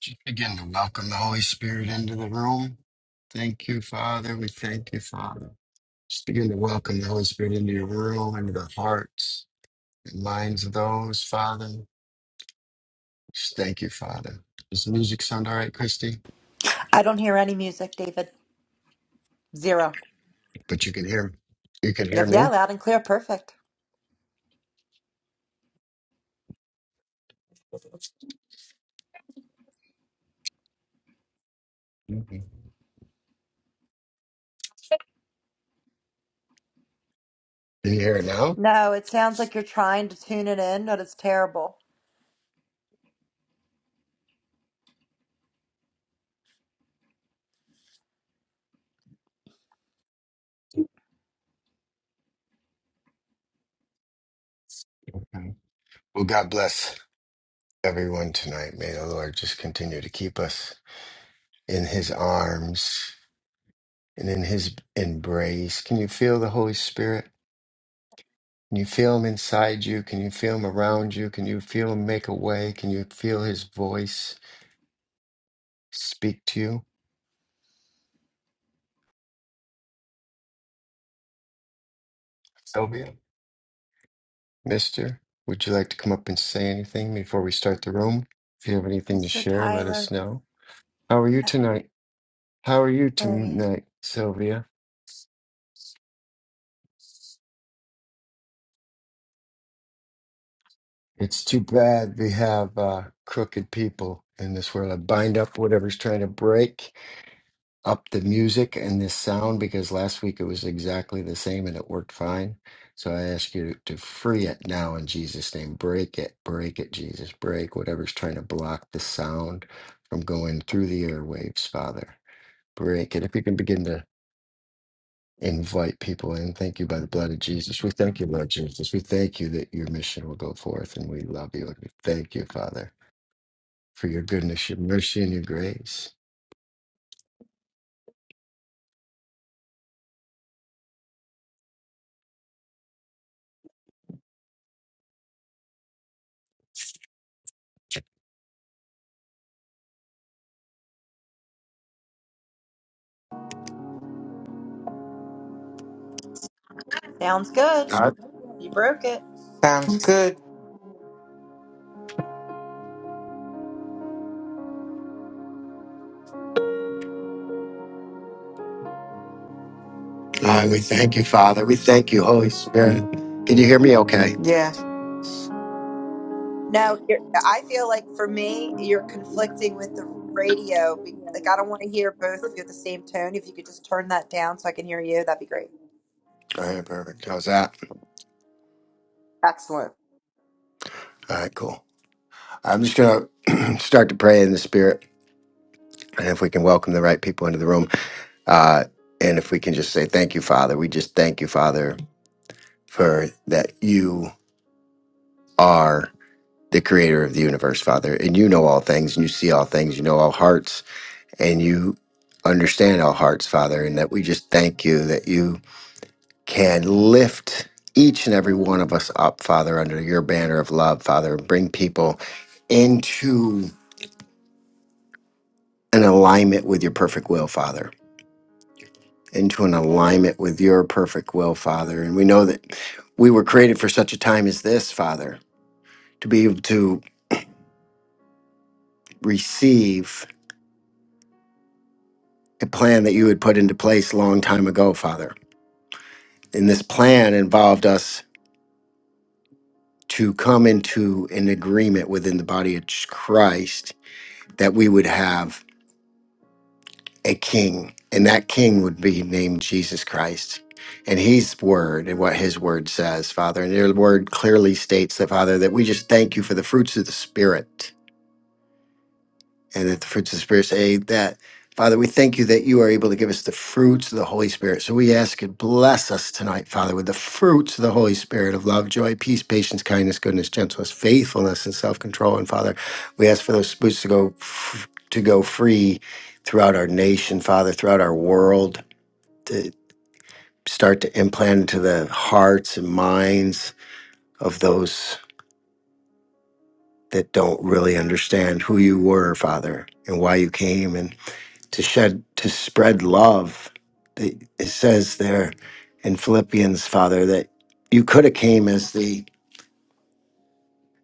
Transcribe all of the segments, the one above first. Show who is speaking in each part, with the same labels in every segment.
Speaker 1: Just begin to welcome the Holy Spirit into the room. Thank you, Father. We thank you, Father. Just begin to welcome the Holy Spirit into your room, into the hearts and minds of those, Father. Just thank you, Father. Does the music sound all right, Christy?
Speaker 2: I don't hear any music, David. Zero.
Speaker 1: But you can hear you can hear
Speaker 2: Yep, yeah,
Speaker 1: me.
Speaker 2: loud and clear. Perfect.
Speaker 1: Mhm. Can you hear it now?
Speaker 2: No, it sounds like you're trying to tune it in, but it's terrible.
Speaker 1: Okay. Well, God bless everyone tonight. May the Lord just continue to keep us in his arms and in his embrace. Can you feel the Holy Spirit? Can you feel him inside you? Can you feel him around you? Can you feel him make a way? Can you feel his voice speak to you? Sylvia? Mister, would you like to come up and say anything before we start the room? If you have anything to
Speaker 2: Mr.
Speaker 1: share, let us
Speaker 2: Tyler,
Speaker 1: know. How are you
Speaker 2: that's
Speaker 1: tonight? How are you
Speaker 2: serious.
Speaker 1: tonight, Sylvia? It's too bad we have uh, crooked people in this world. I bind up whatever's trying to break. up the music and this sound because last week it was exactly the same and it worked fine. So I ask you to free it now in Jesus' name. Break it, break it, Jesus. Break whatever's trying to block the sound from going through the airwaves, Father. Break it. If you can begin to invite people in, thank you by the blood of Jesus. We thank you, Lord Jesus. We thank you that your mission will go forth and we love you and we thank you, Father, for your goodness, your mercy, and your grace.
Speaker 2: Sounds good. You broke it.
Speaker 3: Sounds good.
Speaker 1: God, we thank you, Father. We thank you, Holy Spirit. Can you hear me okay?
Speaker 3: Yes,
Speaker 2: No, you're, I feel like for me, you're conflicting with the radio. be- Like, I don't want to hear both of you at the same tone. If you could just turn that down so I can hear you, that'd be great.
Speaker 1: All right, perfect. How's that?
Speaker 2: Excellent.
Speaker 1: All right, cool. I'm just going to start to pray in the Spirit. And if we can welcome the right people into the room, uh, and if we can just say, Thank you, Father. We just thank you, Father, for that you are the creator of the universe, Father. And you know all things, and you see all things, you know all hearts, and you understand all hearts, Father. And that we just thank you that you can lift each and every one of us up, Father, under your banner of love, Father, and bring people into an alignment with your perfect will, Father, into an alignment with your perfect will, Father. And we know that we were created for such a time as this, Father, to be able to receive a plan that you had put into place a long time ago, Father. And this plan involved us to come into an agreement within the body of Christ that we would have a king, and that king would be named Jesus Christ. And his word and what his word says, Father. And your word clearly states that, Father, that we just thank you for the fruits of the Spirit and that the fruits of the Spirit say that. Father, we thank you that you are able to give us the fruits of the Holy Spirit. So we ask you, bless us tonight, Father, with the fruits of the Holy Spirit of love, joy, peace, patience, kindness, goodness, gentleness, faithfulness, and self-control. And Father, we ask for those fruits to go f- to go free throughout our nation, Father, throughout our world, to start to implant into the hearts and minds of those that don't really understand who you were, Father, and why you came, and. to shed to spread love They- it says there in philippians father that you could have came as the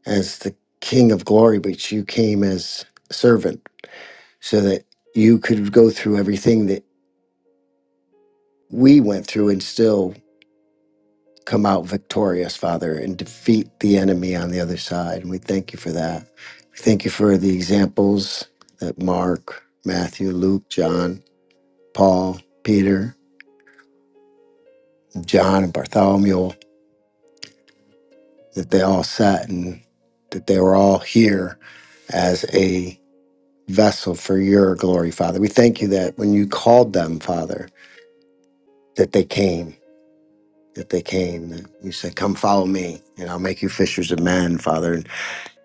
Speaker 1: as the king of glory but you came as a servant so that you could go through everything that we went through and still come out victorious father and defeat the enemy on the other side and we thank you for that we thank you for the examples that mark matthew luke john paul peter john and bartholomew that they all sat and that they were all here as a vessel for your glory, Father. We thank you that when you called them, Father, that they came, that they came, that you said, Come follow me, and I'll make you fishers of men, Father. And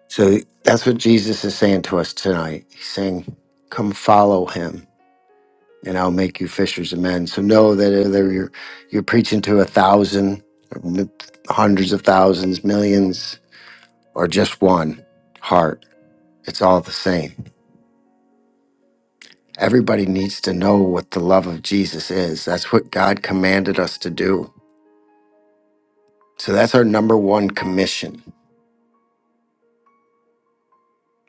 Speaker 1: so that's what Jesus is saying to us tonight. He's saying, Come follow him. And I'll make you fishers of men. So know that whether you're you're preaching to a thousand, or m- hundreds of thousands, millions, or just one heart, It's all the same. Everybody needs to know what the love of Jesus is. That's what God commanded us to do. So that's our number one commission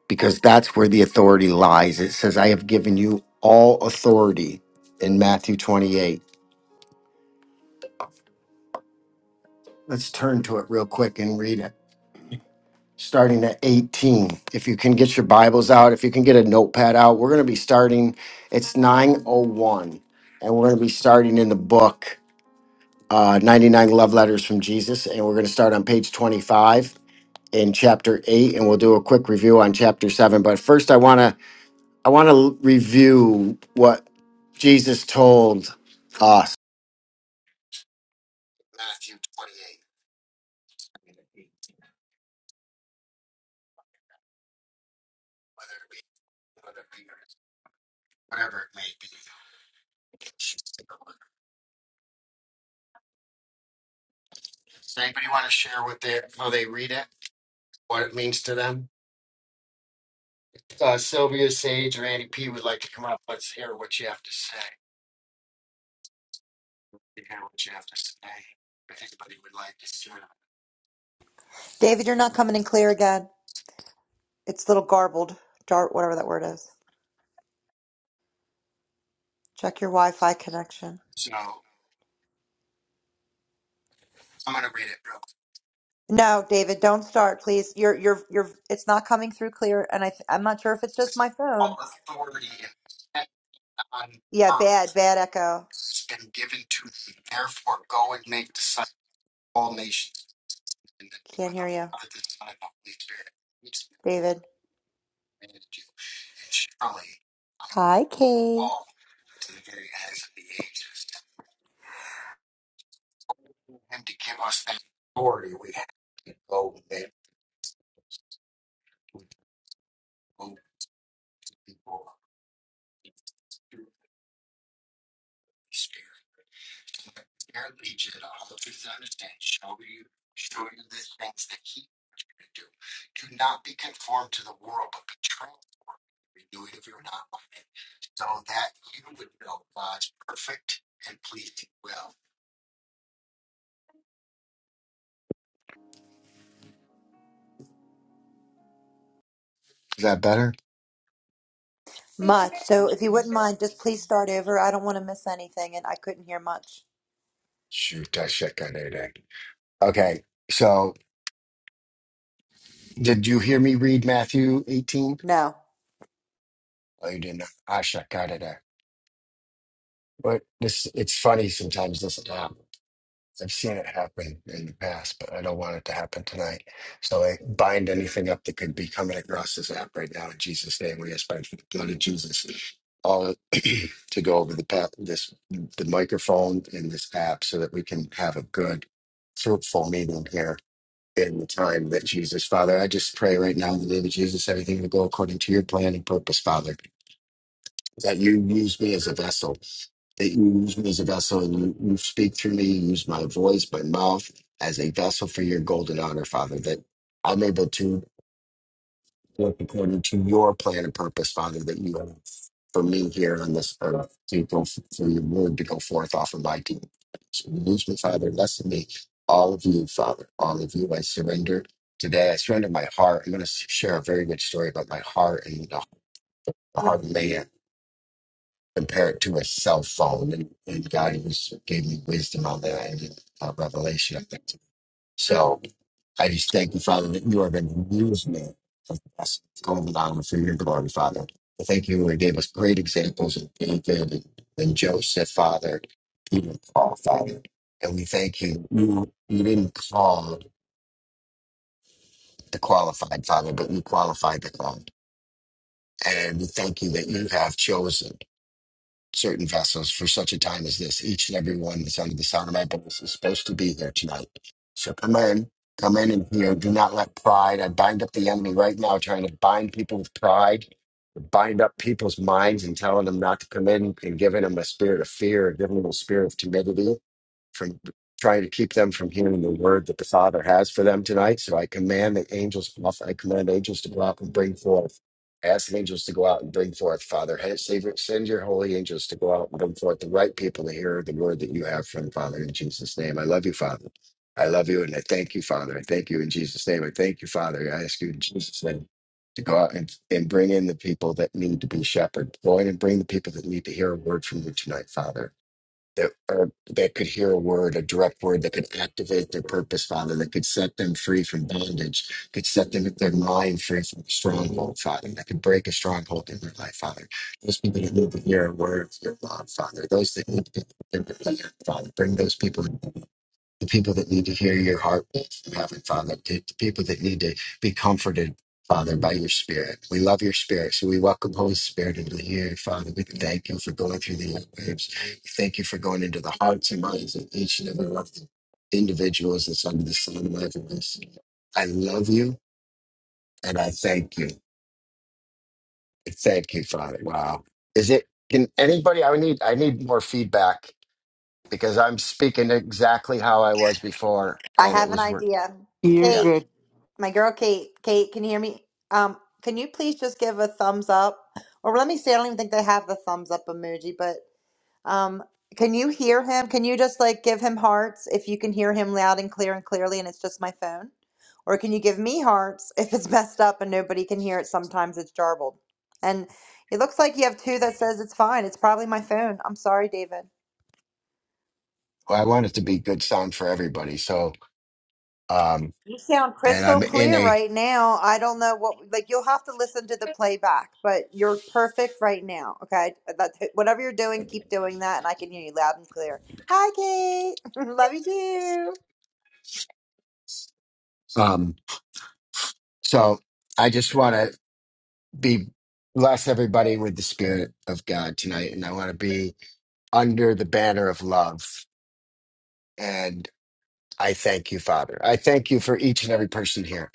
Speaker 1: because that's where the authority lies. It says, I have given you all authority in Matthew 28. Let's turn to it real quick and read it. Starting at 18. If you can get your Bibles out, if you can get a notepad out, we're going to be starting. It's 901, and we're going to be starting in the book. uh, 99 Love Letters from Jesus. And we're going to start on page 25 in chapter 8 and we'll do a quick review on chapter 7 but first i want to i want to review what jesus told us matthew 28 whether it be whether it be whatever it may be does anybody want to share what they how they read it what it means to them uh, sylvia sage or andy p would like to come up let's hear what you have to say to hear what you have to say if anybody would like to share.
Speaker 2: David, you're not coming in clear again. It's a little garbled, dart, whatever that word is. Check your Wi Fi connection.
Speaker 1: So I'm going to read it real quick.
Speaker 2: No, David, don't start, please. You're you're you're it's not coming through clear and I th- I'm not sure if it's just my
Speaker 1: All
Speaker 2: phone.
Speaker 1: authority in heaven and
Speaker 2: Yeah,
Speaker 1: on earth
Speaker 2: bad, bad echo.
Speaker 1: has been given to me. Therefore, go and make disciples of all nations in the name
Speaker 2: Can't
Speaker 1: of the
Speaker 2: hear you,
Speaker 1: Father, the Son, and the Holy Spirit. Teach them to
Speaker 2: David.
Speaker 1: command you, and surely
Speaker 2: Hi, Kate.
Speaker 1: all to the very ends of the ages. Tell Him to give us that authority we have to go and make go people through the Holy Spirit. apparently Jedi, all truth I understand, show you show you the things that he wants you to do. Do not be conformed to the world, but be transformed, by the renewing of your not mind, so that you would know God's perfect and pleasing will. Is that better?
Speaker 2: Much. So if you wouldn't mind, just please start over. I don't want to miss anything and I couldn't hear much.
Speaker 1: Shoot, I check on it. Okay. So did you hear me read Matthew 18?
Speaker 2: No.
Speaker 1: Oh, you didn't. I check out of that. But this it's funny sometimes, doesn't it? I've seen it happen in the past, but I don't want it to happen tonight. So I bind anything up that could be coming across this app right now in Jesus' name. We ask by the blood of Jesus all to go over the path, this the microphone and this app, so that we can have a good, fruitful meeting here in the time that Jesus, Father, I just pray right now in the name of Jesus, everything will go according to your plan and purpose, Father. That you use me as a vessel that you use me as a vessel and you, you speak through me, you use my voice, my mouth as a vessel for your golden honor, Father, that I'm able to work according to your plan and purpose, Father, that you have for me here on this earth to go f- for your word to go forth off of my team. So use me, Father, lessen me, all of you, Father, all of you, I surrender. Today, I surrender my heart. I'm going to share a very good story about my heart and the the heart of man compare it to a cell phone, and, and God was gave me wisdom on that and uh, revelation. I think so. I just thank you, Father, that you are going to use me as a vessel of gold for your glory, Father. I thank you. You gave us great examples of David and, and Joseph, Father, Peter, and Paul, Father, and we thank you. You you didn't call the qualified, Father, but you qualified the called, and we thank you that you have chosen. certain vessels for such a time as this. Each and every one that's under the sound of my voice is supposed to be here tonight. So come in, come in and hear. Do not let pride. I bind up the enemy right now, trying to bind people with pride, bind up people's minds and telling them not to come in and giving them a spirit of fear, giving them a spirit of timidity from trying to keep them from hearing the word that the Father has for them tonight. So I command the angels I command angels to go out and bring forth. I ask angels to go out and bring forth, Father. hey, Savior, Send your holy angels to go out and bring forth the right people to hear the word that you have from the Father in Jesus' name. I love you, Father. I love you and I thank you, Father. I thank you in Jesus' name. I thank you, Father. I ask you in Jesus' name to go out and, and bring in the people that need to be shepherded. Go in and bring the people that need to hear a word from you tonight, Father that or that could hear a word, a direct word that could activate their purpose, Father, that could set them free from bondage, could set them their mind free from a stronghold, Father, that could break a stronghold in their life, Father. Those people that need to hear a word of your love, Father. Those that need to be delivered, Father, bring those people the people that need to hear your heartbeat from heaven, Father, to the people that need to be comforted, Father, by your Spirit. We love your Spirit, so we welcome Holy Spirit into here, Father. We thank you for going through the airwaves. We thank you for going into the hearts and minds of each and every one of the individuals that's under the sun of my voice. I love you, and I thank you. I Thank you, Father. Wow. Is it? Can anybody? I need. I need more feedback because I'm speaking exactly how I was before,
Speaker 2: I
Speaker 1: and it
Speaker 2: have an
Speaker 1: was work.
Speaker 2: idea.
Speaker 3: you're
Speaker 1: Yeah.
Speaker 2: Kate,
Speaker 3: good.
Speaker 2: my girl Kate. Kate, can you hear me? Um, can you please just give a thumbs up? Or let me see, I don't even think they have the thumbs up emoji, but. Um, can you hear him? Can you just like give him hearts if you can hear him loud and clear and clearly and it's just my phone? Or can you give me hearts if it's messed up and nobody can hear it? Sometimes it's jarbled. And it looks like you have two that says it's fine. It's probably my phone. I'm sorry, David.
Speaker 1: Well, I want it to be good sound for everybody. So, um,
Speaker 2: You sound
Speaker 1: and
Speaker 2: crystal
Speaker 1: I'm in
Speaker 2: clear
Speaker 1: a,
Speaker 2: right now. I don't know what like you'll have to listen to the playback, but you're perfect right now. Okay? That whatever you're doing, keep doing that and I can hear you loud and clear. Hi, Kate. Love you too.
Speaker 1: um, so I just want to be bless everybody with the spirit of God tonight. And I want to be under the banner of love. And I thank you, Father. I thank you for each and every person here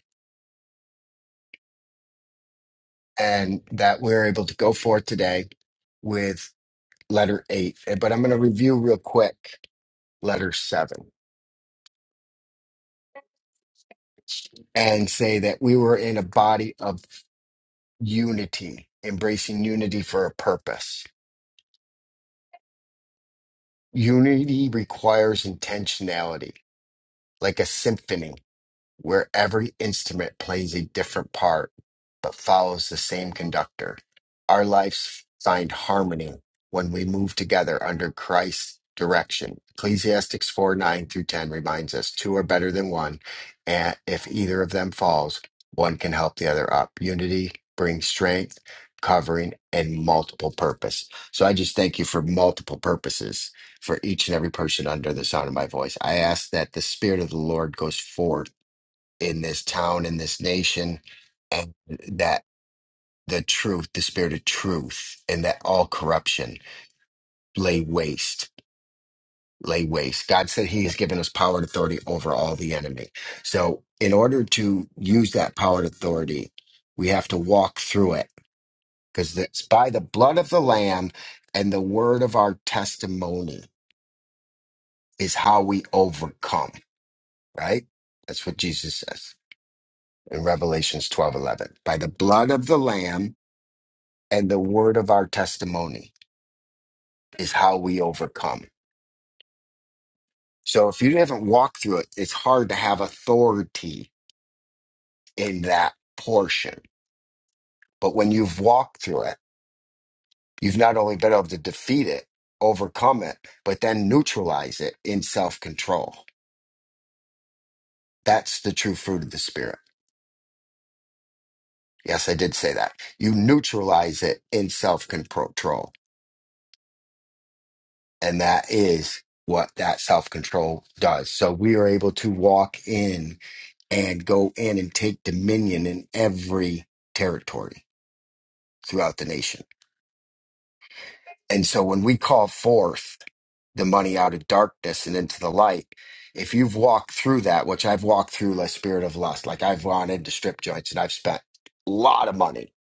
Speaker 1: and that we're able to go forth today with letter eight. eh, But I'm going to review real quick letter seven and say that we were in a body of unity, embracing unity for a purpose. Unity requires intentionality, like a symphony. where every instrument plays a different part but follows the same conductor. Our lives find harmony when we move together under Christ's direction. Ecclesiastics 4 9 through 10 reminds us two are better than one, and if either of them falls, one can help the other up. Unity brings strength, covering, and multiple purpose. So I just thank you for multiple purposes for each and every person under the sound of my voice. I ask that the Spirit of the Lord goes forth in this town, in this nation, and that the truth, the spirit of truth, and that all corruption lay waste, lay waste. God said He has given us power and authority over all the enemy. So, in order to use that power and authority, we have to walk through it because it's by the blood of the Lamb and the word of our testimony is how we overcome, right? That's what Jesus says in Revelations 12 11. By the blood of the Lamb and the word of our testimony is how we overcome. So if you haven't walked through it, it's hard to have authority in that portion. But when you've walked through it, you've not only been able to defeat it, overcome it, but then neutralize it in self control. That's the true fruit of the Spirit. Yes, I did say that. You neutralize it in self control. And that is what that self control does. So we are able to walk in and go in and take dominion in every territory throughout the nation. And so when we call forth the money out of darkness and into the light, if you've walked through that, which I've walked through like spirit of lust, like I've gone into strip joints and I've spent a lot of money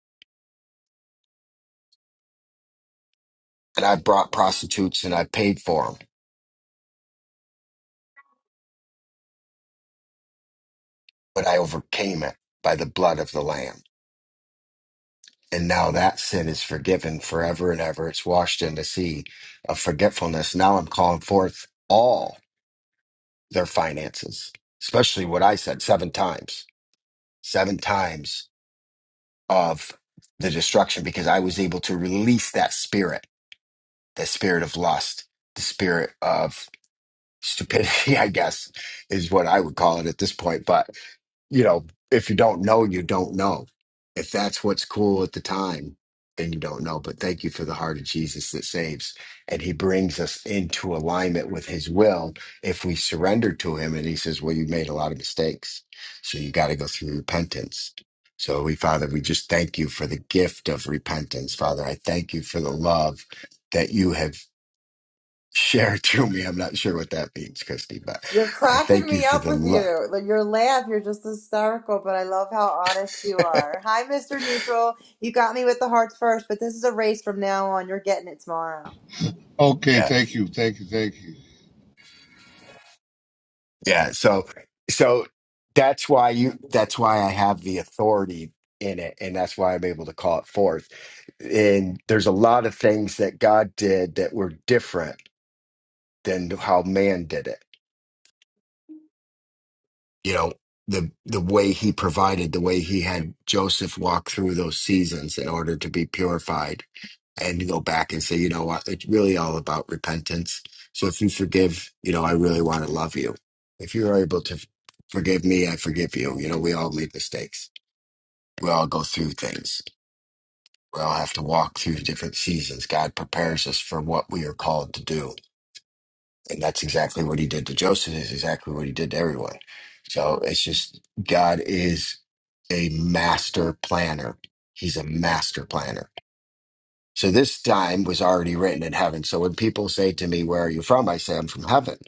Speaker 1: and I've brought prostitutes and I paid for them, but I overcame it by the blood of the lamb. And now that sin is forgiven forever and ever. It's washed in the sea of forgetfulness. Now I'm calling forth all. their finances, especially what I said seven times, seven times of the destruction, because I was able to release that spirit, that spirit of lust, the spirit of stupidity, I guess is what I would call it at this point. But you know, if you don't know, you don't know. If that's what's cool at the time, then you don't know. But thank you for the heart of Jesus that saves. And he brings us into alignment with his will if we surrender to him. And he says, Well, you made a lot of mistakes. So you got to go through repentance. So we, Father, we just thank you for the gift of repentance. Father, I thank you for the love that you have shared through me. I'm not sure what that means, Christy, but
Speaker 2: You're
Speaker 1: I
Speaker 2: cracking
Speaker 1: thank you
Speaker 2: me
Speaker 1: for
Speaker 2: up
Speaker 1: the
Speaker 2: with
Speaker 1: love.
Speaker 2: you. Like your laugh, you're just hysterical, but I love how honest you are. Hi, Mr. Neutral. You got me with the hearts first, but this is a race from now on. You're getting it tomorrow.
Speaker 4: Okay, thank you, thank you, thank you.
Speaker 1: Yeah. So, so that's why you, that's why I have the authority in it. And that's why I'm able to call it forth. And there's a lot of things that God did that were different than how man did it. you know the the way he provided the way he had joseph walk through those seasons in order to be purified and to go back and say you know what it's really all about repentance so if you forgive you know i really want to love you if you're able to forgive me i forgive you you know we all make mistakes we all go through things we all have to walk through different seasons god prepares us for what we are called to do and that's exactly what he did to Joseph, is exactly what he did to everyone. So it's just God is a master planner. He's a master planner. So this time was already written in heaven. So when people say to me, Where are you from? I say, I'm from heaven.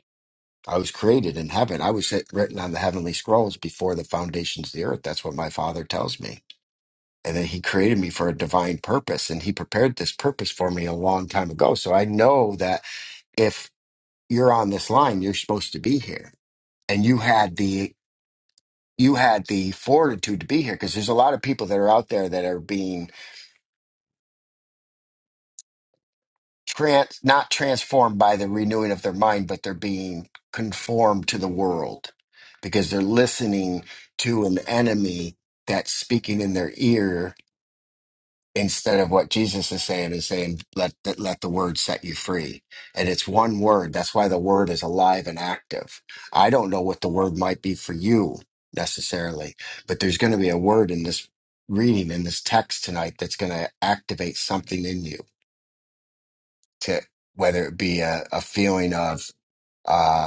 Speaker 1: I was created in heaven. I was written on the heavenly scrolls before the foundations of the earth. That's what my father tells me. And then he created me for a divine purpose. And he prepared this purpose for me a long time ago. So I know that if you're on this line, you're supposed to be here and you had the you had the fortitude to be here because there's a lot of people that are out there that are being trans not transformed by the renewing of their mind but they're being conformed to the world because they're listening to an enemy that's speaking in their ear instead of what Jesus is saying is saying let the, let the word set you free and it's one word that's why the word is alive and active i don't know what the word might be for you necessarily but there's going to be a word in this reading in this text tonight that's going to activate something in you to whether it be a, a feeling of uh,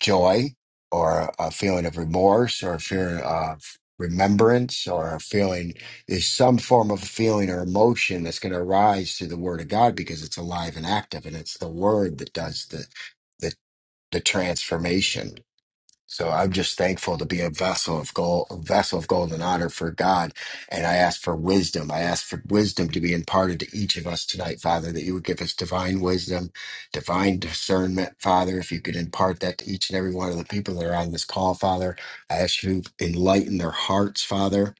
Speaker 1: joy or a feeling of remorse or a feeling of remembrance or a feeling is some form of feeling or emotion that's going to arise through the word of God because it's alive and active and it's the word that does the the, the transformation. So I'm just thankful to be a vessel of gold, a vessel of golden honor for God. And I ask for wisdom. I ask for wisdom to be imparted to each of us tonight, Father, that you would give us divine wisdom, divine discernment, Father. If you could impart that to each and every one of the people that are on this call, Father, I ask you to enlighten their hearts, Father,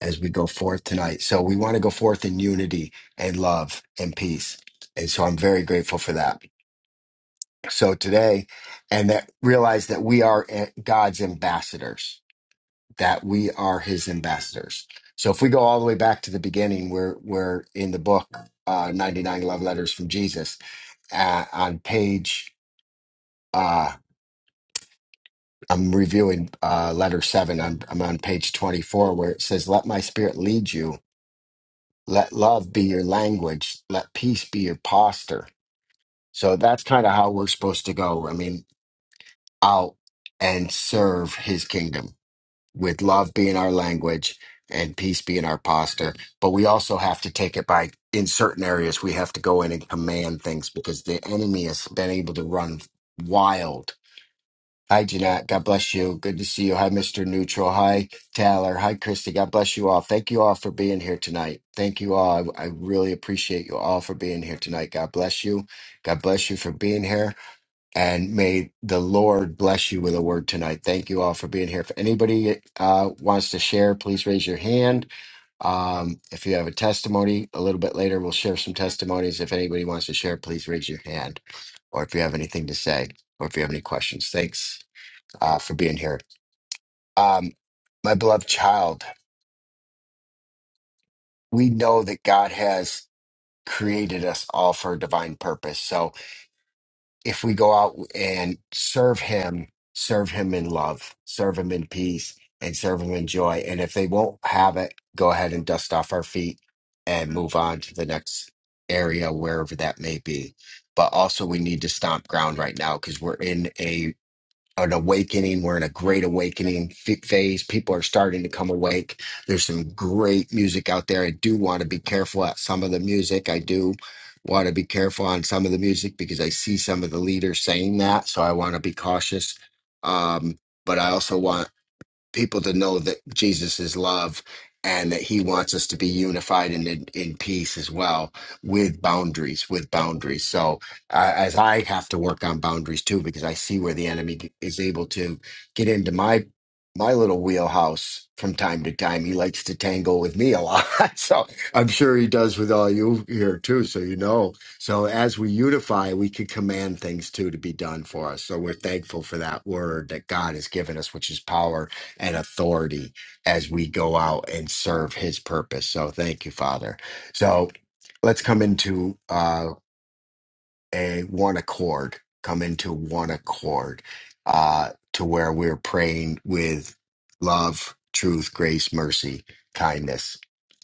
Speaker 1: as we go forth tonight. So we want to go forth in unity and love and peace. And so I'm very grateful for that so today and that realize that we are a- God's ambassadors, that we are his ambassadors. So if we go all the way back to the beginning, we're, we're in the book, uh, 99 Love Letters from Jesus uh, on page, uh, I'm reviewing uh, letter seven. I'm, I'm on page 24 where it says, let my spirit lead you. Let love be your language. Let peace be your posture. So that's kind of how we're supposed to go. I mean, out and serve his kingdom with love being our language and peace being our posture. But we also have to take it by, in certain areas, we have to go in and command things because the enemy has been able to run wild. Hi, Jeanette. God bless you. Good to see you. Hi, Mr. Neutral. Hi, Tyler. Hi, Christy. God bless you all. Thank you all for being here tonight. Thank you all. I, I really appreciate you all for being here tonight. God bless you. God bless you for being here and may the Lord bless you with a word tonight. Thank you all for being here. If anybody uh, wants to share, please raise your hand. Um, if you have a testimony, a little bit later, we'll share some testimonies. If anybody wants to share, please raise your hand. Or if you have anything to say, or if you have any questions, thanks uh, for being here. Um, my beloved child, we know that God has created us all for a divine purpose. So, if we go out and serve him, serve him in love, serve him in peace, and serve him in joy. And if they won't have it, go ahead and dust off our feet and move on to the next area, wherever that may be. But also, we need to stomp ground right now because we're in a an awakening. We're in a great awakening f- phase. People are starting to come awake. There's some great music out there. I do want to be careful at some of the music. I do want to be careful on some of the music because I see some of the leaders saying that. So I want to be cautious. Um, but I also want people to know that Jesus is love and that he wants us to be unified and in, in peace as well with boundaries with boundaries so uh, as i have to work on boundaries too because i see where the enemy g- is able to get into my my little wheelhouse from time to time he likes to tangle with me a lot so i'm sure he does with all you here too so you know so as we unify we can command things too to be done for us so we're thankful for that word that god has given us which is power and authority as we go out and serve his purpose. So thank you, Father. So let's come into uh, a one accord, come into one accord uh, to where we're praying with love, truth, grace, mercy, kindness,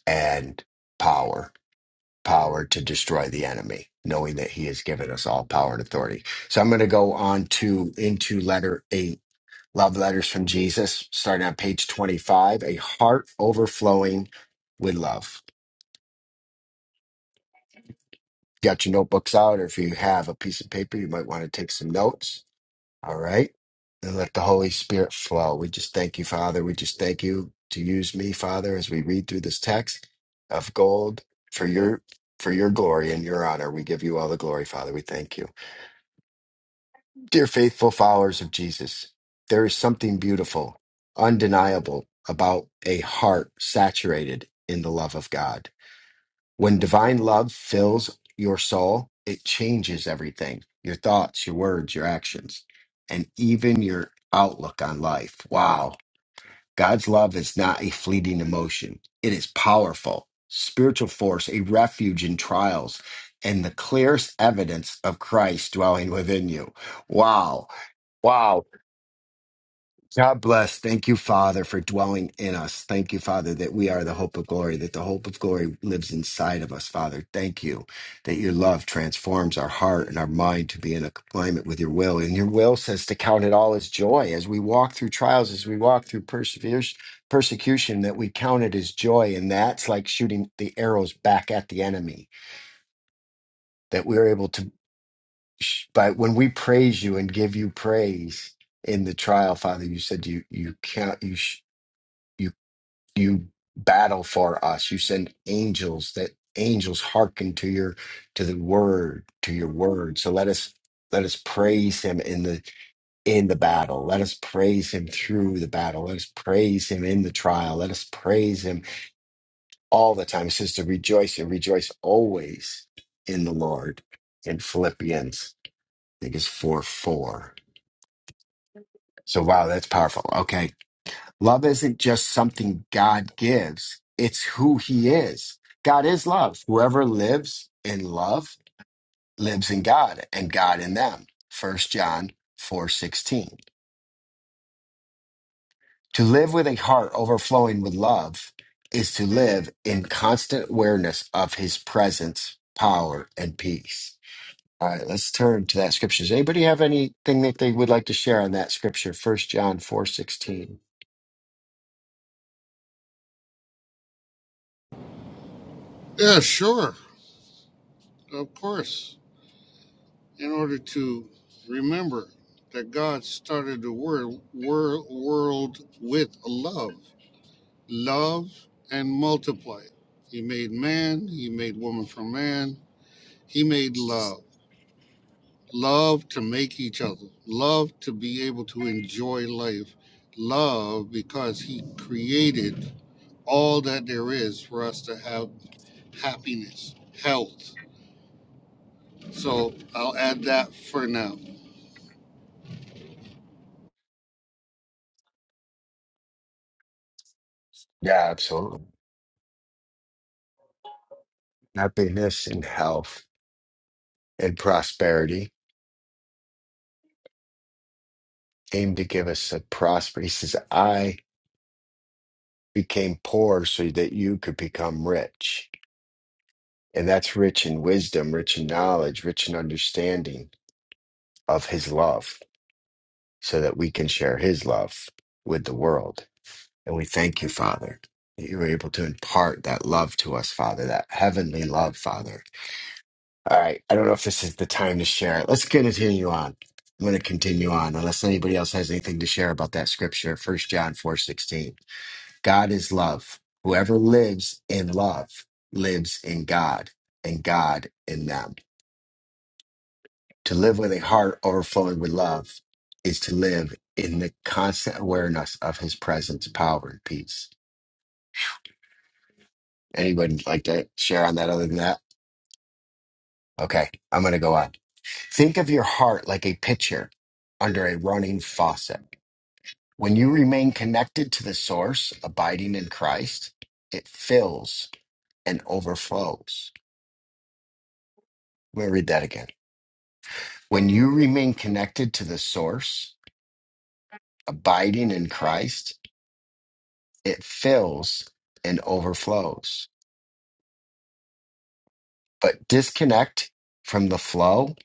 Speaker 1: and power power to destroy the enemy knowing that he has given us all power and authority so i'm going to go on to into letter A Love Letters from Jesus, starting on page 25, a heart overflowing with love. Got your notebooks out, or if you have a piece of paper, you might want to take some notes. All right. And let the Holy Spirit flow. We just thank you, Father. We just thank you to use me, Father, as we read through this text of gold for your for your glory and your honor. We give you all the glory, Father. We thank you. Dear faithful followers of Jesus, there is something beautiful, undeniable about a heart saturated in the love of God. When divine love fills your soul, it changes everything your thoughts, your words, your actions, and even your outlook on life. Wow. God's love is not a fleeting emotion, it is powerful, spiritual force, a refuge in trials, and the clearest evidence of Christ dwelling within you. Wow. Wow. God bless. Thank you, Father, for dwelling in us. Thank you, Father, that we are the hope of glory, that the hope of glory lives inside of us, Father. Thank you that your love transforms our heart and our mind to be in alignment with your will. And your will says to count it all as joy as we walk through trials, as we walk through perseveres, persecution, that we count it as joy. And that's like shooting the arrows back at the enemy, that we're able to. but when we praise you and give you praise in the trial father you said you you count you sh- you you battle for us you send angels that angels hearken to your to the word to your word so let us let us praise him in the in the battle let us praise him through the battle let us praise him in the trial let us praise him all the time it says to rejoice and rejoice always in the lord in philippians i think it's 4 4 So, wow, that's powerful. Okay. Love isn't just something God gives, it's who He is. God is love. Whoever lives in love lives in God and God in them. First John 4 16. To live with a heart overflowing with love is to live in constant awareness of His presence, power, and peace. All right, let's turn to that scripture. Does anybody have anything that they would like to share on that scripture? First John four sixteen.
Speaker 4: Yeah, sure, of course. In order to remember that God started the world, world, world with love, love and multiply. He made man, he made woman from man, he made love, love to make each other, love to be able to enjoy life, love because he created all that there is for us to have happiness, health, So I'll add that for now.
Speaker 1: Yeah, absolutely. happiness and health and prosperity. Aim to give us a prosper. He says, I became poor so that you could become rich. And that's rich in wisdom, rich in knowledge, rich in understanding of his love, so that we can share his love with the world. And we thank you, Father, that you were able to impart that love to us, Father, that heavenly love, Father All right. I don't know if this is the time to share it. Let's continue on. I'm going to continue on unless anybody else has anything to share about that scripture, First John 4 16. God is love. Whoever lives in love lives in God and God in them. To live with a heart overflowing with love is to live in the constant awareness of his presence, power, and peace. Anybody like to share on that other than that? Okay. I'm going to go on. Think of your heart like a pitcher under a running faucet. When you remain connected to the source, abiding in Christ, it fills and overflows. I'm going to read that again. When you remain connected to the source, abiding in Christ, it fills and overflows. But disconnect from the flow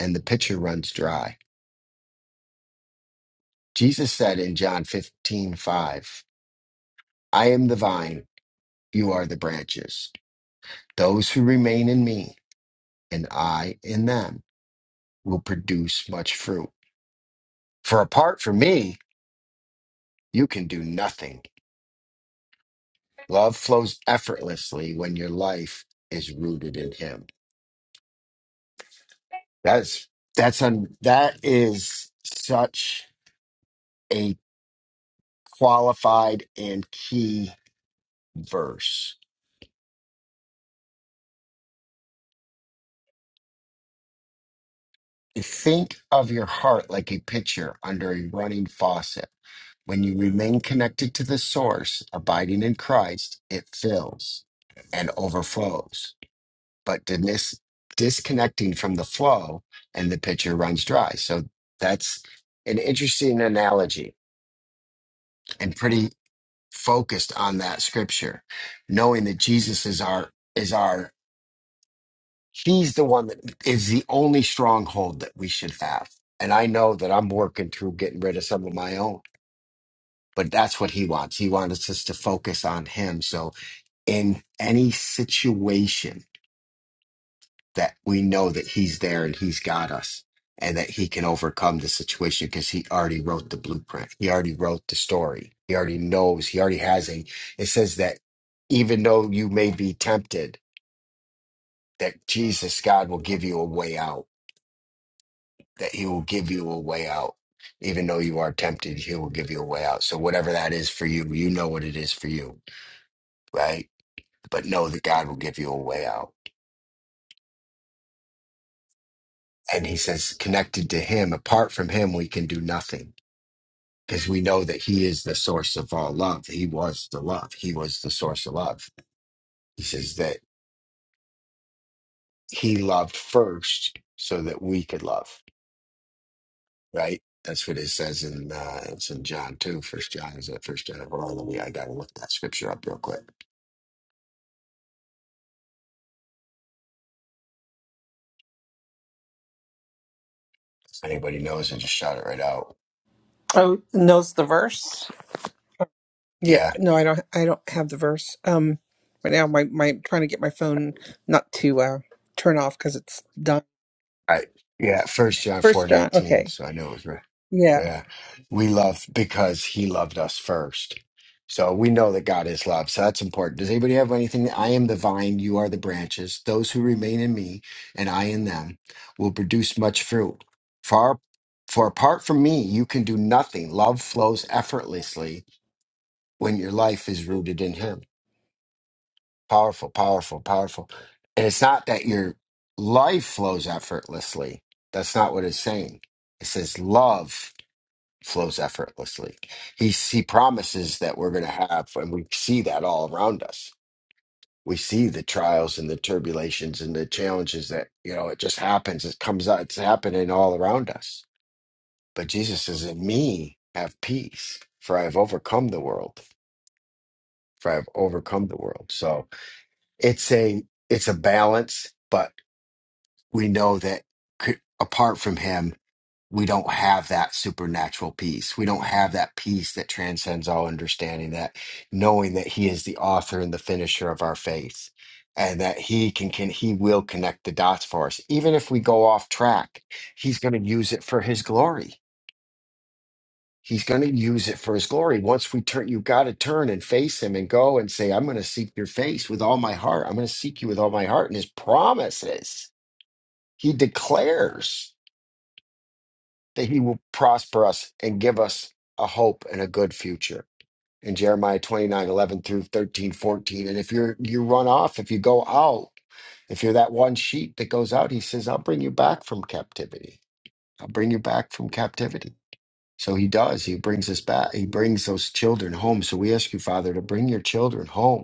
Speaker 1: and the pitcher runs dry. Jesus said in John 15 5, I am the vine, you are the branches. Those who remain in me and I in them will produce much fruit. For apart from me, you can do nothing. Love flows effortlessly when your life is rooted in him. That's that's un, that is such a qualified and key verse Think of your heart like a pitcher under a running faucet. When you remain connected to the source, abiding in Christ, it fills and overflows. But dis- disconnecting from the flow and the pitcher runs dry. So that's an interesting analogy and pretty focused on that scripture, knowing that Jesus is our is our He's the one that is the only stronghold that we should have. And I know that I'm working through getting rid of some of my own, but that's what he wants. He wants us to focus on him. So in any situation that we know that he's there and he's got us and that he can overcome the situation because he already wrote the blueprint. He already wrote the story. He already knows. He already has a, it says that even though you may be tempted, that Jesus, God will give you a way out that he will give you a way out. Even though you are tempted, he will give you a way out. So whatever that is for you, you know what it is for you, right? But know that God will give you a way out. And he says, connected to him, apart from him, we can do nothing. Because we know that he is the source of all love. He was the love. He was the source of love. He says that he loved first so that we could love, right? That's what it says in uh, it's in John 2, first John is that first John? Hold on, let me I gotta look that scripture up real quick. anybody knows, I just shot it right out.
Speaker 5: Oh, knows the verse. Yeah,
Speaker 1: Yeah,
Speaker 5: no, I don't. I don't have the verse. Um, right now, my my trying to get my phone not to uh turn off because it's done.
Speaker 1: I yeah, First John four
Speaker 5: First John.
Speaker 1: nineteen.
Speaker 5: Okay.
Speaker 1: So I know it was right.
Speaker 5: Yeah.
Speaker 1: Yeah, we love because He loved us first. So we know that God is love. So that's important. Does anybody have anything? I am the vine, you are the branches. Those who remain in me and I in them will produce much fruit. Far for apart from me, you can do nothing. Love flows effortlessly when your life is rooted in Him. Powerful, powerful, powerful. And it's not that your life flows effortlessly. That's not what it's saying. It says love flows effortlessly. He, he promises that we're going to have, and we see that all around us. We see the trials and the turbulations and the challenges that, you know, it just happens. It comes out, it's happening all around us. But Jesus says, In me have peace, for I have overcome the world. For I have overcome the world. So it's a it's a balance, but we know that c- apart from him, we don't have that supernatural peace. We don't have that peace that transcends all understanding, that knowing that he is the author and the finisher of our faith and that he can, can he will connect the dots for us. Even if we go off track, he's going to use it for his glory. He's going to use it for his glory. Once we turn, you got to turn and face him and go and say, I'm going to seek your face with all my heart. I'm going to seek you with all my heart. And his promises, he declares. that he will prosper us and give us a hope and a good future. In Jeremiah 29 11 through 13 14. And if you're, you run off, if you go out, if you're that one sheep that goes out, he says, I'll bring you back from captivity. I'll bring you back from captivity. So he does. He brings us back. He brings those children home. So we ask you, Father, to bring your children home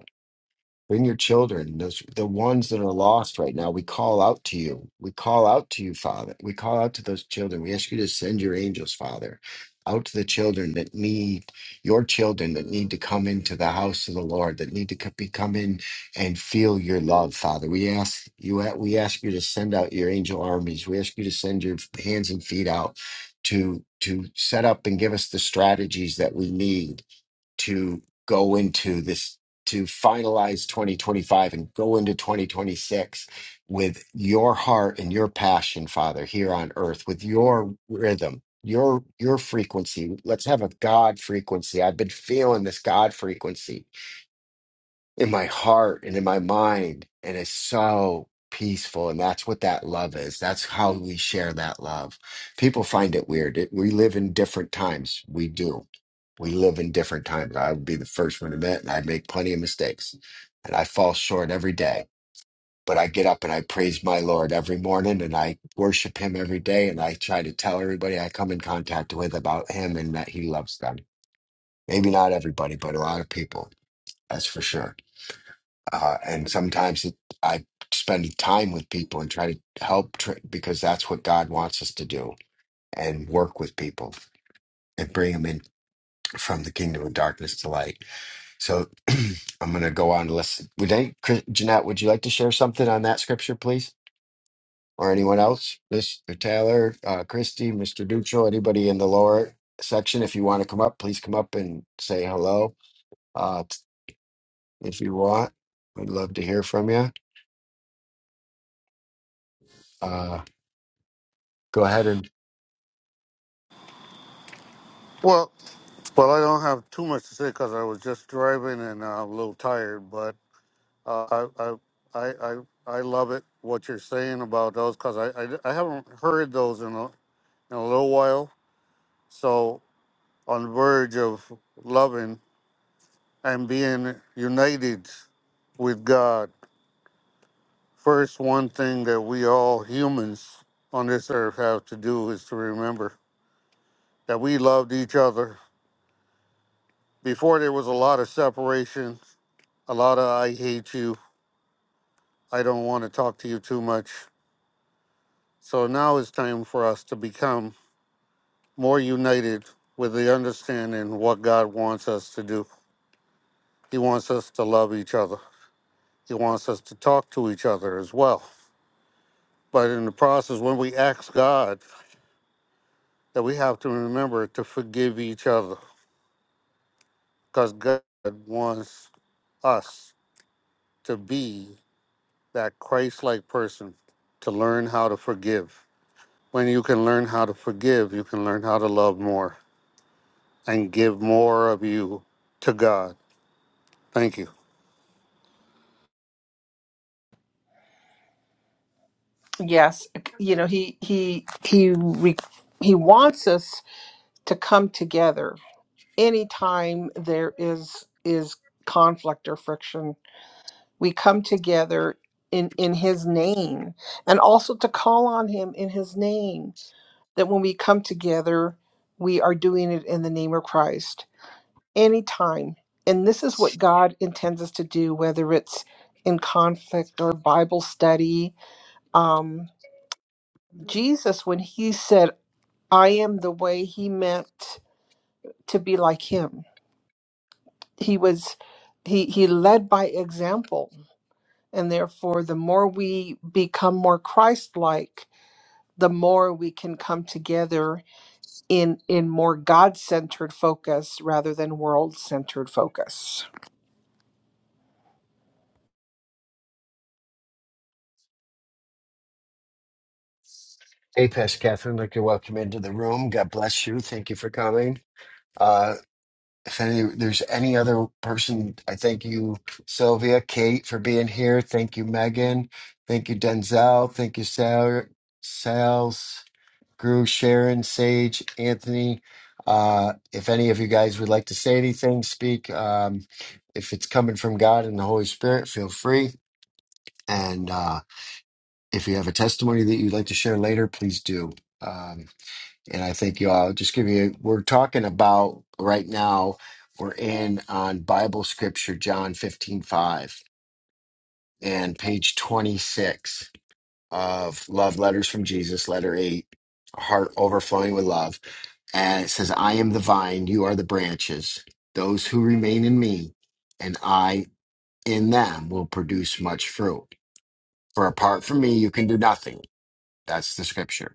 Speaker 1: Bring your children, those the ones that are lost right now. We call out to you. We call out to you, Father. We call out to those children. We ask you to send your angels, Father, out to the children that need your children that need to come into the house of the Lord, that need to co- be come in and feel your love, Father. We ask you. We ask you to send out your angel armies. We ask you to send your hands and feet out to to set up and give us the strategies that we need to go into this to finalize 2025 and go into 2026 with your heart and your passion father here on earth with your rhythm your your frequency let's have a god frequency i've been feeling this god frequency in my heart and in my mind. And it's so peaceful. And that's what that love is. That's how we share that love. People find it weird. It, we live in different times. We do. We live in different times. I would be the first one to admit, and I make plenty of mistakes and I fall short every day. But I get up and I praise my Lord every morning and I worship him every day. And I try to tell everybody I come in contact with about him and that he loves them. Maybe not everybody, but a lot of people. That's for sure uh, and sometimes it, I spend time with people and try to help tr because that's what God wants us to do and work with people and bring them in from the kingdom of darkness to light. So I'm going to go on to listen. Would any, Chris- Jeanette, would you like to share something on that scripture, please? Or anyone else? Mr. Taylor, uh, Christy, Mr. Dutra, anybody in the lower section, if you want to come up, please come up and say hello. Uh, if you want, we'd love to hear from you. Uh, go ahead and
Speaker 4: Well, well, I don't have too much to say because I was just driving and uh, I'm a little tired. But uh, I, I, I, I, I love it what you're saying about those because I, I, I haven't heard those in a, in a little while. So on the verge of loving and being united with God. First, one thing that we all humans on this earth have to do is to remember that we loved each other before there was a lot of separation, a lot of I hate you, I don't want to talk to you too much. So now it's time for us to become more united with the understanding what God wants us to do. He wants us to love each other. He wants us to talk to each other as well. But in the process, when we ask God, that we have to remember to forgive each other because God wants us to be that Christ like person to learn how to forgive. When you can learn how to forgive, you can learn how to love more and give more of you to God. Thank you.
Speaker 5: Yes, you know he he he re, he wants us to come together anytime there is is conflict or friction. We come together in in his name and also to call on him in his name that when we come together, we are doing it in the name of Christ anytime. And this is what God intends us to do, whether it's in conflict or Bible study. Um, Jesus, when he said, I am the way, he meant to be like him. He was. He, he led by example, and therefore, the more we become more Christ like, the more we can come together in in more god-centered focus rather than world-centered focus
Speaker 1: Hey, Pastor Catherine, like to welcome you into the room. God bless you. Thank you for coming. Uh, if any, there's any other person, I thank you, Sylvia, Kate, for being here. Thank you, Megan. Thank you, Denzel. Thank you, Sal, Sals, Gru, Sharon, Sage, Anthony. Uh, if any of you guys would like to say anything, speak. Um, if it's coming from God and the Holy Spirit, feel free. And uh, if you have a testimony that you'd like to share later, please do. Um, and I think you all just give you we're talking about right now we're in on Bible scripture John 15 5, and page 26 of Love Letters from Jesus, letter eight, heart overflowing with love. And it says, I am the vine, you are the branches. Those who remain in me and I in them will produce much fruit. For apart from me, you can do nothing. That's the scripture.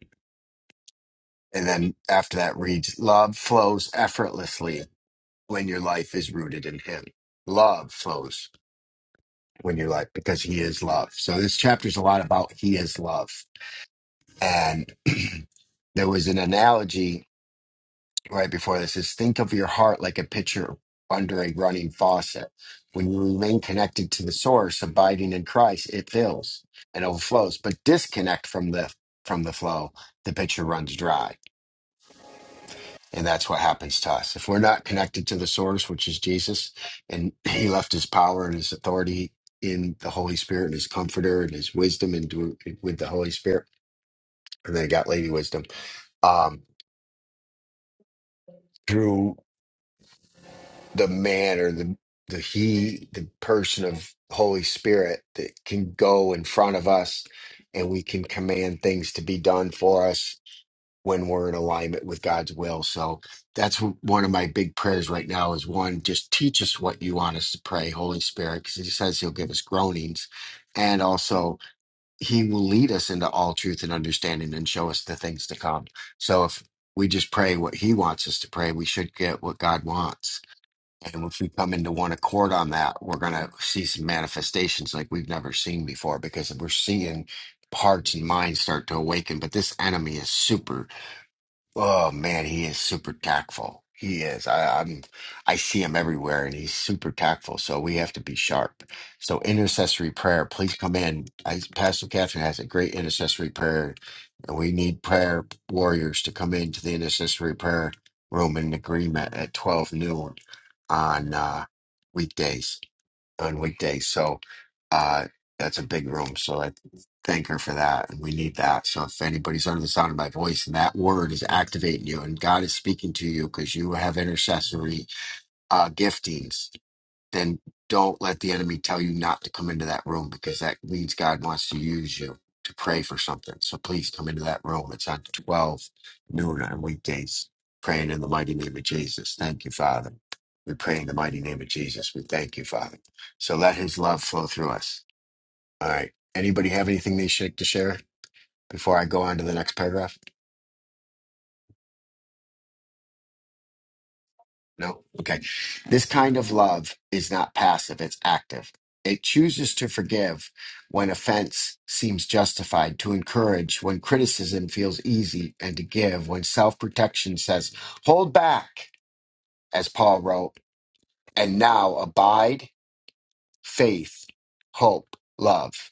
Speaker 1: And then after that reads, love flows effortlessly when your life is rooted in him. Love flows when your life because he is love. So this chapter is a lot about he is love. And there was an analogy right before this is think of your heart like a pitcher under a running faucet. When you remain connected to the source, abiding in Christ, it fills and overflows. But disconnect from the from the flow, the pitcher runs dry. And that's what happens to us. If we're not connected to the source, which is Jesus, and he left his power and his authority in the Holy Spirit and his comforter and his wisdom and do- with the Holy Spirit. And then I got Lady Wisdom um, through. the man or the the he the person of holy spirit that can go in front of us and we can command things to be done for us when we're in alignment with god's will so that's w- one of my big prayers right now is one just teach us what you want us to pray holy spirit because he says he'll give us groanings and also he will lead us into all truth and understanding and show us the things to come so if we just pray what he wants us to pray we should get what god wants and if we come into one accord on that, we're going to see some manifestations like we've never seen before because we're seeing hearts and minds start to awaken. But this enemy is super. Oh man, he is super tactful. He is. I, I'm. I see him everywhere, and he's super tactful. So we have to be sharp. So intercessory prayer, please come in. I, Pastor Catherine has a great intercessory prayer, and we need prayer warriors to come into the intercessory prayer room in agreement at twelve noon on uh, weekdays on weekdays. So uh, that's a big room. So I thank her for that. And we need that. So if anybody's under the sound of my voice and that word is activating you and God is speaking to you because you have intercessory uh, giftings, then don't let the enemy tell you not to come into that room because that means God wants to use you to pray for something. So please come into that room. It's on 12 noon on weekdays, praying in the mighty name of Jesus. Thank you, Father. We pray in the mighty name of Jesus. We thank you, Father. So let his love flow through us. All right. Anybody have anything they should to share before I go on to the next paragraph? No. Okay. This kind of love is not passive, it's active. It chooses to forgive when offense seems justified, to encourage when criticism feels easy, and to give when self protection says, hold back, as Paul wrote, and now abide faith, hope, love.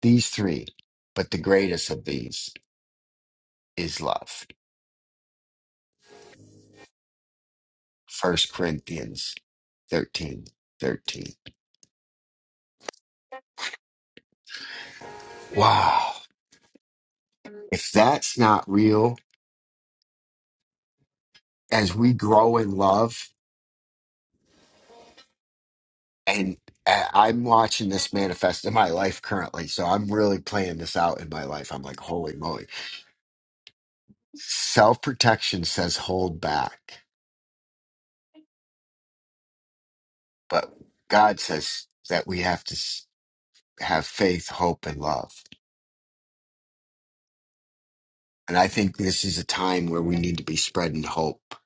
Speaker 1: These three, but the greatest of these is love. First Corinthians 13, 13. Wow. If that's not real, as we grow in love and I- i'm watching this manifest in my life currently so i'm really playing this out in my life i'm like holy moly self-protection says hold back but god says that we have to s- have faith hope and love and i think this is a time where we need to be spreading hope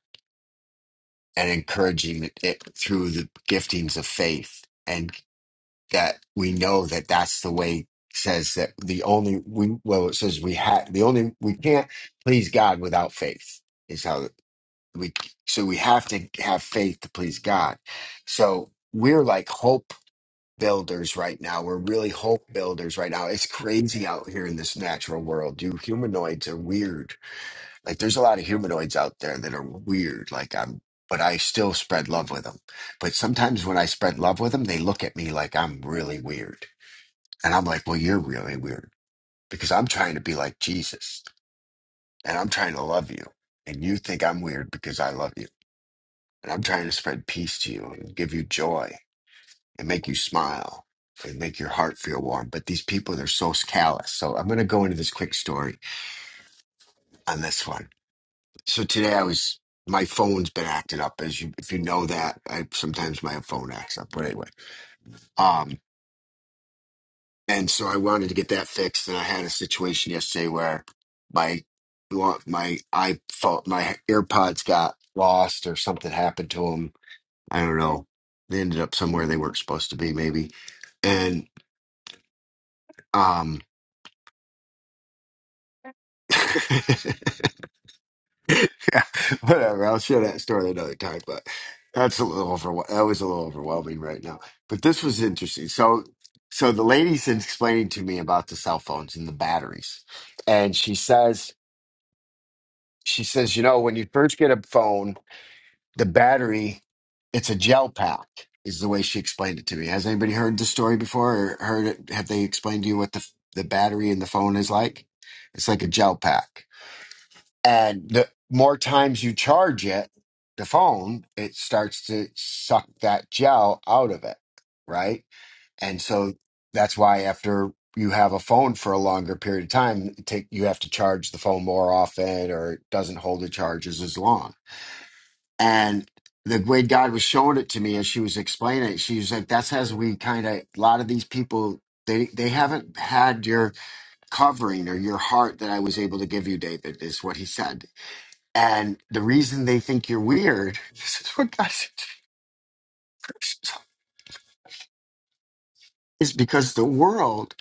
Speaker 1: and encouraging it it through the giftings of faith that we know that that's the way it says that the only we well it says we have the only we can't please God without faith is how we so we have to have faith to please God. So we're like hope builders right now. We're really hope builders right now. It's crazy out here in this natural world. You humanoids are weird. Like there's a lot of humanoids out there that are weird. Like I'm but I still spread love with them. But sometimes when I spread love with them, they look at me like I'm really weird and I'm like, well, you're really weird because I'm trying to be like Jesus and I'm trying to love you. And you think I'm weird because I love you. And I'm trying to spread peace to you and give you joy and make you smile and make your heart feel warm. But these people, they're so callous. So I'm going to go into this quick story on this one. So today I was, my phone's been acting up as you, if you know that, I sometimes my phone acts up. But anyway, um. And so I wanted to get that fixed. And I had a situation yesterday where my lo- my I iPhone, my AirPods got lost or something happened to them. I don't know. They ended up somewhere they weren't supposed to be, maybe. And um, yeah, whatever. I'll share that story another time. But that's a little over. That was a little overwhelming right now. But this was interesting. So, so the lady's explaining to me about the cell phones and the batteries, and she says. she says, you know, when you first get a phone, the battery, it's a gel pack, is the way she explained it to me. Has anybody heard the story before or heard it? Have they explained to you what the, the battery in the phone is like? It's like a gel pack. And the more times you charge it, the phone, it starts to suck that gel out of it, right? And so that's why after you have a phone for a longer period of time, it take you have to charge the phone more often or it doesn't hold the charges as long. And the way God was showing it to me as she was explaining it, she was like, that's as we kind of, a lot of these people, they, they haven't had your covering or your heart that I was able to give you, David, is what he said. And the reason they think you're weird, this is what God said, to the person, is because the world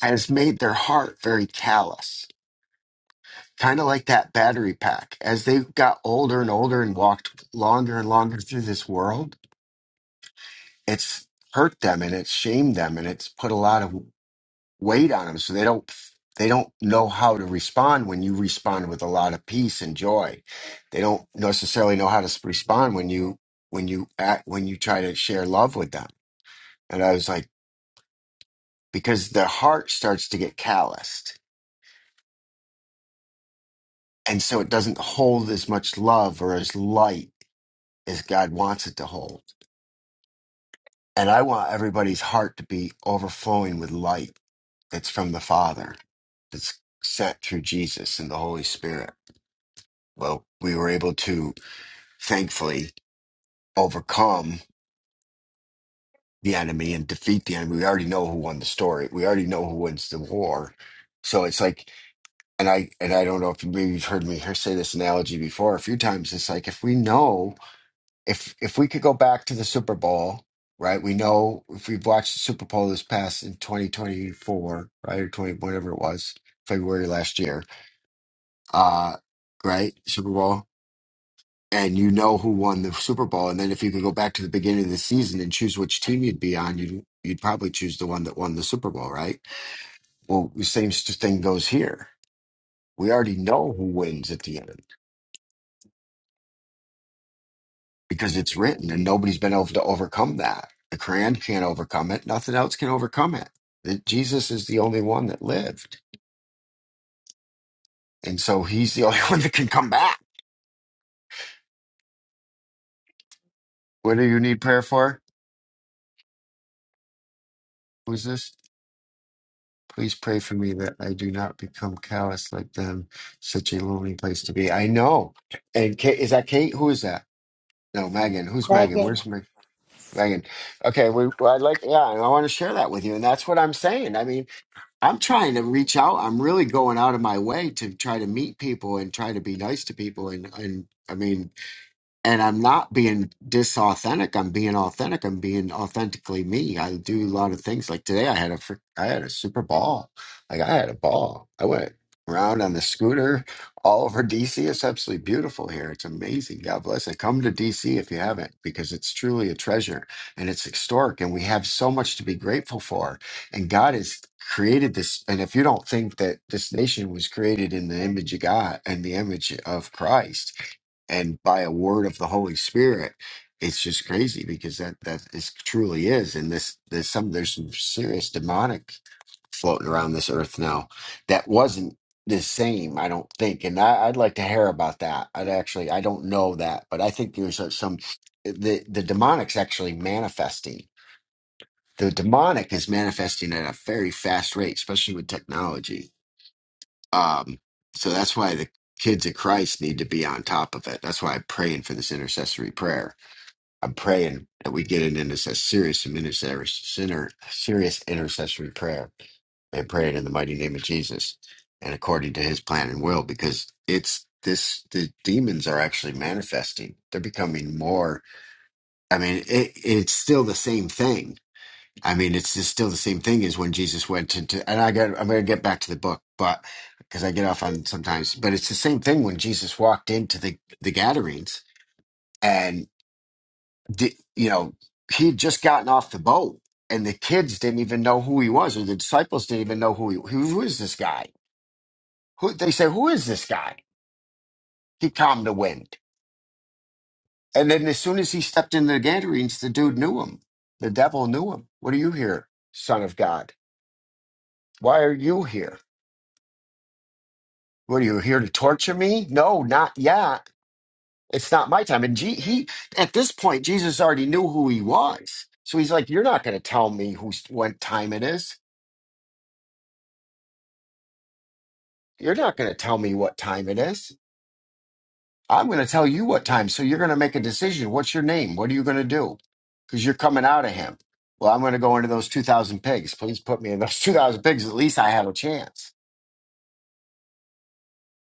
Speaker 1: has made their heart very callous kind of like that battery pack. As they got older and older and walked longer and longer through this world, it's hurt them and it's shamed them and it's put a lot of weight on them. So they don't they don't know how to respond when you respond with a lot of peace and joy. They don't necessarily know how to s- respond when you when you act when you try to share love with them. And I was like, because their heart starts to get calloused. And so it doesn't hold as much love or as light as God wants it to hold And I want everybody's heart to be overflowing with light that's from the Father, that's sent through Jesus and the Holy Spirit. Well, we were able to thankfully overcome the enemy and defeat the enemy. We already know who won the story. We already know who wins the war. So it's like, and I and I don't know if maybe you've heard me here say this analogy before a few times. It's like if we know if if we could go back to the Super Bowl, right? We know if we've watched the Super Bowl this past in 2024, right, or 20 whatever it was, February last year, uh, right, Super Bowl, and you know who won the Super Bowl, and then if you could go back to the beginning of the season and choose which team you'd be on, you'd you'd probably choose the one that won the Super Bowl, right? Well, the same st- thing goes here. We already know who wins at the end. because it's written and nobody's been able to overcome that. The Quran can't overcome it. Nothing else can overcome it. That Jesus is the only one that lived. And so he's the only one that can come back. What do you need prayer for? Who's this? Please pray for me that I do not become callous like them. Such a lonely place to be. I know. And Kate, is that Kate? Who is that? No, Megan. Who's Megan?
Speaker 2: Megan,
Speaker 1: Where's Meg- Megan? Okay, we, well, I'd like, yeah, and I want to share that with you. And that's what I'm saying. I mean, I'm trying to reach out. I'm really going out of my way to try to meet people and try to be nice to people. And and I mean, and I'm not being disauthentic. I'm being authentic. I'm being authentically me. I do a lot of things. Like today, I had a frick- I had a super ball. Like I had a ball. I went around on the scooter all over DC. It's absolutely beautiful here. It's amazing. God bless it. Come to DC if you haven't, because it's truly a treasure and it's historic, and we have so much to be grateful for. And God has created this. And if you don't think that this nation was created in the image of God and the image of Christ and by a word of the Holy Spirit, it's just crazy because that that is truly is. And this there's some there's some serious demonic floating around this earth now that wasn't the same, I don't think. And I, I'd like to hear about that. I'd actually I don't know that, but I think there's a- some the the demonic's actually manifesting. The demonic is manifesting at a very fast rate, especially with technology um, so that's why the kids of Christ need to be on top of it. That's why I'm praying for this intercessory prayer. I'm praying that we get an intercess- serious intercessory, sinner, serious intercessory prayer and pray it in the mighty name of Jesus and according to his plan and will, because it's this the demons are actually manifesting. They're becoming more I mean, it, it's still the same thing I mean, it's just still the same thing as when Jesus went into, and I got, I'm going to get back to the book, but because I get off on sometimes, but it's the same thing when Jesus walked into the, the gatherings and, di- you know, he'd just gotten off the boat and the kids didn't even know who he was, or the disciples didn't even know who he, who, who is this guy? Who, they say, who is this guy? He calmed the wind. And then as soon as he stepped into the gatherings, the dude knew him. The devil knew him. What are you here, son of God? Why are you here? What are you here to torture me? No, not yet. It's not my time. And Je- he, at this point, Jesus already knew who he was. So he's like, You're not going to tell me who's, what time it is. You're not going to tell me what time it is. I'm going to tell you what time. So you're going to make a decision. What's your name? What are you going to do? Because you're coming out of him. Well, I'm going to go into those 2,000 pigs. Please put me in those 2,000 pigs. At least I have a chance.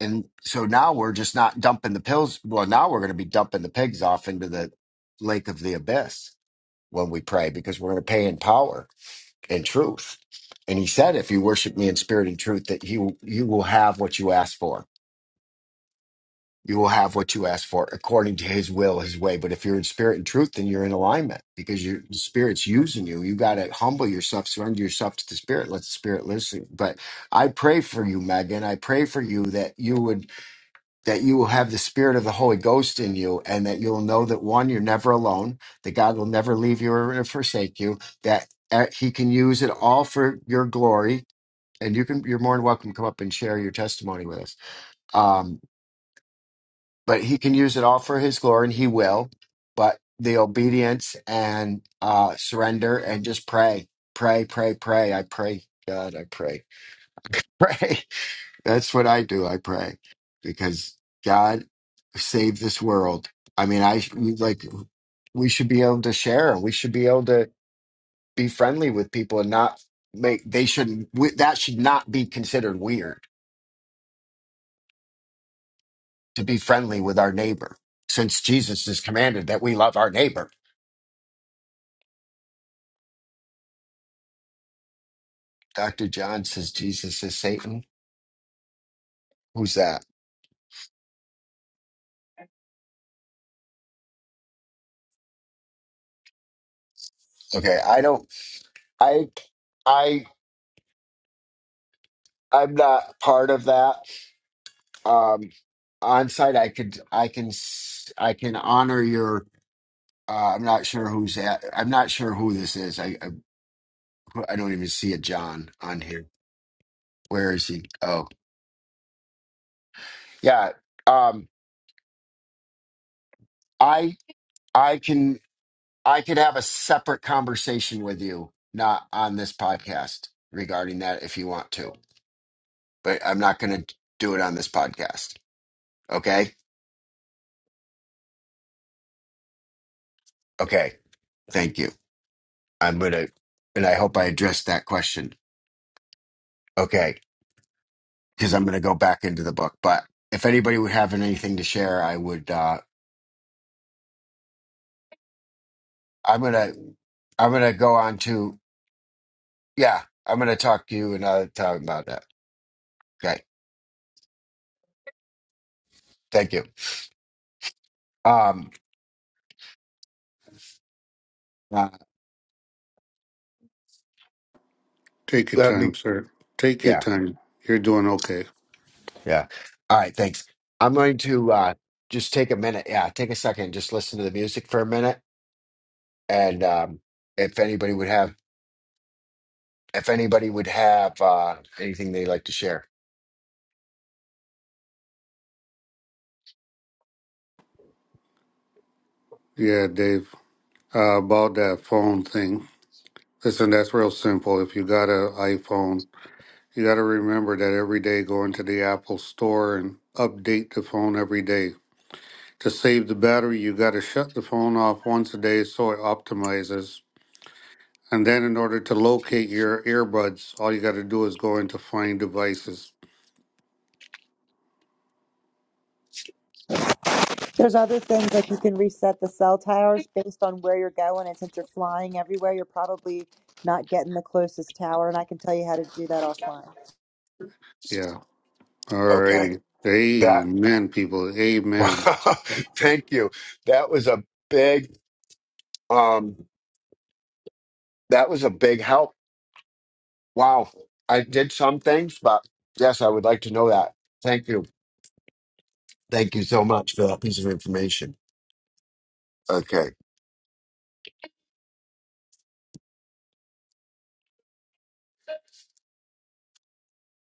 Speaker 1: And so now we're just not dumping the pills. Well, now we're going to be dumping the pigs off into the lake of the abyss when we pray because we're going to pay in power and truth. And he said, if you worship me in spirit and truth, that you you will have what you ask for. You will have what you ask for according to his will, his way. But if you're in spirit and truth, then you're in alignment because your the spirit's using you. You got to humble yourself, surrender yourself to the spirit, let the spirit listen. But I pray for you, Megan. I pray for you that you would that you will have the spirit of the Holy Ghost in you and that you'll know that one, you're never alone, that God will never leave you or forsake you, that uh, he can use it all for your glory. And you can, you're more than welcome to come up and share your testimony with us. Um, but he can use it all for his glory and he will, but the obedience and uh, surrender and just pray, pray, pray, pray. I pray, God, I pray, pray. That's what I do. I pray because God save this world. I mean, I we- like we should be able to share. We should be able to be friendly with people and not make they shouldn't we, that should not be considered weird to be friendly with our neighbor since Jesus has commanded that we love our neighbor. Dr. John says Jesus is Satan. Who's that? Okay, I don't I I I'm not part of that. um on site i could i can s- i can honor your uh i'm not sure who's at i'm not sure who this is i i, I don't even see a john on here where is he oh yeah um i i can i could have a separate conversation with you not on this podcast regarding that if you want to but i'm not going to do it on this podcast okay okay thank you i'm going to and i hope i addressed that question okay because I'm going to go back into the book. But if anybody would have anything to share, I would. Uh, I'm gonna I'm gonna go on to yeah. I'm gonna talk to you another time about that. Okay, thank you. Um, uh,
Speaker 4: Take your
Speaker 1: let me
Speaker 4: time, sir. Take your
Speaker 1: yeah
Speaker 4: time. You're doing okay.
Speaker 1: yeah. All right, thanks. I'm going to uh, just take a minute. Yeah, take a second. Just listen to the music for a minute, and um, if anybody would have if anybody would have uh, anything they'd like to share.
Speaker 4: Yeah, Dave. Uh, about that phone thing. Listen, that's real simple. If you got an iPhone, you got to remember that every day go into the Apple store and update the phone every day. To save the battery, you got to shut the phone off once a day so it optimizes And then in order to locate your earbuds, all you got to do is go into find devices.
Speaker 2: there's other things like you can reset the cell towers based on where you're going, and since you're flying everywhere, you're probably not getting the closest tower. And I can tell you how to do that offline.
Speaker 4: Yeah.
Speaker 1: Okay.
Speaker 4: Alrighty.
Speaker 1: That
Speaker 4: Amen, people. Amen.
Speaker 1: thank you. That was a big um that was a big help. Wow. I did some things, but yes, I would like to know that. Thank you. Thank you so much for that piece of information. Okay.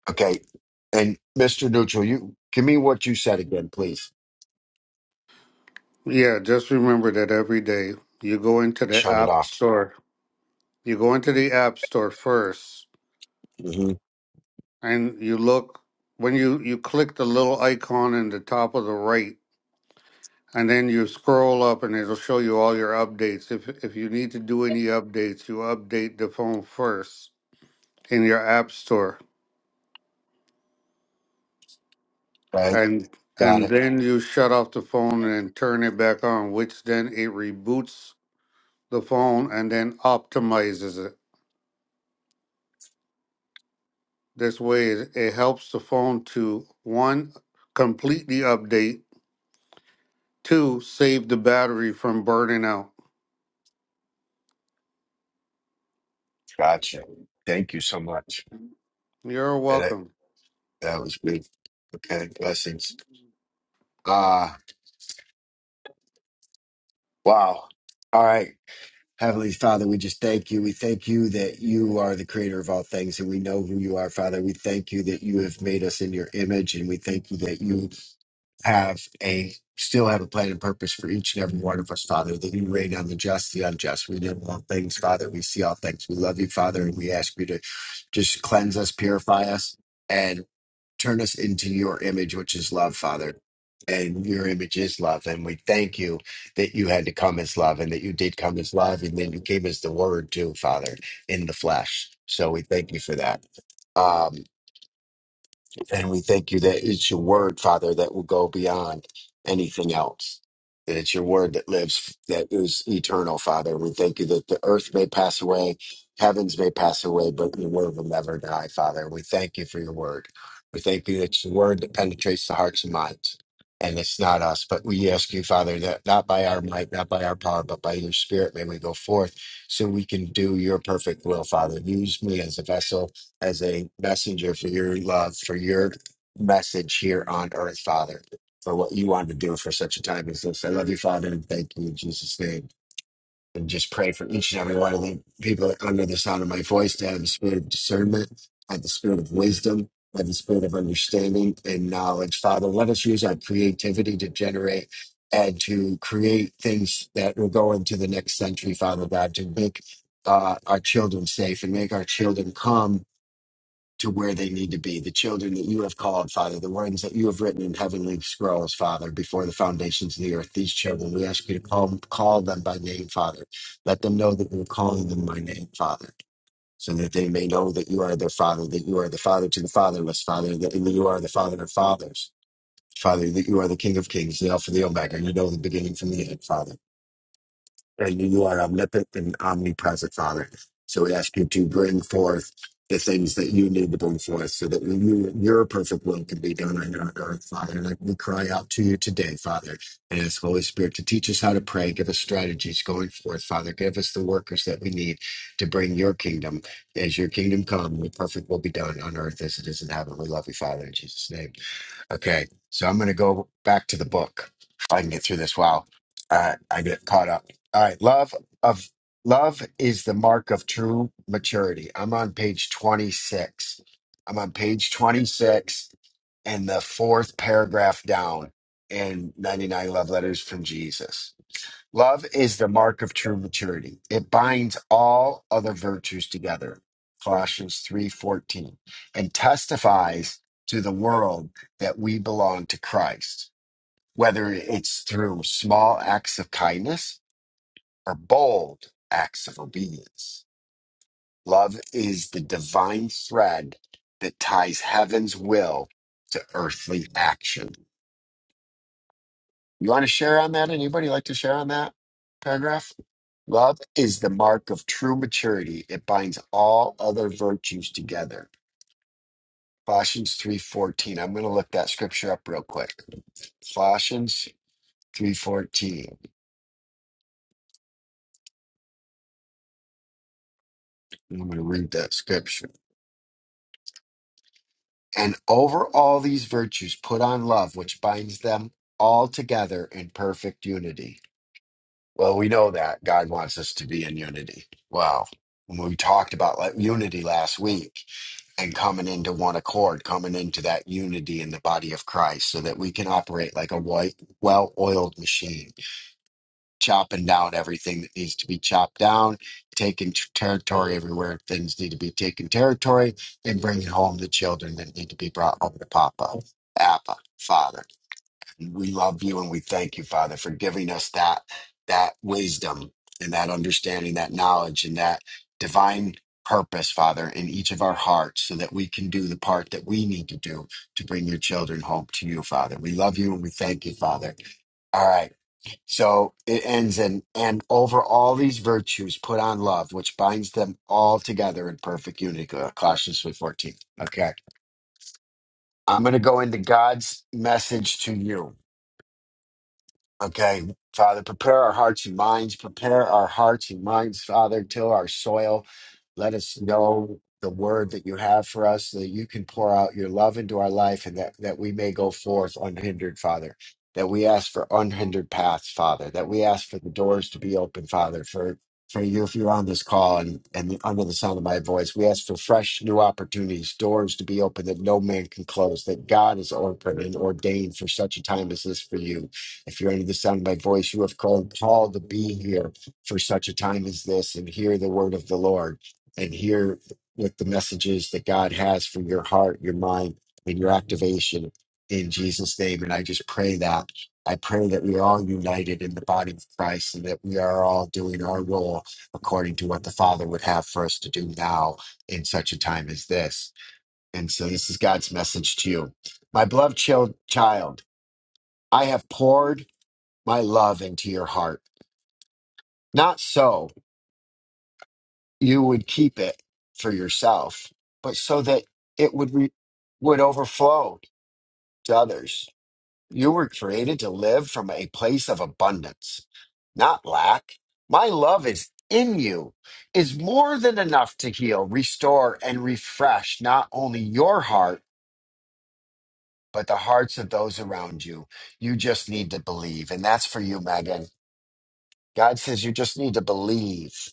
Speaker 1: Okay. And Mr. Neutral, you give me what you said again, please.
Speaker 4: Yeah, just remember that every day you go into the
Speaker 1: Shut it
Speaker 4: app
Speaker 1: off.
Speaker 4: store. You go into the app store first
Speaker 1: hmm
Speaker 4: and you look when you, you click the little icon in the top of the right and then you scroll up and it'll show you all your updates. If if you need to do any updates, you update the phone first in your app store
Speaker 1: Right.
Speaker 4: and
Speaker 1: Got
Speaker 4: and
Speaker 1: it.
Speaker 4: then you shut off the phone and turn it back on, which then it reboots the phone and then optimizes it. This way, it it helps the phone to one completely update, two save the battery from burning out.
Speaker 1: Gotcha. Thank you so much.
Speaker 4: You're
Speaker 1: That,
Speaker 4: welcome.
Speaker 1: that was good. Okay. Blessings. Ah, wow. All right. Heavenly Father, we just thank you. We thank you that you are the creator of all things and we know who you are, Father. We thank you that you have made us in your image and we thank you that you have a still have a plan and purpose for each and every one of us, Father, that you reign on the just, the unjust. We know all things, Father. We see all things. We love you, Father, and we ask you to just cleanse us, purify us, and turn us into your image, which is love, Father. And your image is love. And we thank you that you had to come as love and that you did come as love and then you came as the word too, Father, in the flesh. So we thank you for that. Um, and we thank you that it's your word, Father, that will go beyond anything else. That it's your word that lives, that is eternal, Father. We thank you that the earth may pass away, heavens may pass away, but your word will never die, Father. We thank you for your word. We thank you that it's the word that penetrates the hearts and minds. And it's not us, but we ask you, Father, that not by our might, not by our power, but by your spirit may we go forth so we can do your perfect will, Father. Use me as a vessel as a messenger for your love, for your message here on earth, Father, for what you wanted to do for such a time as this. I love you, Father, and thank you in Jesus' name. And just pray for each and every one of the people under the sound of my voice to have the spirit of discernment, have the spirit of wisdom, have the spirit of understanding and knowledge. Father, let us use our creativity to generate and to create things that will go into the next century, Father God, to make uh, our children safe and make our children calm to where they need to be, the children that you have called, Father, the ones that you have written in heavenly scrolls, Father, before the foundations of the earth. These children, we ask you to call, call them by name, Father. Let them know that you're calling them by name, Father, so that they may know that you are their Father, that you are the Father to the fatherless, Father, that you are the Father of fathers. Father, that you are the King of Kings, the Alpha, the Omega, you know the beginning from the end, Father and you are omnipotent and omnipresent, Father. So we ask you to bring forth the things that you need to bring forth so that you, your perfect will can be done on our earth, Father. And we cry out to you today, Father, and ask Holy Spirit to teach us how to pray, give us strategies going forth, Father. Give us the workers that we need to bring your kingdom. As your kingdom come, your perfect will be done on earth as it is in heaven. We love you, Father, in Jesus' name. Okay, so I'm going to go back to the book. If I can get through this, wow, uh, I get caught up. All right, love of love is the mark of true maturity. I'm on page 26. I'm on page 26 and the fourth paragraph down in 99 love letters from Jesus Love is the mark of true maturity. It binds all other virtues together. Colossians 3:14 and testifies to the world that we belong to Christ, whether it's through small acts of kindness or bold acts of obedience. Love is the divine thread that ties heaven's will to earthly action. You want to share on that? Anybody like to share on that paragraph? Love is the mark of true maturity. It binds all other virtues together. Colossians 3:14. I'm going to look that scripture up real quick. Colossians 3:14. I'm going to read that scripture. And over all these virtues put on love, which binds them all together in perfect unity. Well, we know that God wants us to be in unity. Wow. When we talked about like, unity last week, and coming into one accord, coming into that unity in the body of Christ so that we can operate like a white, well oiled machine, chopping down everything that needs to be chopped down, taking t- territory everywhere things need to be taken territory, and bringing home the children that need to be brought home to Papa, Appa, Father. We love you and we thank you, Father, for giving us that that wisdom and that understanding, that knowledge and that divine purpose, Father, in each of our hearts so that we can do the part that we need to do to bring your children home to you, Father. We love you and we thank you, Father. All right. So it ends in, and over all these virtues, put on love, which binds them all together in perfect unity. Colossians 3.14. Okay. I'm going to go into God's message to you. Okay, Father, prepare our hearts and minds. Prepare our hearts and minds, Father, till our soil. Let us know the word that you have for us, so that you can pour out your love into our life, and that, that we may go forth unhindered, Father. That we ask for unhindered paths, Father. That we ask for the doors to be open, Father, for, for you if you're on this call and, and under the sound of my voice. We ask for fresh new opportunities, doors to be open that no man can close, that God is open and ordained for such a time as this for you if you're under the sound of my voice, you have called called to be here for such a time as this and hear the word of the Lord and hear what the messages that God has for your heart, your mind, and your activation in Jesus' name. And I just pray that. I pray that we are all united in the body of Christ and that we are all doing our role according to what the Father would have for us to do now in such a time as this. And so this is God's message to you. My beloved chil- child, I have poured my love into your heart. Not so you would keep it for yourself, but so that it would re- would overflow to others. You were created to live from a place of abundance, not lack. My love is in you is more than enough to heal, restore and refresh not only your heart but the hearts of those around you. You just need to believe and that's for you Megan. God says you just need to believe.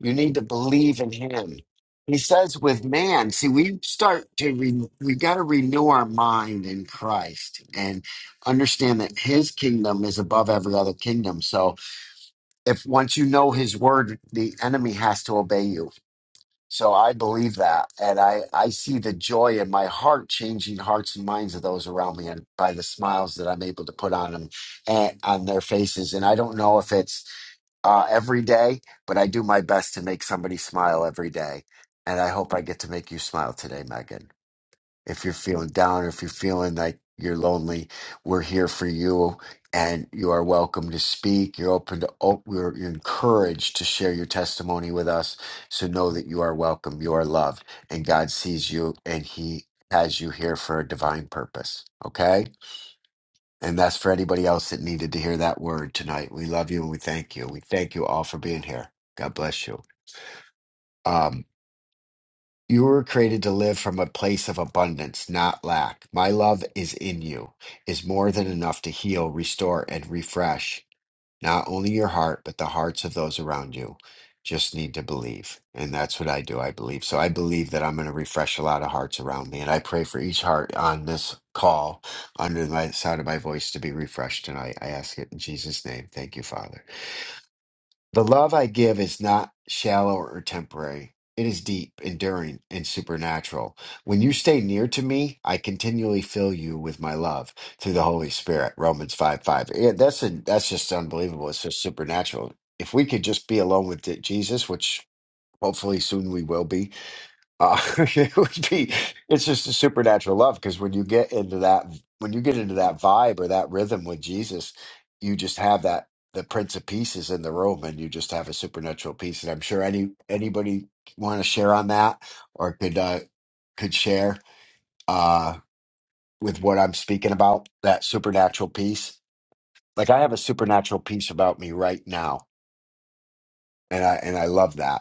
Speaker 1: You need to believe in him. He says with man, see, we start to, re, we got to renew our mind in Christ and understand that his kingdom is above every other kingdom. So if once you know his word, the enemy has to obey you. So I believe that. And I, I see the joy in my heart changing hearts and minds of those around me and by the smiles that I'm able to put on them and on their faces. And I don't know if it's uh, every day, but I do my best to make somebody smile every day. And I hope I get to make you smile today, Megan. If you're feeling down, if you're feeling like you're lonely, we're here for you, and you are welcome to speak. You're open to, op- you're, you're encouraged to share your testimony with us. So know that you are welcome, you are loved, and God sees you, and He has you here for a divine purpose. Okay? And that's for anybody else that needed to hear that word tonight. We love you and we thank you. We thank you all for being here. God bless you. Um, you were created to live from a place of abundance, not lack. My love is in you, is more than enough to heal, restore, and refresh. Not only your heart, but the hearts of those around you just need to believe. And that's what I do. I believe. So I believe that I'm going to refresh a lot of hearts around me. And I pray for each heart on this call under the sound of my voice to be refreshed tonight. I ask it in Jesus' name. Thank you, Father. The love I give is not shallow or temporary. It is deep, enduring, and supernatural. When you stay near to me, I continually fill you with my love through the Holy Spirit. Romans 5 5. Yeah, that's, a, that's just unbelievable. It's just supernatural. If we could just be alone with Jesus, which hopefully soon we will be, uh, it would be, it's just a supernatural love because when you get into that, when you get into that vibe or that rhythm with Jesus, you just have that, the Prince of Peace is in the room and you just have a supernatural peace. And I'm sure any, anybody want to share on that or could, uh, could share, uh, with what I'm speaking about, that supernatural peace. Like I have a supernatural peace about me right now. And I, and I love that.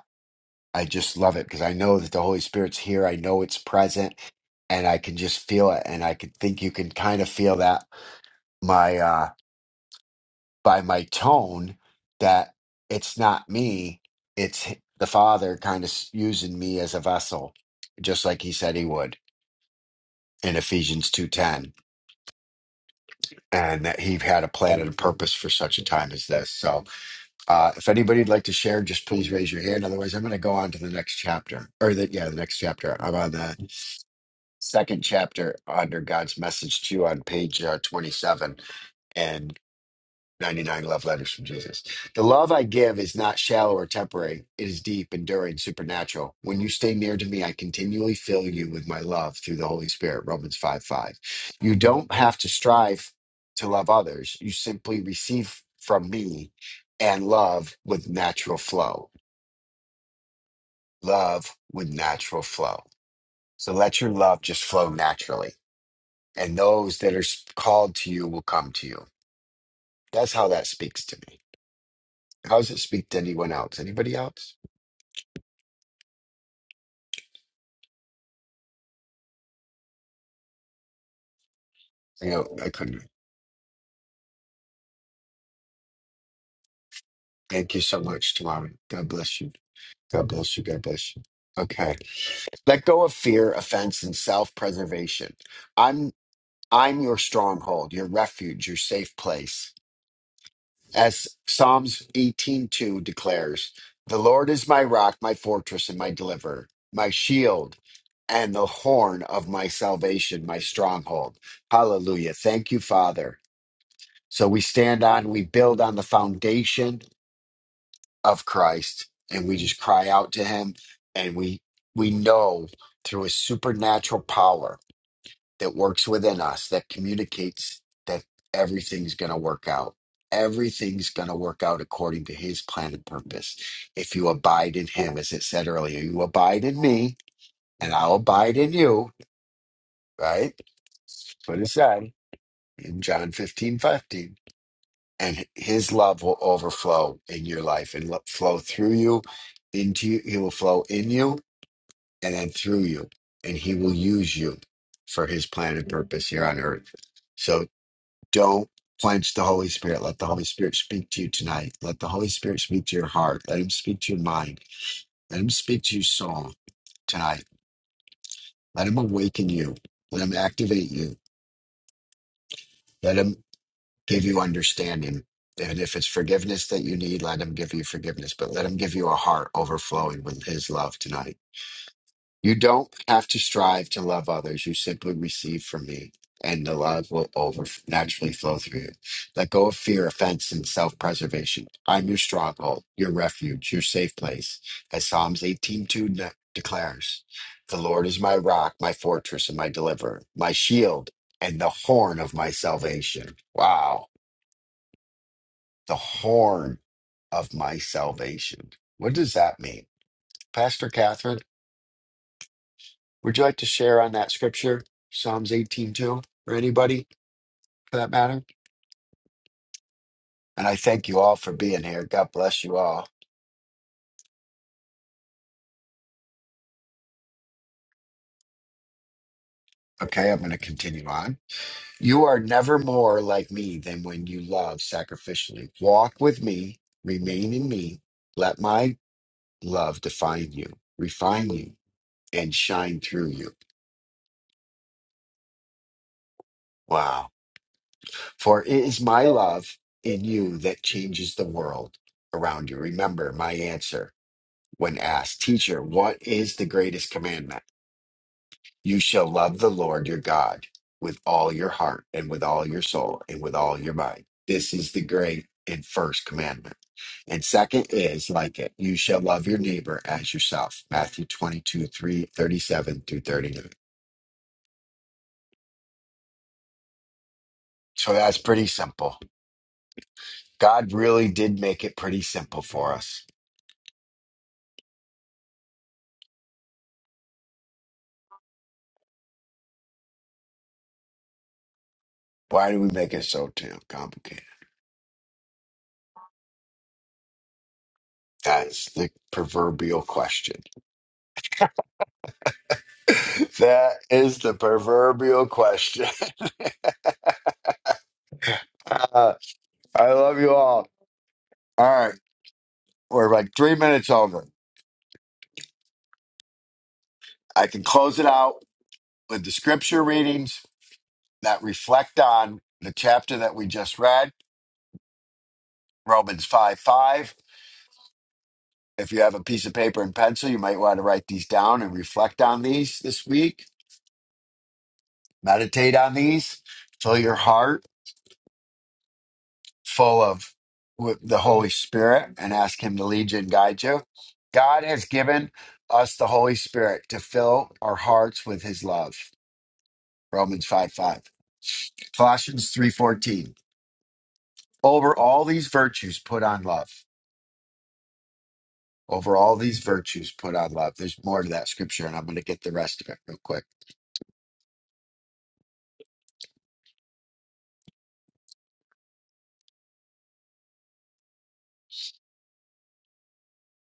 Speaker 1: I just love it because I know that the Holy Spirit's here. I know it's present and I can just feel it. And I could think you can kind of feel that my, uh, by my tone that it's not me, it's h- the Father kind of s- using me as a vessel, just like he said he would in Ephesians 2.10 and that he had a plan and a purpose for such a time as this. So uh, if anybody would like to share, just please raise your hand. Otherwise, I'm going to go on to the next chapter or the, yeah, the next chapter. I'm on that. second chapter under God's message to you on page uh, 27 and 99 love letters from Jesus. The love I give is not shallow or temporary, it is deep, enduring, supernatural. When you stay near to me, I continually fill you with my love through the Holy Spirit. Romans 5 5. You don't have to strive to love others, you simply receive from me and love with natural flow. Love with natural flow. So let your love just flow naturally and those that are called to you will come to you. That's how that speaks to me. How does it speak to anyone else? Anybody else? You know, I couldn't. Thank you so much, Tamara. God bless you. God bless you. God bless you. Okay. Let go of fear, offense, and self-preservation. I'm I'm your stronghold, your refuge, your safe place. As Psalms 18:2 declares, "The Lord is my rock, my fortress and my deliverer, my shield and the horn of my salvation, my stronghold." Hallelujah. Thank you, Father. So we stand on, we build on the foundation of Christ and we just cry out to him and we we know through his supernatural power that works within us that communicates that everything's going to work out. Everything's going to work out according to his plan and purpose. If you abide in him, as it said earlier, you abide in me and I'll abide in you, right? That's what it said in John 15 15. And his love will overflow in your life and lo- flow through you into you. He will flow in you and then through you. And he will use you for his plan and purpose here on earth. So. Don't quench the Holy Spirit. Let the Holy Spirit speak to you tonight. Let the Holy Spirit speak to your heart. Let him speak to your mind. Let him speak to your soul tonight. Let him awaken you. Let him activate you. Let him give you understanding. And if it's forgiveness that you need, let him give you forgiveness. But let him give you a heart overflowing with his love tonight. You don't have to strive to love others. You simply receive from me, and the love will over naturally flow through you. Let go of fear, offense, and self-preservation. I'm your stronghold, your refuge, your safe place. As Psalms 18:2 de- declares, "The Lord is my rock, my fortress, and my deliverer, my shield, and the horn of my salvation." Wow, the horn of my salvation. What does that mean, Pastor Catherine? Would you like to share on that scripture, Psalms 18:2, or anybody for that matter? And I thank you all for being here. God bless you all. Okay, I'm going to continue on. You are never more like me than when you love sacrificially. Walk with me, remain in me. Let my love define you, refine you, and shine through you. Wow. For it is my love in you that changes the world around you. Remember my answer. when asked, Teacher, what is the greatest commandment? You shall love the Lord your God with all your heart and with all your soul and with all your mind. This is the great and first commandment. And second is like it, you shall love your neighbor as yourself. Matthew 22, three, thirty-seven through 39. So that's pretty simple. God really did make it pretty simple for us. Why do we make it so damn complicated? That's the proverbial question. that is the proverbial question. Uh, I love you all. All right. We're like three minutes over. I can close it out with the scripture readings that reflect on the chapter that we just read, Romans 5 5. If you have a piece of paper and pencil, you might want to write these down and reflect on these this week. Meditate on these. Fill your heart full of with the Holy Spirit and ask Him to lead you and guide you. God has given us the Holy Spirit to fill our hearts with His love. Romans 5 5. Colossians 3 14. Over all these virtues, put on love. Over all these virtues, put on love. There's more to that scripture, and I'm going to get the rest of it real quick,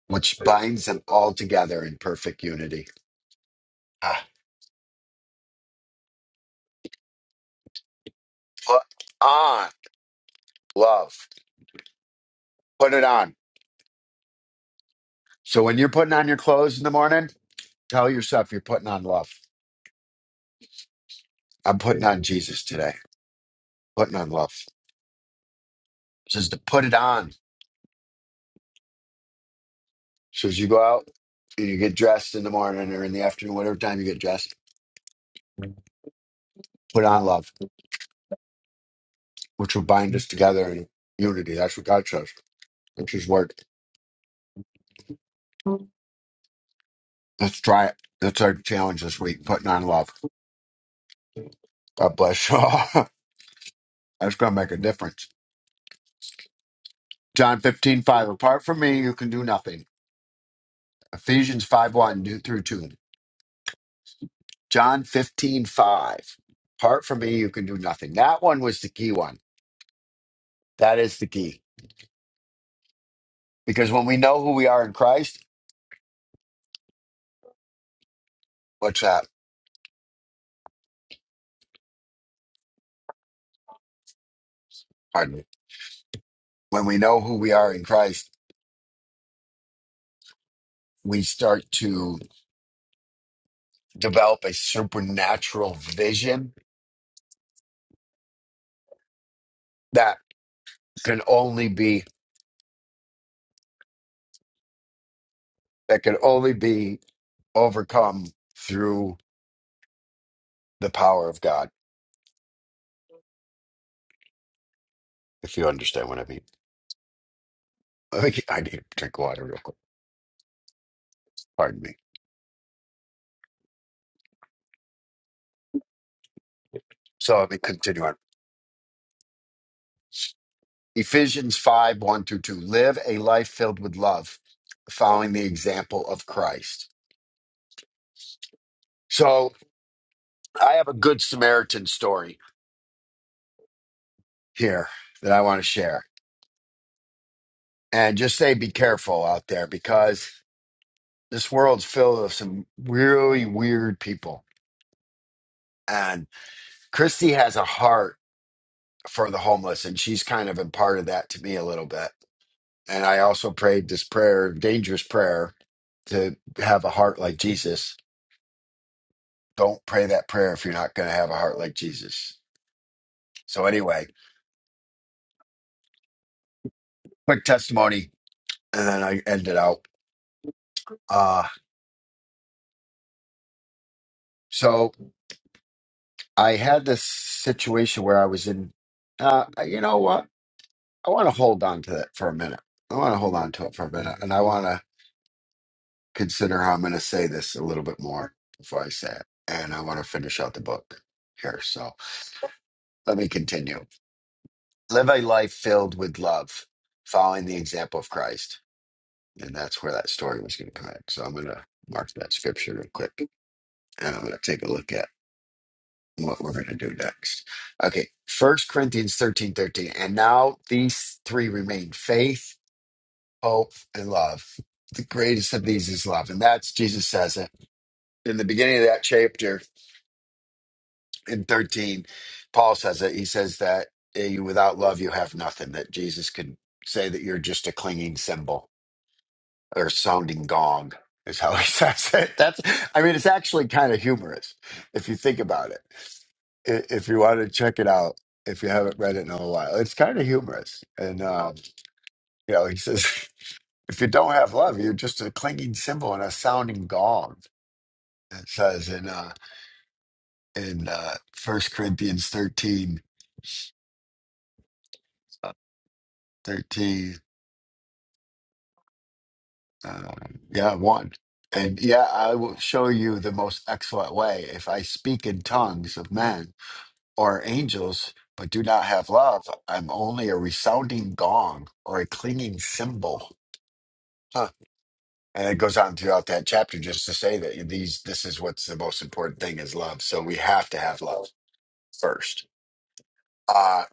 Speaker 1: which binds them all together in perfect unity. Ah, put on love. Put it on. So when you're putting on your clothes in the morning, Tell yourself you're putting on love. I'm putting on Jesus today. Putting on love. It says to put it on. So as you go out and you get dressed in the morning or in the afternoon, whatever time you get dressed, put on love, which will bind us together in unity. That's what God says. That's his word. Let's try it. That's our challenge this week, putting on love. God bless you all. That's gonna make a difference. John 15 5. Apart from me, you can do nothing. Ephesians 5, 1 do through 2. John 15 5. Apart from me, you can do nothing. That one was the key one. That is the key. Because when we know who we are in Christ, what's that? Pardon me. When we know who we are in Christ, we start to develop a supernatural vision that can only be that can only be overcome through the power of God, if you understand what I mean. Let me- I need to drink water real quick. Pardon me. So let me continue on. Ephesians 5 1 through 2. Live a life filled with love, following the example of Christ. So I have a good Samaritan story here that I want to share. And just say be careful out there because this world's filled with some really weird people. And Christy has a heart for the homeless, and she's kind of imparted that to me a little bit. And I also prayed this prayer, dangerous prayer, to have a heart like Jesus Don't pray that prayer if you're not going to have a heart like Jesus. So anyway, quick testimony, and then I end it out. Uh, so I had this situation where I was in. Uh, you know what? I want to hold on to that for a minute. I want to hold on to it for a minute, and I want to consider how I'm going to say this a little bit more before I say it. And I want to finish out the book here. So let me continue. Live a life filled with love, following the example of Christ. And that's where that story was going to connect. So I'm going to mark that scripture real quick and I'm going to take a look at what we're going to do next. Okay. First Corinthians 13 13, And now these three remain faith, hope, and love. The greatest of these is love. And that's Jesus says it in the beginning of that chapter in 13. Paul says it. He says that eh, without love, you have nothing, that Jesus could say that you're just a clinging symbol or sounding gong is how he says it. That's, I mean, it's actually kind of humorous if you think about it. I- If you want to check it out, if you haven't read it in a while, it's kind of humorous. And, uh, you know, he says, if you don't have love, you're just a clinging cymbal and a sounding gong. It says in, uh, in, uh, 1 Corinthians thirteen, thirteen. uh, yeah, 1. And yeah, I will show you the most excellent way if I speak in tongues of men or angels, but do not have love, I'm only a resounding gong or a clanging cymbal. Huh. And it goes on throughout that chapter just to say that these this is what's the most important thing is love. So we have to have love first. Uh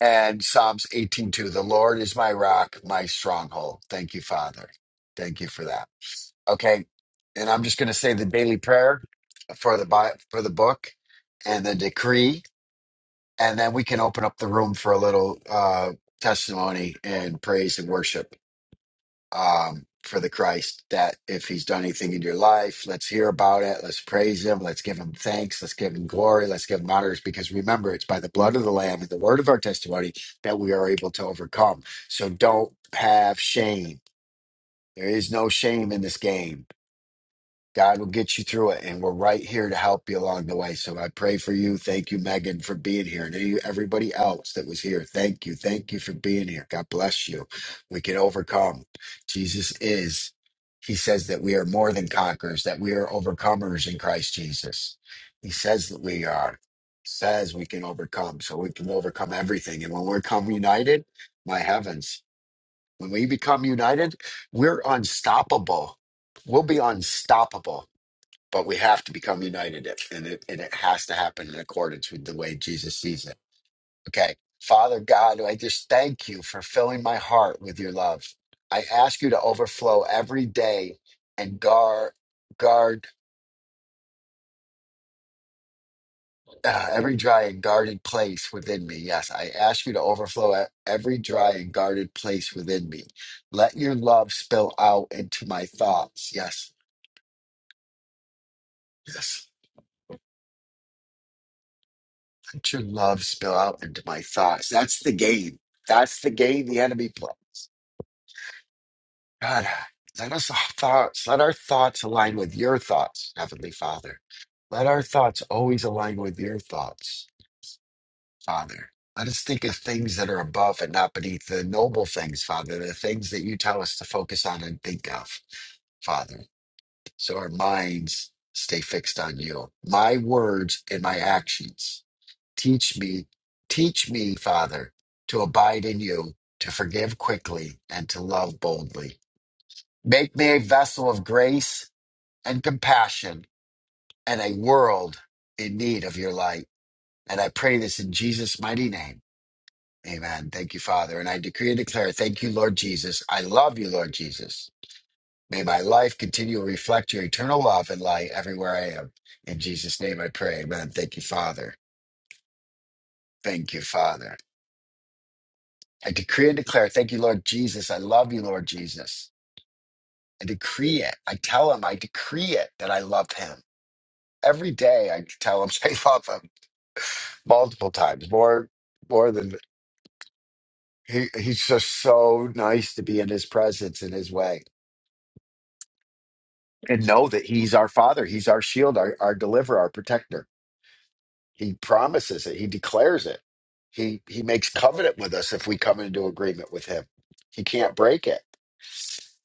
Speaker 1: and Psalms 18:2, the Lord is my rock, my stronghold. Thank you, Father. Thank you for that. Okay. And I'm just gonna say the daily prayer for the Bi- for the book and the decree and then we can open up the room for a little uh, testimony and praise and worship um, for the Christ. That if He's done anything in your life, let's hear about it. Let's praise Him. Let's give Him thanks. Let's give Him glory. Let's give Him honors. Because remember, it's by the blood of the Lamb and the word of our testimony that we are able to overcome. So don't have shame. There is no shame in this game. God will get you through it, and we're right here to help you along the way. So I pray for you. Thank you, Megan, for being here, and you- everybody else that was here. Thank you, thank you for being here. God bless you. We can overcome. Jesus is. He says that we are more than conquerors; that we are overcomers in Christ Jesus. He says that we are. Says we can overcome, so we can overcome everything. And when we come united, my heavens, when we become united, we're unstoppable. We'll be unstoppable but we have to become united it- and it, and it has to happen in accordance with the way jesus sees it okay father god i just thank you for filling my heart with your love i ask you to overflow every day and guard guard uh, every dry and guarded place within me yes i ask you to overflow e- every dry and guarded place within me let your love spill out into my thoughts yes yes Let your love spill out into my thoughts. That's the game. That's the game the enemy plays. God, let us uh, thoughts, let our thoughts align with your thoughts, Heavenly Father. Let our thoughts always align with your thoughts, Father. Let us think of things that are above and not beneath the noble things, Father, the things that you tell us to focus on and think of, Father. So our minds stay fixed on you. My words and my actions Teach me, teach me, Father, to abide in you, to forgive quickly, and to love boldly. Make me a vessel of grace and compassion and a world in need of your light. And I pray this in Jesus' mighty name. Amen. Thank you, Father. And I decree and declare, thank you, Lord Jesus. I love you, Lord Jesus. May my life continue to reflect your eternal love and light everywhere I am. In Jesus' name I pray. Amen. Thank you, Father. Thank you, Father. I decree and declare, thank you, Lord Jesus. I love you, Lord Jesus. I decree it. I tell him, I decree it that I love him. Every day I tell him I love him multiple times, more more than he, he's just so nice to be in his presence in his way. And know that he's our father, he's our shield, our, our deliverer, our protector. He promises it, he declares it. He he makes covenant with us if we come into agreement with him. He can't break it.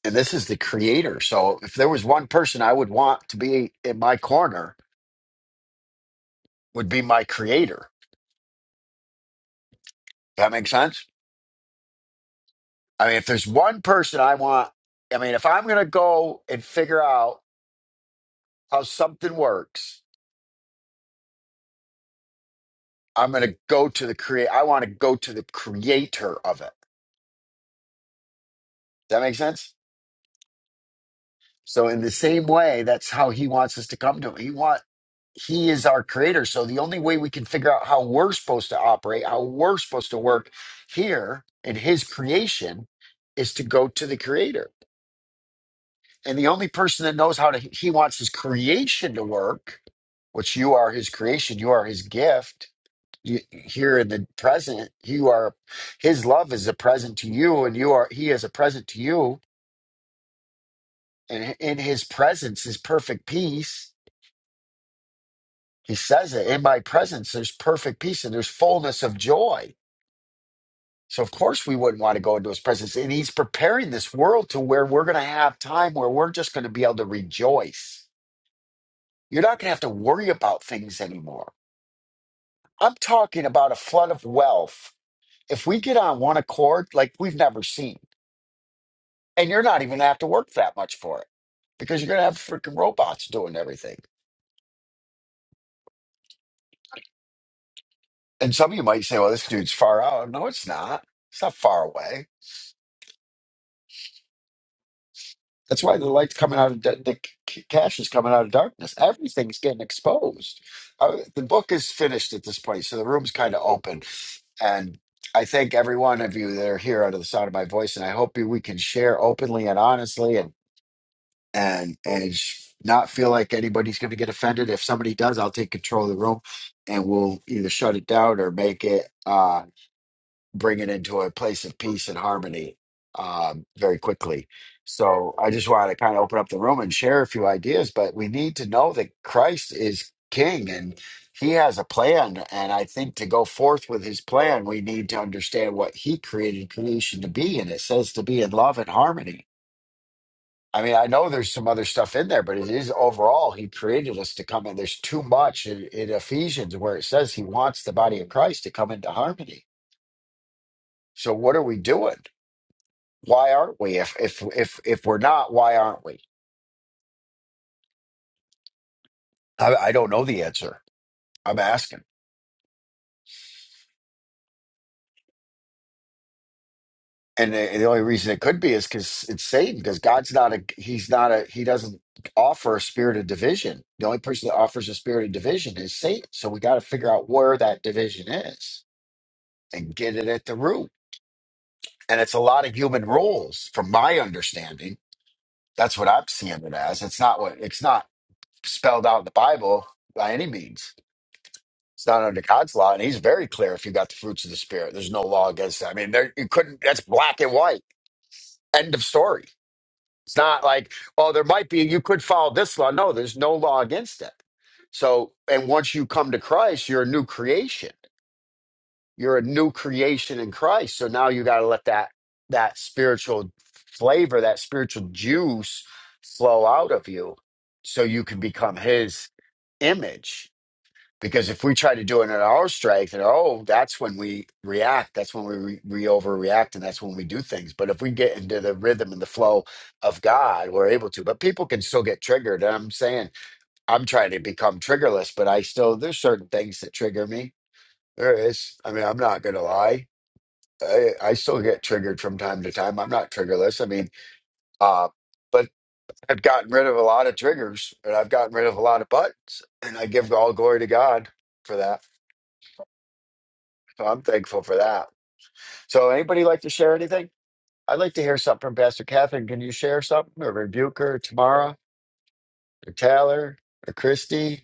Speaker 1: and this is the creator. So if there was one person I would want to be in my corner, would be my creator. That makes sense. I mean, if there's one person I want, I mean, if I'm gonna go and figure out how something works, I'm gonna go to the create. I want to go to the creator of it. That makes sense. So in the same way, that's how he wants us to come to him. He want he is our creator. So the only way we can figure out how we're supposed to operate, how we're supposed to work here in his creation is to go to the creator. And the only person that knows how to he wants his creation to work, which you are his creation, you are his gift. You, here in the present, you are his love is a present to you, and you are he is a present to you, and in his presence is perfect peace He says it in my presence, there's perfect peace and there's fullness of joy. So, of course, we wouldn't want to go into his presence. And he's preparing this world to where we're going to have time where we're just going to be able to rejoice. You're not going to have to worry about things anymore. I'm talking about a flood of wealth. If we get on one accord, like we've never seen, and you're not even going to have to work that much for it because you're going to have freaking robots doing everything. And some of you might say, well, this dude's far out. No, it's not. It's not far away That's why the light's coming out of da- the c- cash is coming out of darkness. Everything's getting exposed. Uh, the book is finished at this point, so the room's kind of open. And I thank every one of you that are here under the sound of my voice, and I hope you, we can share openly and honestly, and and and sh- not feel like anybody's going to get offended. If somebody does, I'll take control of the room, and we'll either shut it down or make it. Uh, bring it into a place of peace and harmony um, very quickly. So I just wanted to kind of open up the room and share a few ideas, but we need to know that Christ is king and he has a plan. And I think to go forth with his plan, we need to understand what he created creation to be. And it says to be in love and harmony. I mean, I know there's some other stuff in there, but it is overall, he created us to come in. There's too much in, in Ephesians where it says he wants the body of Christ to come into harmony. So what are we doing? Why aren't we? If if if if we're not, why aren't we? I, I don't know the answer. I'm asking, and the, the only reason it could be is because it's Satan. Because God's not a he's not a he doesn't offer a spirit of division. The only person that offers a spirit of division is Satan. So we got to figure out where that division is and get it at the root. And it's a lot of human rules, from my understanding. That's what I'm seeing it as. It's not what it's not spelled out in the Bible by any means. It's not under God's law, and He's very clear. If you got the fruits of the Spirit, there's no law against that. I mean, there you couldn't. That's black and white. End of story. It's not like oh, there might be. You could follow this law. No, there's no law against it. So, and once you come to Christ, you're a new creation. You're a new creation in Christ. So now you got to let that that spiritual flavor, that spiritual juice, flow out of you, so you can become His image because if we try to do it in our strength, and oh, that's when we react. That's when we re- we overreact, and that's when we do things. But if we get into the rhythm and the flow of God, we're able to. But people can still get triggered. And I'm saying I'm trying to become triggerless, but I still there's certain things that trigger me. There is. I mean, I'm not gonna lie. I, I still get triggered from time to time. I'm not triggerless. I mean, uh, but I've gotten rid of a lot of triggers, and I've gotten rid of a lot of buttons, and I give all glory to God for that. So I'm thankful for that. So anybody like to share anything? I'd like to hear something from Pastor Catherine. Can you share something or rebuke her, Tamara or Tyler or Christy?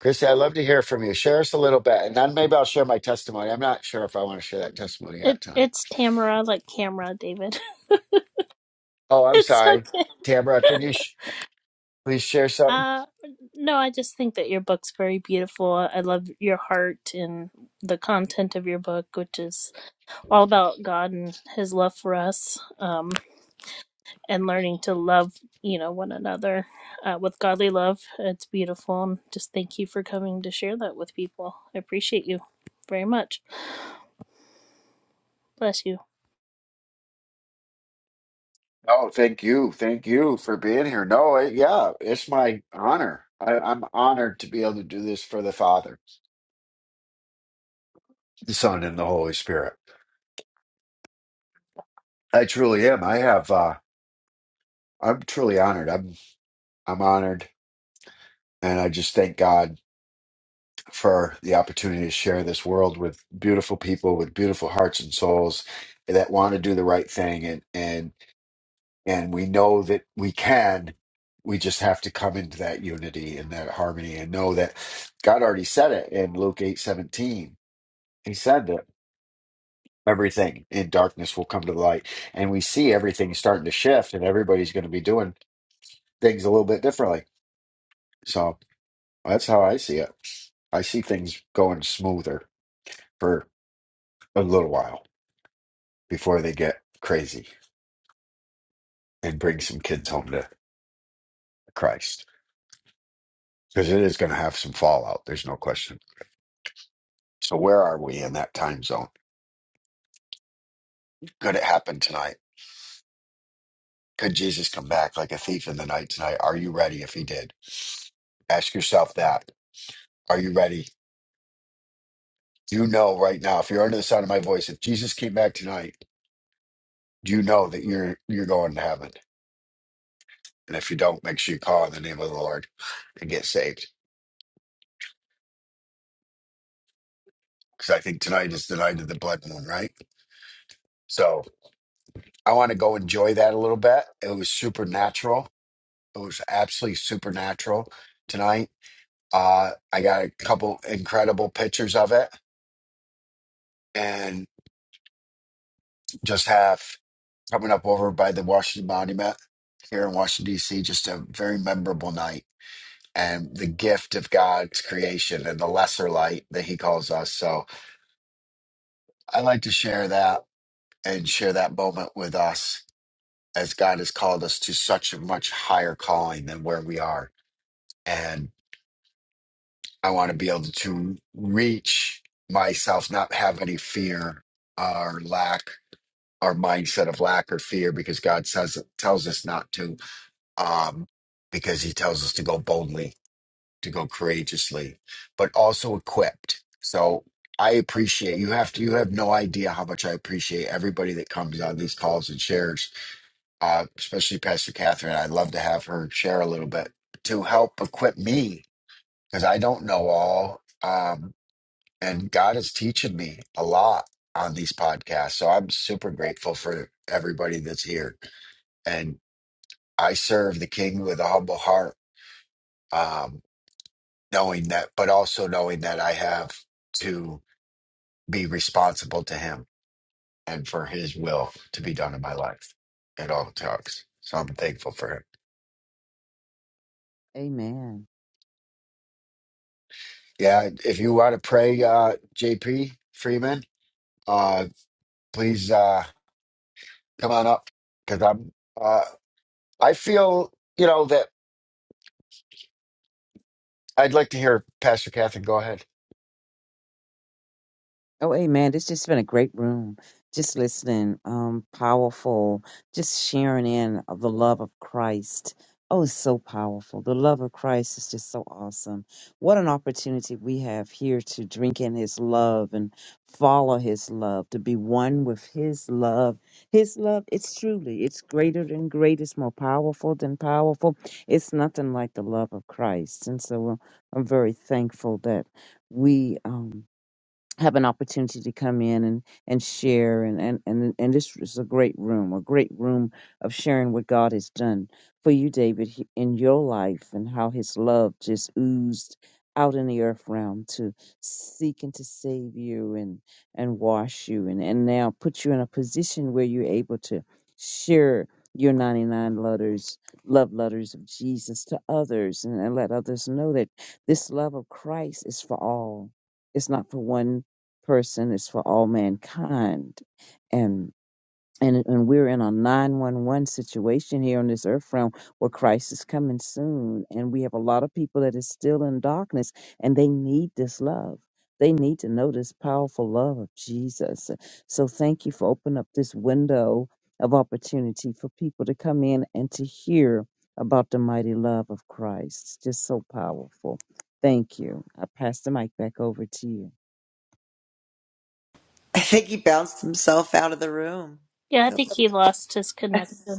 Speaker 1: Christy, I'd love to hear from you. Share us a little bit. And then maybe I'll share my testimony. I'm not sure if I want to share that testimony yet
Speaker 6: It
Speaker 1: tonight.
Speaker 6: it's Tamara, like camera, David.
Speaker 1: Oh, I'm
Speaker 6: It's
Speaker 1: sorry.
Speaker 6: okay.
Speaker 1: Tamara, can you sh- please share something?
Speaker 6: Uh, no, I just think that your book's very beautiful. I love your heart and the content of your book, which is all about God and His love for us, um, and learning to love, you know, one another uh, with godly love. It's beautiful, and just thank you for coming to share that with people. I appreciate you very much. Bless you.
Speaker 1: Oh, thank you. Thank you for being here. No, it, yeah, it's my honor. I, I'm honored to be able to do this for the Father, the Son, and the Holy Spirit. I truly am. I have. Uh, I'm truly honored. I'm I'm honored, and I just thank God for the opportunity to share this world with beautiful people with beautiful hearts and souls that want to do the right thing, and and and we know that we can. We just have to come into that unity and that harmony, and know that God already said it in Luke eight seventeen. He said that everything in darkness will come to the light, and we see everything starting to shift, and everybody's going to be doing things a little bit differently. So that's how I see it. I see things going smoother for a little while before they get crazy and bring some kids home to Christ because it is going to have some fallout. There's no question. So, where are we in that time zone? Could it happen tonight? Could Jesus come back like a thief in the night tonight? Are you ready if he did? Ask yourself that. Are you ready? Do you know right now, if you're under the sound of my voice, if Jesus came back tonight, do you know that you're you're going to heaven? And if you don't, make sure you call in the name of the Lord and get saved because I think tonight is the night of the blood moon, right? So I want to go enjoy that a little bit. It was supernatural. It was absolutely supernatural tonight. Uh, I got a couple incredible pictures of it, and just have coming up over by the Washington Monument here in Washington D.C. Just a very memorable night. And the gift of God's creation and the lesser light that He calls us. So I like to share that and share that moment with us as God has called us to such a much higher calling than where we are. And I want to be able to reach myself, not have any fear or lack or mindset of lack or fear because God says tells us not to, um, because he tells us to go boldly, to go courageously, but also equipped. So I appreciate you have to you have no idea how much I appreciate everybody that comes on these calls and shares uh, especially Pastor Catherine. I'd love to have her share a little bit to help equip me because I don't know all. Um, and God is teaching me a lot on these podcasts. So I'm super grateful for everybody that's here. And I serve the King with a humble heart, um, knowing that, but also knowing that I have to be responsible to Him and for His will to be done in my life at all talks. So I'm thankful for Him.
Speaker 7: Amen.
Speaker 1: Yeah, if you want to pray, uh, JP Freeman, uh, please uh, come on up because I'm. Uh, I feel you know that I'd like to hear Pastor Catherine. Go ahead.
Speaker 7: Oh, amen. This just been a great room. Just listening, um, powerful, just sharing in of the love of Christ. Oh, it's so powerful. The love of Christ is just so awesome. What an opportunity we have here to drink in his love and follow his love, to be one with his love. His love, it's truly, it's greater than great, it's more powerful than powerful. It's nothing like the love of Christ. And so uh, I'm very thankful that we um, have an opportunity to come in and, and share and, and, and, and this is a great room, a great room of sharing what God has done for you, David, he- in your life and how his love just oozed out in the earth realm to seek and to save you and, and wash you and, and now put you in a position where you're able to share your 99 letters, love letters of Jesus to others and, and let others know that this love of Christ is for all. It's not for one person is for all mankind. And and, and we're in a 911 situation here on this earth realm where Christ is coming soon. And we have a lot of people that is still in darkness and they need this love. They need to know this powerful love of Jesus. So thank you for opening up this window of opportunity for people to come in and to hear about the mighty love of Christ. Just so powerful. Thank you. I pass the mic back over to you.
Speaker 2: I think he bounced himself out of the room.
Speaker 6: Yeah, I
Speaker 2: He'll,
Speaker 6: think he lost his connection.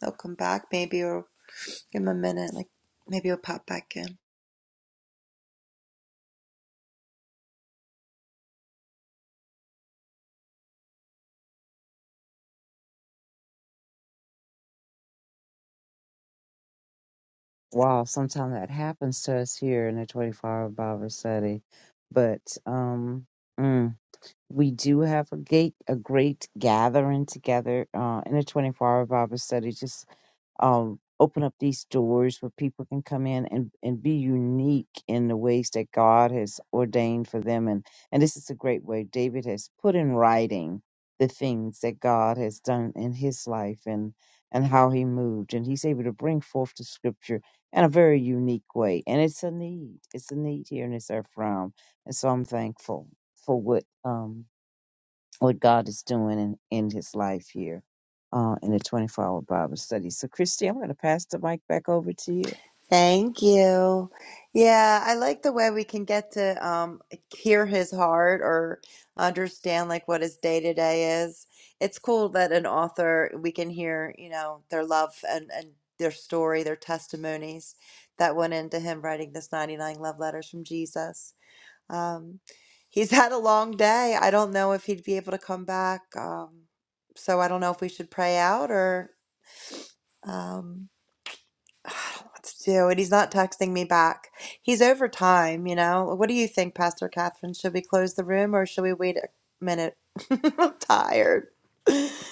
Speaker 2: he'll come back maybe or give him a minute. Like maybe he'll pop back in.
Speaker 7: wow, sometimes that happens to us here in the 24 hour Bible study. But um, mm, we do have a, gate, a great gathering together uh, in the 24 hour Bible study um, open up these doors where people can come in and, and be unique in the ways that God has ordained for them. And, and this is a great way. David has put in writing the things that God has done in his life and, and how he moved. And he's able to bring forth the scripture in a very unique way. And it's a need. It's a need here in this earth realm. And so I'm thankful for what um, what God is doing in, in his life here uh, in the 24 hour Bible study. So, Christy, I'm going to pass the mic back over to you.
Speaker 2: Thank you. Yeah, I like the way we can get to um, hear his heart or understand like what his day to day is. It's cool that an author we can hear, you know, their love and and their story, their testimonies that went into him writing this 99 love letters from Jesus. Um, he's had a long day. I don't know if he'd be able to come back. Um, so I don't know if we should pray out or. Um, I don't know what to do, and he's not texting me back. He's over time, you know. What do you think, Pastor Catherine? Should we close the room or should we wait a minute? I'm tired.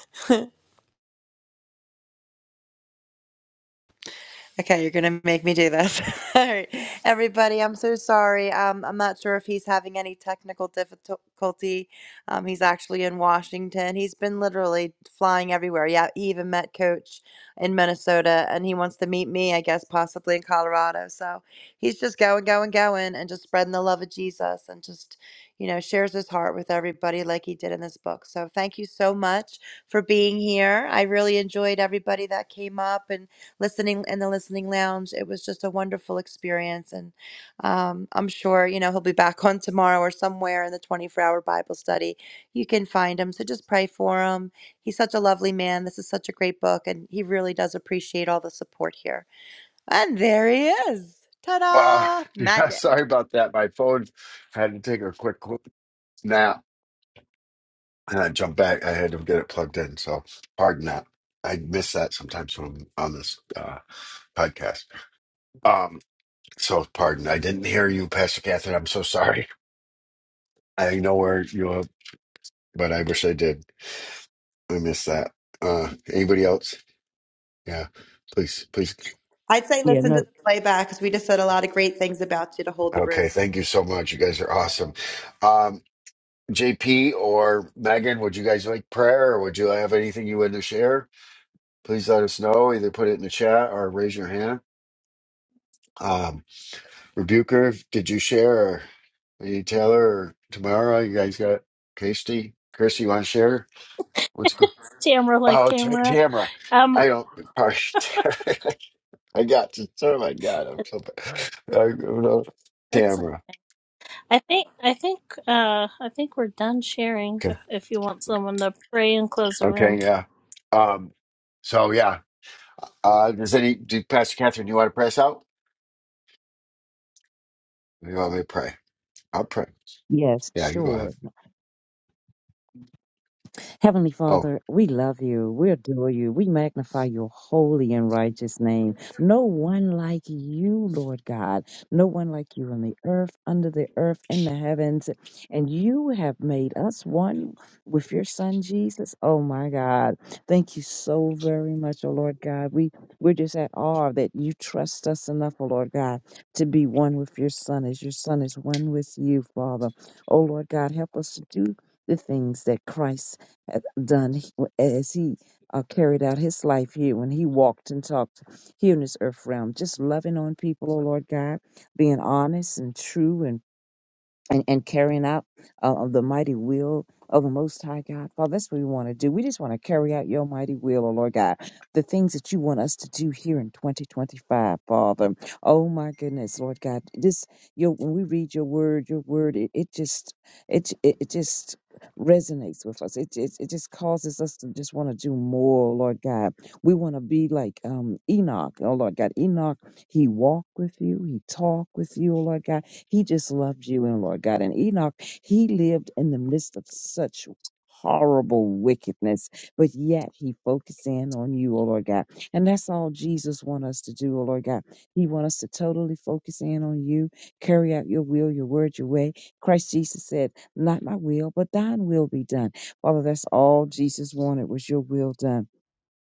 Speaker 2: Okay, you're gonna make me do this. All right, everybody, I'm so sorry. Um, I'm not sure if he's having any technical difficulty. Um, he's actually in Washington. He's been literally flying everywhere. Yeah, he even met Coach in Minnesota, and he wants to meet me, I guess, possibly in Colorado. So he's just going, going, going, and just spreading the love of Jesus, and just you know shares his heart with everybody like he did in this book. So thank you so much for being here. I really enjoyed everybody that came up and listening in the listening lounge. It was just a wonderful experience. And um, I'm sure, you know, he'll be back on tomorrow or somewhere in the 24 hour Bible study. You can find him. So just pray for him. He's such a lovely man. This is such a great book. And he really does appreciate all the support here. And there he is. Ta
Speaker 1: Wow.
Speaker 2: da!
Speaker 1: Yeah.
Speaker 2: Magic.
Speaker 1: Sorry about that. My phone I had to take a quick nap and I jumped back. I had to get it plugged in. So pardon that. I miss that sometimes when I'm on this uh, podcast. Um. So pardon. I didn't hear you, Pastor Catherine. I'm so sorry. I know where you are, but I wish I did. I missed that. Uh, anybody else? Yeah, please, please.
Speaker 2: I'd say
Speaker 7: Yeah,
Speaker 2: listen to
Speaker 7: no,
Speaker 2: the playback because we just said a lot of great things about you to hold the
Speaker 1: Okay,
Speaker 2: room.
Speaker 1: thank you so much. You guys are awesome. Um, JP or Megan, would you guys like prayer or would you have anything you would to share? Please let us know. Either put it in the chat or raise your hand. Um, Rebuker, did you share? Or Lady Taylor or Tamara, you guys got Kirsty? Kirsty, you want to share? What's go?
Speaker 6: Tamara like
Speaker 1: Oh, T-
Speaker 6: Tamara.
Speaker 1: Tamara.
Speaker 6: Um,
Speaker 1: I don't. Sorry. I got you, sir. My God, I'm so bad. I, I'm not-
Speaker 6: it's.
Speaker 1: Tamara.
Speaker 6: I think. I think. Uh, I think we're done sharing.
Speaker 1: Okay.
Speaker 6: If, if you want someone to pray and close the room.
Speaker 1: Okay. Yeah. Um. So yeah. Uh. Does any do Pastor Catherine? You want to press out? You want me to pray? I'll pray.
Speaker 7: Yes,
Speaker 1: Yeah. You go
Speaker 7: sure.
Speaker 1: ahead.
Speaker 7: Heavenly
Speaker 1: Oh,
Speaker 7: Father, we love you. We adore you. We magnify your holy and righteous name. No one like you, Lord God. No one like you on the earth, under the earth, in the heavens. And you have made us one with your son, Jesus. Oh, my God. Thank you so very much, oh, Lord God. We, we're just at awe that you trust us enough, oh, Lord God, to be one with your son as your son is one with you, Father. Oh, Lord God, help us to do the things that Christ hath done as he uh, carried out his life here when he walked and talked here in this earth realm. Just loving on people, oh Lord God, being honest and true and and, and carrying out uh, of the mighty will of the Most High God. Father, that's what we want to do. We just want to carry out your mighty will, oh Lord God, the things that you want us to do here in 2025, Father. Oh my goodness, Lord God, this your when we read your word, your word, it, it just it, it it just resonates with us. It, it it just causes us to just want to do more, oh Lord God. We want to be like um Enoch, oh Lord God. Enoch, he walked with you, he talked with you, oh Lord God he just loved you and Lord God. And Enoch, he lived in the midst of such horrible wickedness, but yet he focused in on you, oh Lord God. And that's all Jesus wants us to do, oh Lord God. He wants us to totally focus in on you, carry out your will, your word, your way. Christ Jesus said, Not my will, but thine will be done. Father, that's all Jesus wanted was your will done.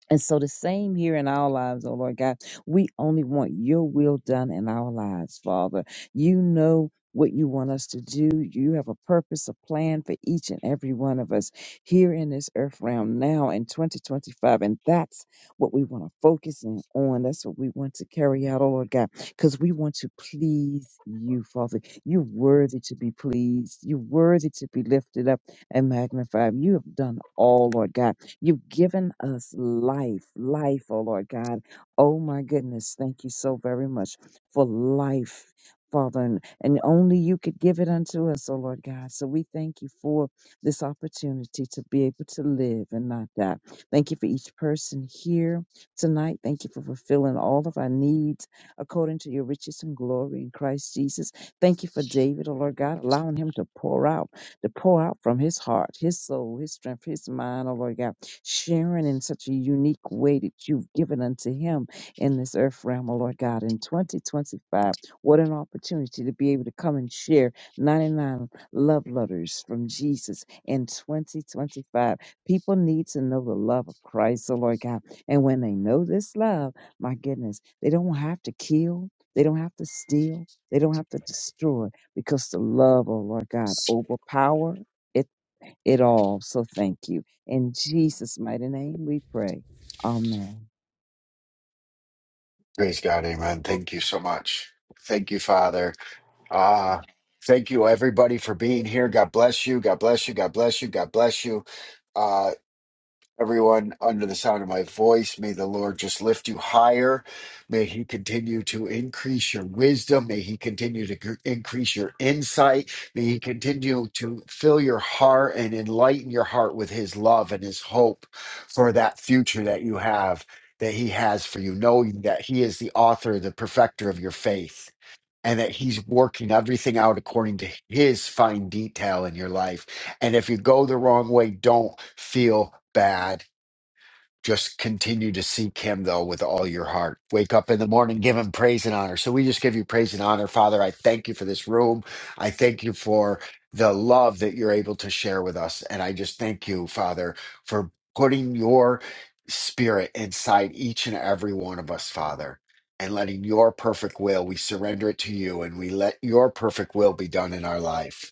Speaker 7: And so the same here in our lives, oh Lord God, we only want your will done in our lives, Father. You know what you want us to do. You have a purpose, a plan for each and every one of us here in this earth realm now in 2025. And that's what we want to focus in on. That's what we want to carry out, oh Lord God, because we want to please you, Father. You're worthy to be pleased. You're worthy to be lifted up and magnified. You have done all, Lord God. You've given us life, life, oh Lord God. Oh my goodness, thank you so very much for life, Father. And, and only you could give it unto us, oh Lord God. So we thank you for this opportunity to be able to live and not die. Thank you for each person here tonight. Thank you for fulfilling all of our needs according to your riches and glory in Christ Jesus. Thank you for David, oh Lord God, allowing him to pour out to pour out from his heart, his soul, his strength, his mind, oh Lord God, sharing in such a unique way that you've given unto him in this earth realm, oh Lord God, in 2025. What an opportunity to be able to come and share 99 love letters from Jesus in 2025. People need to know the love of Christ, oh Lord God. And when they know this love, my goodness, they don't have to kill, they don't have to steal. They don't have to destroy because the love, oh Lord God, overpower it, it all. So thank you. In Jesus' mighty name we pray. Amen.
Speaker 1: praise God, Amen. Thank you so much. Thank you, Father. Ah. thank you, everybody, for being here. God bless you. God bless you. God bless you. God bless you. Uh, Everyone under the sound of my voice, may the Lord just lift you higher. May He continue to increase your wisdom. May He continue to gr- increase your insight. May He continue to fill your heart and enlighten your heart with His love and His hope for that future that you have, that He has for you, knowing that He is the author, the perfecter of your faith. And that he's working everything out according to his fine detail in your life. And if you go the wrong way, don't feel bad just continue to seek him, though, with all your heart. Wake up in the morning, give him praise and honor. So we just give you praise and honor, Father. I thank you for this room. I thank you for the love that you're able to share with us. And I just thank you, Father, for putting your spirit inside each and every one of us, Father, and letting your perfect will, we surrender it to you and we let your perfect will be done in our life.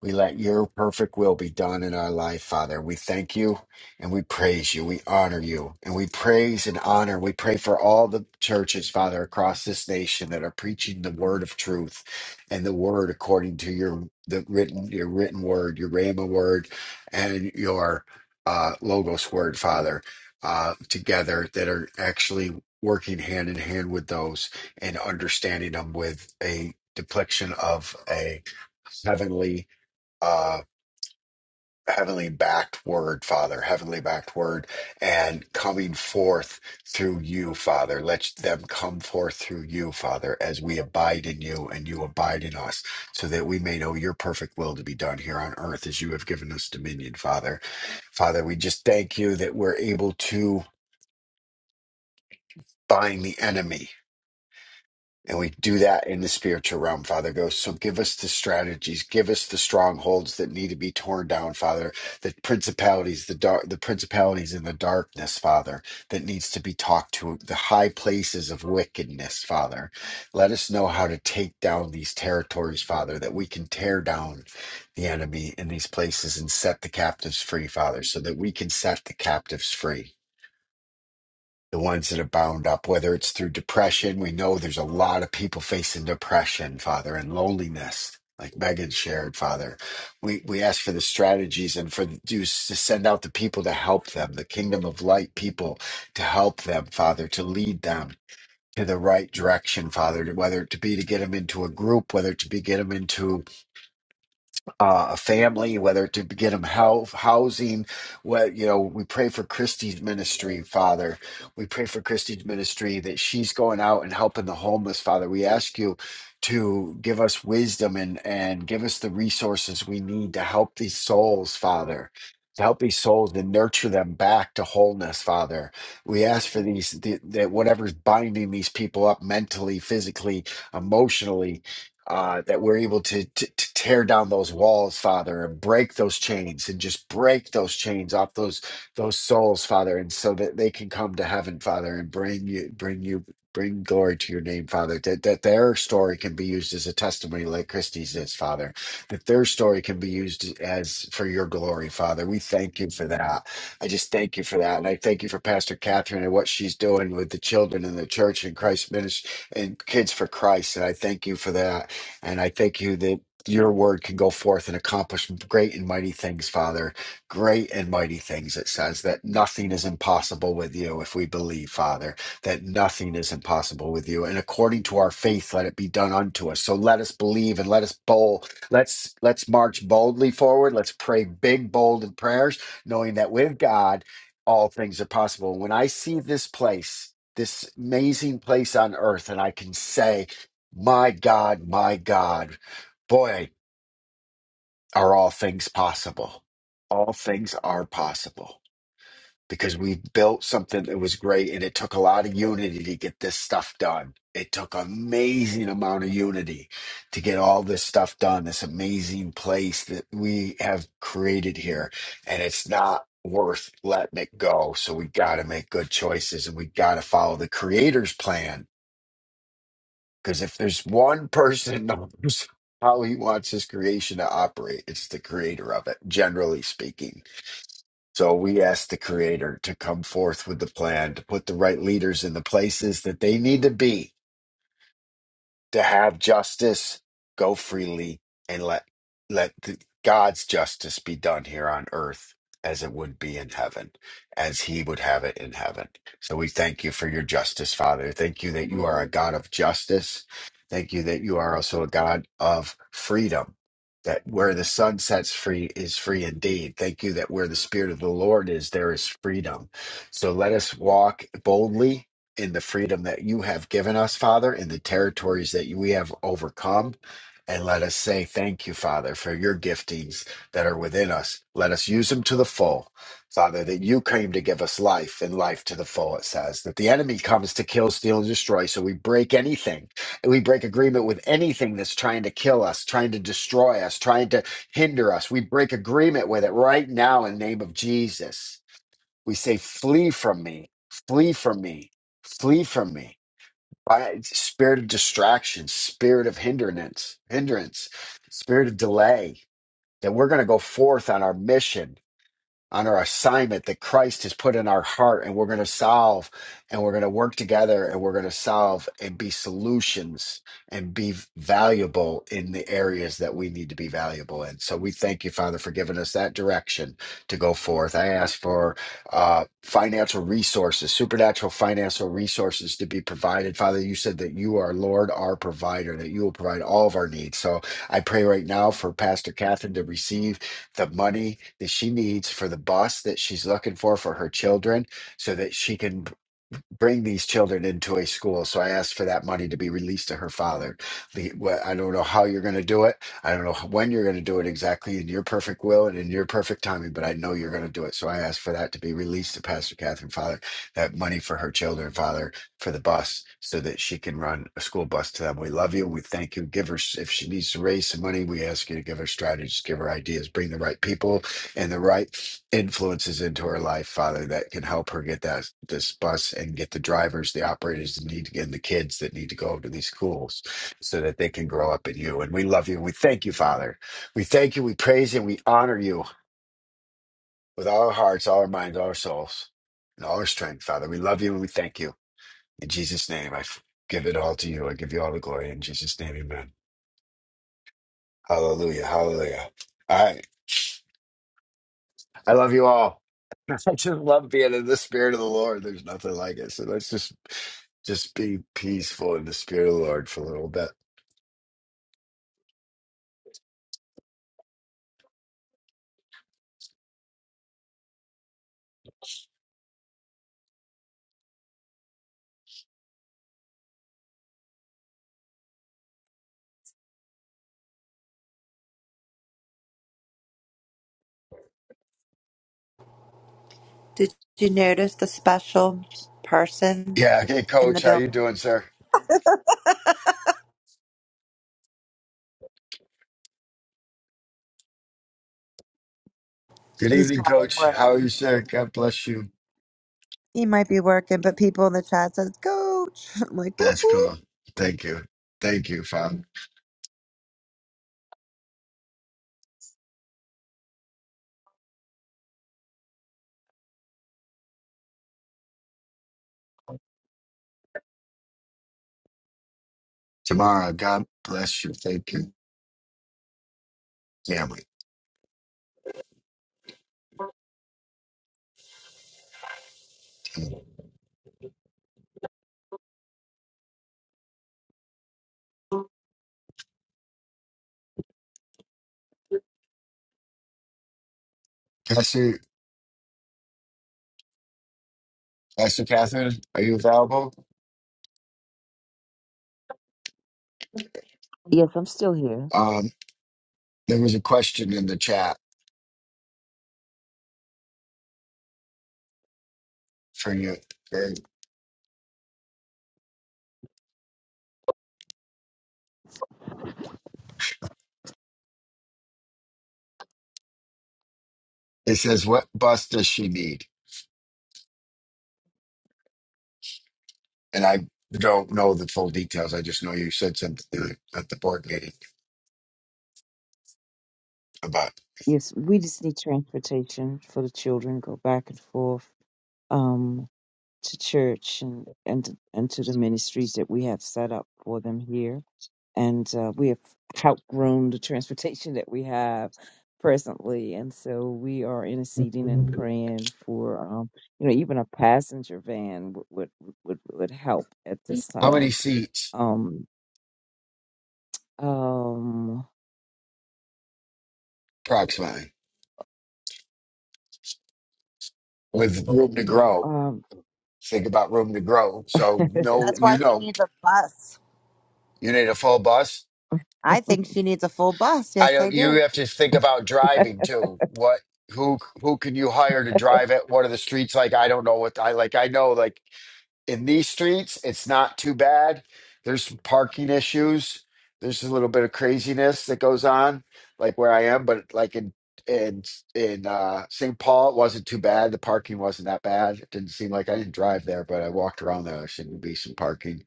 Speaker 1: We let your perfect will be done in our life, Father. We thank you and we praise you. We honor you and we praise and honor. We pray for all the churches, Father, across this nation that are preaching the word of truth and the word according to your the written your written word, your Rhema word, and your uh, Logos word, Father, uh, together that are actually working hand in hand with those and understanding them with a depiction of a heavenly uh, heavenly backed word, Father, heavenly backed word, and coming forth through you, Father. Let them come forth through you, Father, as we abide in you and you abide in us, so that we may know your perfect will to be done here on earth as you have given us dominion, Father. Father, we just thank you that we're able to bind the enemy And we do that in the spiritual realm, Father God. So give us the strategies, give us the strongholds that need to be torn down, Father. The principalities, the dark, the principalities in the darkness, Father, that needs to be talked to. The high places of wickedness, Father. Let us know how to take down these territories, Father, that we can tear down the enemy in these places and set the captives free, Father, so that we can set the captives free the ones that are bound up, whether it's through depression. We know there's a lot of people facing depression, Father, and loneliness, like Megan shared, Father. We we ask for the strategies and for you to send out the people to help them, the kingdom of light people to help them, Father, to lead them to the right direction, Father, to- whether it to be to get them into a group, whether it to be get them into uh, a family, whether to get them health, housing. What you know, we pray for Christie's ministry, Father. We pray for Christie's ministry that she's going out and helping the homeless, Father. We ask you to give us wisdom and and give us the resources we need to help these souls, Father. To help these souls and nurture them back to wholeness, Father. We ask for these th- that whatever's binding these people up mentally, physically, emotionally, uh, that we're able to, to, to tear down those walls, Father, and break those chains and just break those chains off those those souls, Father, and so that they can come to heaven, Father, and bring you bring you bring glory to your name, Father. That that their story can be used as a testimony like Christie's is, Father. That their story can be used as for your glory, Father. We thank you for that. I just thank you for that. And I thank you for Pastor Catherine and what she's doing with the children in the church and Christ ministry and kids for Christ. And I thank you for that. And I thank you that your word can go forth and accomplish great and mighty things, Father. Great and mighty things. It says that nothing is impossible with you if we believe, Father, that nothing is impossible with you. And according to our faith, let it be done unto us. So let us believe and let us bold. Let's let's march boldly forward. Let's pray big, bold in prayers, knowing that with God, all things are possible. When I see this place, this amazing place on earth, and I can say, my God, my God. Boy, are all things possible. All things are possible because we built something that was great and it took a lot of unity to get this stuff done. It took amazing amount of unity to get all this stuff done, this amazing place that we have created here. And it's not worth letting it go. So we got to make good choices and we got to follow the creator's plan Because if there's one person that knows how he wants his creation to operate, it's the creator of it, generally speaking. So we ask the creator to come forth with the plan, to put the right leaders in the places that they need to be to have justice go freely and let let the, God's justice be done here on earth as it would be in heaven, as he would have it in heaven. So we thank you for your justice, Father. Thank you that you are a God of justice. Thank you that you are also a God of freedom. That where the sun sets free is free indeed. Thank you that where the Spirit of the Lord is, there is freedom. So let us walk boldly in the freedom that you have given us, Father, in the territories that we have overcome. And let us say thank you, Father, for your giftings that are within us. Let us use them to the full, Father, that you came to give us life and life to the full, it says. That the enemy comes to kill, steal, and destroy. So we break anything. And we break agreement with anything that's trying to kill us, trying to destroy us, trying to hinder us. We break agreement with it right now in the name of Jesus. We say, flee from me, flee from me, flee from me. By spirit of distraction, spirit of hindrance, hindrance, spirit of delay, that we're going to go forth on our mission on our assignment that Christ has put in our heart, and we're going to solve, and we're going to work together, and we're going to solve and be solutions and be valuable in the areas that we need to be valuable in. So we thank you, Father, for giving us that direction to go forth. I ask for uh, financial resources, supernatural financial resources to be provided. Father, you said that you are Lord, our provider, that you will provide all of our needs. So I pray right now for Pastor Catherine to receive the money that she needs for the bus that she's looking for for her children so that she can bring these children into a school. So I asked for that money to be released to her father. The- wh- I don't know how you're going to do it. I don't know when you're going to do it exactly in your perfect will and in your perfect timing, but I know you're going to do it. So I asked for that to be released to Pastor Catherine Father, that money for her children, Father, for the bus so that she can run a school bus to them. We love you. We thank you. Give her, if she needs to raise some money, we ask you to give her strategies, give her ideas, bring the right people and the right influences into her life, Father, that can help her get that this bus and get the drivers, the operators that need to get and the kids that need to go to these schools so that they can grow up in you. And we love you. We thank you, Father. We thank you, we praise and we honor you with all our hearts, all our minds, all our souls, and all our strength, Father. We love you and we thank you. In Jesus' name, I f- give it all to you. I give you all the glory in Jesus' name, amen. Hallelujah. Hallelujah. All right. I love you all. I just love being in the spirit of the Lord. There's nothing like it. So let's just just be peaceful in the spirit of the Lord for a little bit.
Speaker 2: Did you notice the special person
Speaker 1: Yeah. Okay,
Speaker 2: in the
Speaker 1: Coach. How you
Speaker 2: building?
Speaker 1: doing, sir? Good
Speaker 2: He's
Speaker 1: evening,
Speaker 2: probably
Speaker 1: Coach. How are
Speaker 2: working.
Speaker 1: you, sir? God bless you.
Speaker 2: He might be working, but people in the chat says, Coach. I'm like, whoop,
Speaker 1: That's
Speaker 2: whoop.
Speaker 1: cool. Thank you. Thank you, Father. Tomorrow, God bless you. Thank you, family. Pastor, Pastor Catherine, are you available?
Speaker 7: Yes, I'm still here.
Speaker 1: Um, there was a question in the chat for you. It says, "What bus does she need?" and I don't know the full details. I just know you said something at the board meeting about
Speaker 7: Yes, we just need transportation for the children, go back and forth um, to church and, and, and to the ministries that we have set up for them here and uh, we have outgrown the transportation that we have presently, and so we are interceding and praying for, um, you know, even a passenger van would would would, would help at this
Speaker 1: how many
Speaker 7: time.
Speaker 1: seats
Speaker 7: Um, um,
Speaker 1: approximately with room to grow.
Speaker 7: um,
Speaker 1: Think about room to grow. So no,
Speaker 2: That's
Speaker 1: you
Speaker 2: why she
Speaker 1: know,
Speaker 2: needs a bus.
Speaker 1: you need a full bus.
Speaker 2: I think she needs a full bus.
Speaker 1: I
Speaker 2: Yes, I
Speaker 1: don't. You
Speaker 2: do.
Speaker 1: have to think about driving too. What? Who? Who can you hire to drive it? What are the streets like? I don't know what I like. I know like in these streets, it's not too bad. There's some parking issues. There's a little bit of craziness that goes on, like where I am, but like in in in uh, St. Paul, it wasn't too bad. The parking wasn't that bad. It didn't seem like I didn't drive there, but I walked around there. There seemed to be some parking.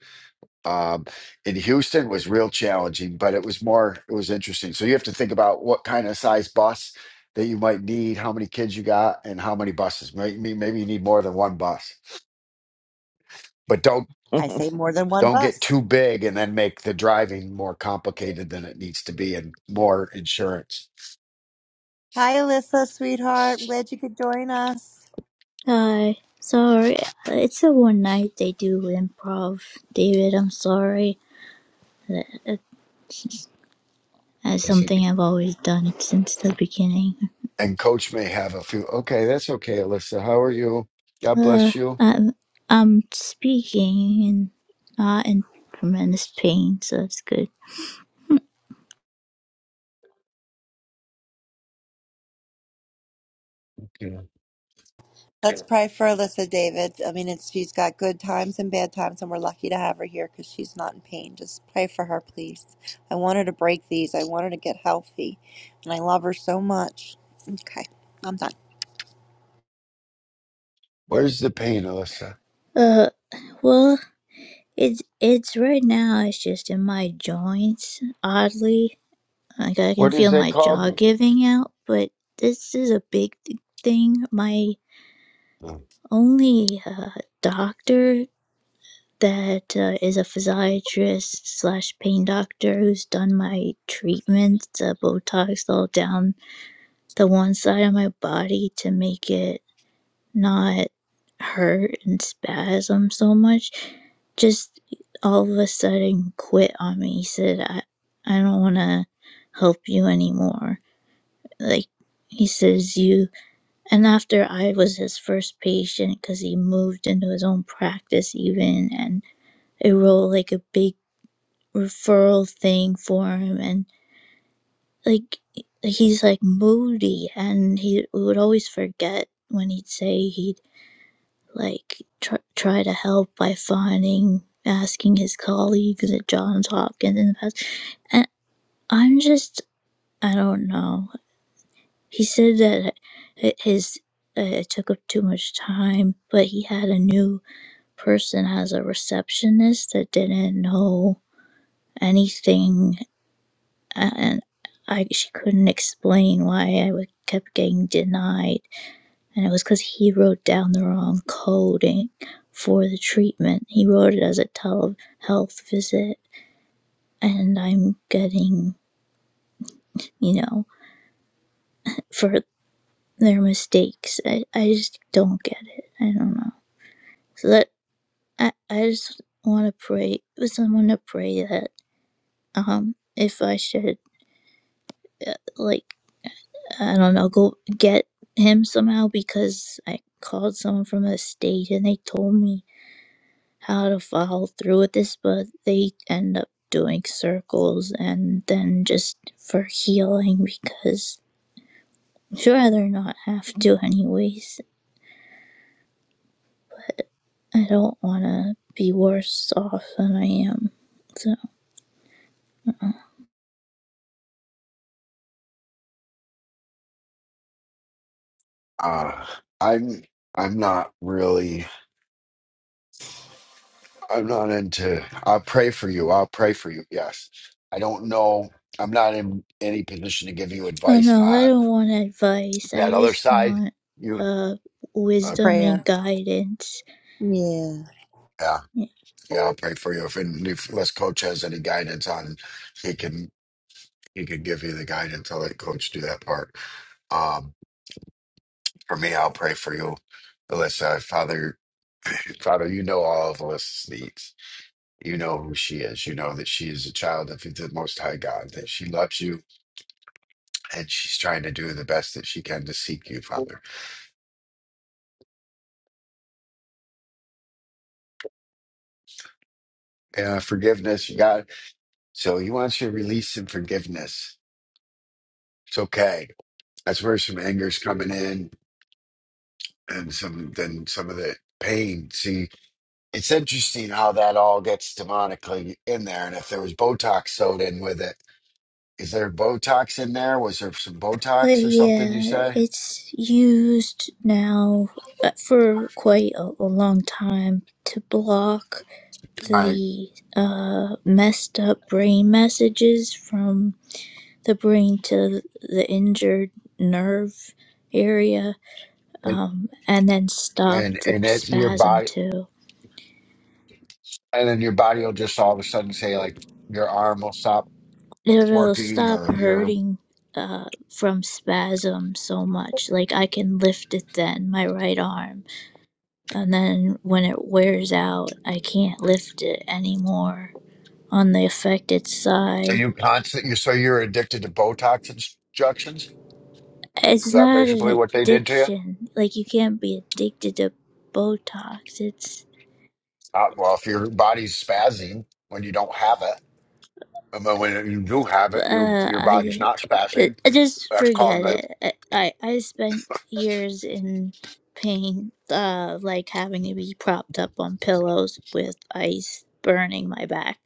Speaker 1: Um, in Houston was real challenging, but it was more it was interesting. So you have to think about what kind of size bus that you might need, how many kids you got, and how many buses. Maybe maybe you need more than one bus but don't
Speaker 2: I say more than one
Speaker 1: don't get
Speaker 2: bus.
Speaker 1: too big and then make the driving more complicated than it needs to be and more insurance.
Speaker 2: Hi, Alyssa, sweetheart. I'm glad you could join us.
Speaker 8: Hi. Sorry. It's a one night they do improv. David, I'm sorry. That's that's
Speaker 1: That's
Speaker 8: something
Speaker 1: it.
Speaker 8: I've always done since the beginning.
Speaker 1: And coach may have a few. Okay, that's okay, Alyssa. How are you? God
Speaker 8: Uh,
Speaker 1: bless you.
Speaker 8: I'm, I'm speaking and not in tremendous pain, so that's good.
Speaker 1: Yeah.
Speaker 2: Let's pray for Alyssa, David. I mean, it's, she's got good times and bad times, and we're lucky to have her here because she's not in pain. Just pray for her, please. I want her to break these. I want her to get healthy, and I love her so much. Okay, I'm done.
Speaker 1: Where's the pain, Alyssa?
Speaker 8: Uh, well, it's, it's right now, it's just in my joints, oddly. Like, I can
Speaker 1: What is
Speaker 8: feel
Speaker 1: it
Speaker 8: my jaw
Speaker 1: called?
Speaker 8: giving out, but this is a big th- thing. My only uh, doctor that uh, is a physiatrist slash pain doctor who's done my treatments, uh, Botox all down the one side of my body to make it not hurt and spasm so much, just all of a sudden quit on me. He said, I, I don't want to help you anymore. Like, he says, you and after I was his first patient, because he moved into his own practice, even, and I wrote like a big referral thing for him. And like, he's like moody, and he would always forget when he'd say he'd like tr- try to help by finding, asking his colleagues at Johns Hopkins in the past. And I'm just, I don't know. He said that his, uh, it took up too much time, but he had a new person has a receptionist that didn't know anything and I she couldn't explain why I would kept getting denied and it was cuz he wrote down the wrong coding for the treatment. He wrote it as a telehealth visit and I'm getting, you know, for their mistakes. I, I just don't get it. I don't know. So that I, I just want to pray with someone to pray that um if I should uh, like I don't know, go get him somehow because I called someone from the state and they told me how to follow through with this, but they end up doing circles and then just for healing because I'd rather not have to anyways. I don't want to be worse off than I am. So,
Speaker 1: Uh, I'm I'm not really I'm not into I'll pray for you. I'll pray for you. Yes. I don't know. I'm not in any position to give you
Speaker 8: oh
Speaker 1: advice
Speaker 8: no, I
Speaker 1: on
Speaker 8: don't want advice. I
Speaker 1: that other
Speaker 8: just
Speaker 1: side.
Speaker 8: want
Speaker 1: You
Speaker 8: uh
Speaker 1: okay.
Speaker 8: wisdom and
Speaker 2: Prayer.
Speaker 8: guidance.
Speaker 2: Yeah.
Speaker 1: yeah. Yeah, I'll pray for you. If, and if unless coach has any guidance on, he can he can give you the guidance. I'll let coach do that part. Um, for me, I'll pray for you, Alyssa. Father, Father, you know all of Alyssa's needs. You know who she is. You know that she is a child of the Most High God. That she loves you, and she's trying to do the best that she can to seek you, Father. Yeah, forgiveness, you got. So he wants you to release and forgiveness. It's okay. That's where some anger's coming in and some then some of the pain. See, it's interesting how that all gets demonically in there. And if there was Botox sewed in with it, is there Botox in there? Was there some
Speaker 8: But
Speaker 1: Botox or something? You
Speaker 8: yeah,
Speaker 1: say,
Speaker 8: it's used now uh, for quite a, a long time to block
Speaker 1: right?
Speaker 8: the uh, messed up brain messages from the brain to the injured nerve area
Speaker 1: And
Speaker 8: um, and then stop
Speaker 1: and
Speaker 8: the
Speaker 1: and it's your
Speaker 8: spasm
Speaker 1: body,
Speaker 8: too.
Speaker 1: and then your body will just all of a sudden say like your arm will stop
Speaker 8: It'll
Speaker 1: working,
Speaker 8: stop
Speaker 1: or your
Speaker 8: hurting uh, from spasm so much. Like I can lift it then, my right arm and then when it wears out, I can't lift it anymore on the affected
Speaker 1: so
Speaker 8: side.
Speaker 1: you constant you so you're addicted to Botox injections.
Speaker 8: It's
Speaker 1: Is that
Speaker 8: not an
Speaker 1: basically what they did to you?
Speaker 8: addiction. Like you can't be addicted to Botox. It's
Speaker 1: Uh, well, if your body's spazzing when you don't have it. And then when you do have it, you
Speaker 8: uh,
Speaker 1: your body's
Speaker 8: I,
Speaker 1: not spassing.
Speaker 8: I just
Speaker 1: That's called
Speaker 8: forget
Speaker 1: the
Speaker 8: it. I I spent years in pain, uh, like having to be propped up on pillows with ice burning my back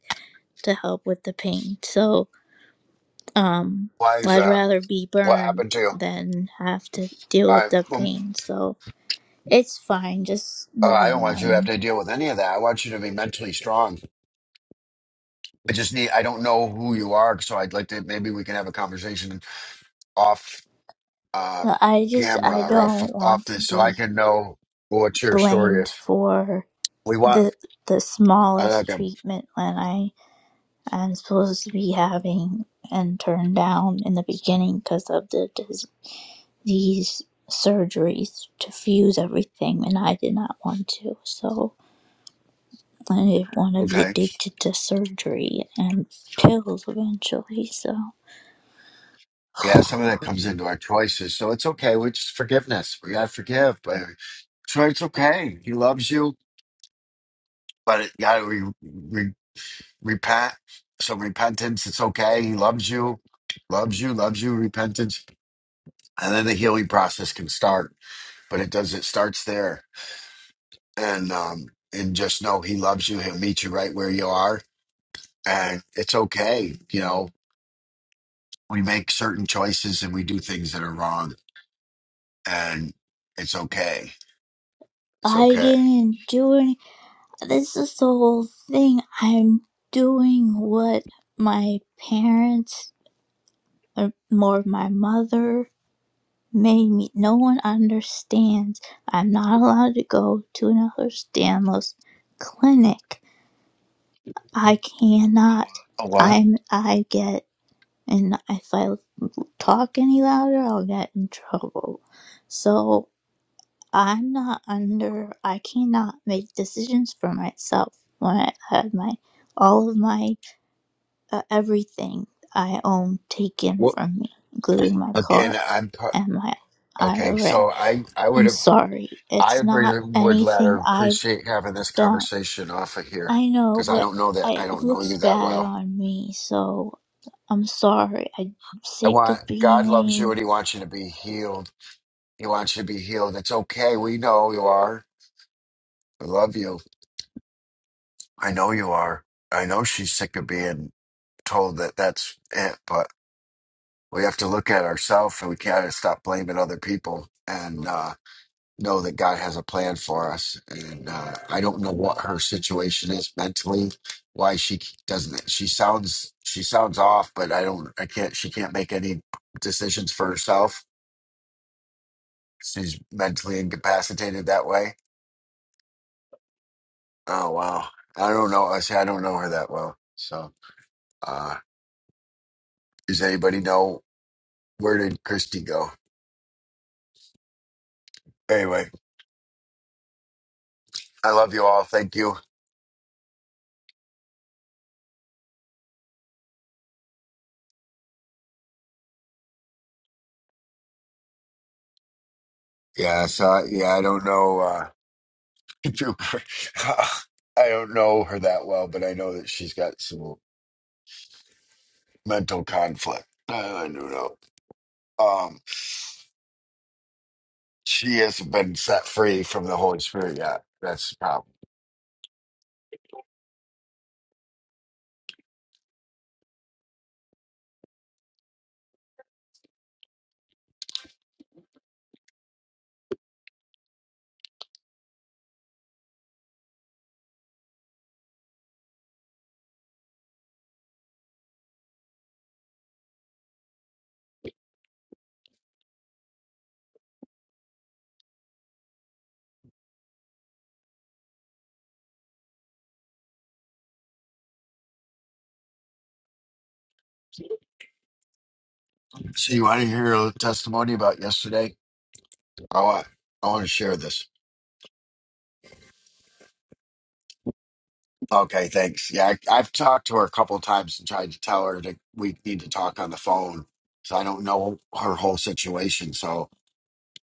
Speaker 8: to help with the pain. So Um,
Speaker 1: why is
Speaker 8: I'd
Speaker 1: uh,
Speaker 8: rather be
Speaker 1: what
Speaker 8: burned
Speaker 1: happened to you?
Speaker 8: than have to deal with
Speaker 1: I
Speaker 8: the
Speaker 1: um,
Speaker 8: pain. So it's fine. Just
Speaker 1: uh, I
Speaker 8: never
Speaker 1: don't want you to have
Speaker 8: mind.
Speaker 1: to deal with any of that. I want you to be mentally strong. I just need I don't know who you are, so I'd like to maybe we can have a conversation off uh,
Speaker 8: Uh, I just
Speaker 1: camera
Speaker 8: I
Speaker 1: or off
Speaker 8: don't
Speaker 1: off
Speaker 8: want to
Speaker 1: this, so I
Speaker 8: be
Speaker 1: can know what your story
Speaker 8: blamed
Speaker 1: is.
Speaker 8: for
Speaker 1: We want
Speaker 8: the the
Speaker 1: I like
Speaker 8: smallest
Speaker 1: him.
Speaker 8: treatment when I am supposed to be having and turned down in the beginning because of the dis- these surgeries to fuse everything, and I did not want to. So. I didn't want to be
Speaker 1: Okay,
Speaker 8: addicted to surgery and pills eventually, so
Speaker 1: yeah, some of that comes into our choices, so it's okay. We just forgiveness. We gotta forgive, but so it's okay. He loves you. but it, you got to re, re, repent. So repentance, it's okay. He loves you, loves you, loves you. Repentance, and then the healing process can start. But it does. It starts there, and um, and just know He loves you. He'll meet you right where you are, and it's okay. You know, we make certain choices and we do things that are wrong, and it's okay. It's
Speaker 8: I
Speaker 1: okay.
Speaker 8: didn't do any. This is the whole thing. I'm doing what my parents, or more my mother, made me. No one understands. I'm not allowed to go to another Stanless clinic. I cannot.
Speaker 1: A what?
Speaker 8: I'm. I get, and if I talk any louder, I'll get in trouble. So I'm not under, I cannot make decisions for myself when I had my, all of my, uh, everything I own taken
Speaker 1: What?
Speaker 8: from me, including my
Speaker 1: Again,
Speaker 8: car
Speaker 1: I'm
Speaker 8: and my
Speaker 1: okay.
Speaker 8: IRA.
Speaker 1: So I I would
Speaker 8: I'm
Speaker 1: have.
Speaker 8: sorry.
Speaker 1: I
Speaker 8: It's not
Speaker 1: really would, Ladder,
Speaker 8: anything I've
Speaker 1: appreciate having this
Speaker 8: done.
Speaker 1: conversation off of here
Speaker 8: I know,
Speaker 1: because I
Speaker 8: but
Speaker 1: don't know that
Speaker 8: I,
Speaker 1: I
Speaker 8: it
Speaker 1: don't know
Speaker 8: looks
Speaker 1: you that
Speaker 8: bad
Speaker 1: well.
Speaker 8: on me, so I'm sorry. I'm
Speaker 1: I
Speaker 8: sick of
Speaker 1: want God loves you
Speaker 8: being
Speaker 1: and He wants you to be healed. He wants you to be healed. It's okay. We know you are. I love you. I know you are. I know she's sick of being told that that's it, but we have to look at ourselves and we can't stop blaming other people. And uh, know that God has a plan for us. And uh, I don't know what her situation is mentally, why she doesn't. She sounds she sounds off, but I don't. I can't. She can't make any decisions for herself. She's mentally incapacitated that way. Oh wow. I don't know. I say I don't know her that well. So uh, does anybody know where did Christy go? Anyway, I love you all. Thank you. Yeah. So yeah, I don't know. Uh, Cooper. I don't know her that well, but I know that she's got some mental conflict. I do know. Um, she hasn't been set free from the Holy Spirit yet. That's the problem. So you want to hear a testimony about yesterday? I want. I want to share this. Okay, thanks. Yeah, I, I've talked to her a couple of times and tried to tell her that we need to talk on the phone. So I don't know her whole situation. So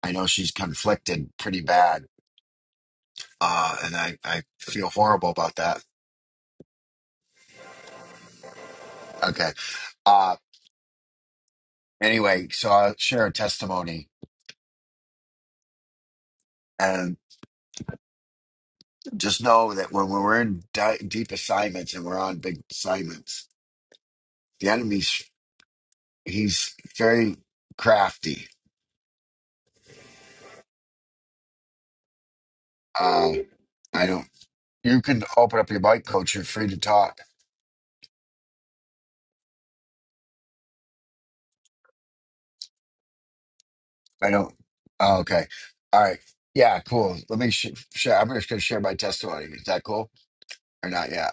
Speaker 1: I know she's conflicted pretty bad, uh, and I, I feel horrible about that Okay. Uh, anyway, so I'll share a testimony and just know that when we're in di- deep assignments and we're on big assignments, the enemy's he's very crafty. Uh, I don't. You can open up your mic, coach. You're free to talk. I don't. Oh, okay. All right. Yeah. Cool. Let me sh- share. I'm just gonna share my testimony. Is that cool or not yet?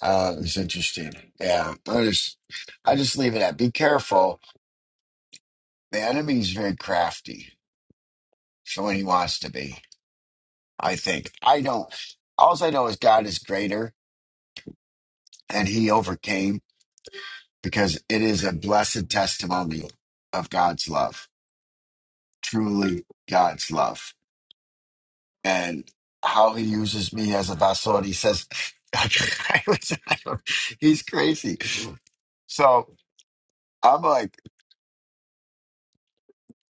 Speaker 1: Uh, it's interesting. Yeah. I just, I just leave it at. Be careful. The enemy's very crafty for when he wants to be. I think I don't. All I know is God is greater, and He overcame because it is a blessed testimony of God's love, truly God's love, and how He uses me as a vessel. And He says, I was, I don't- "He's crazy." So I'm like,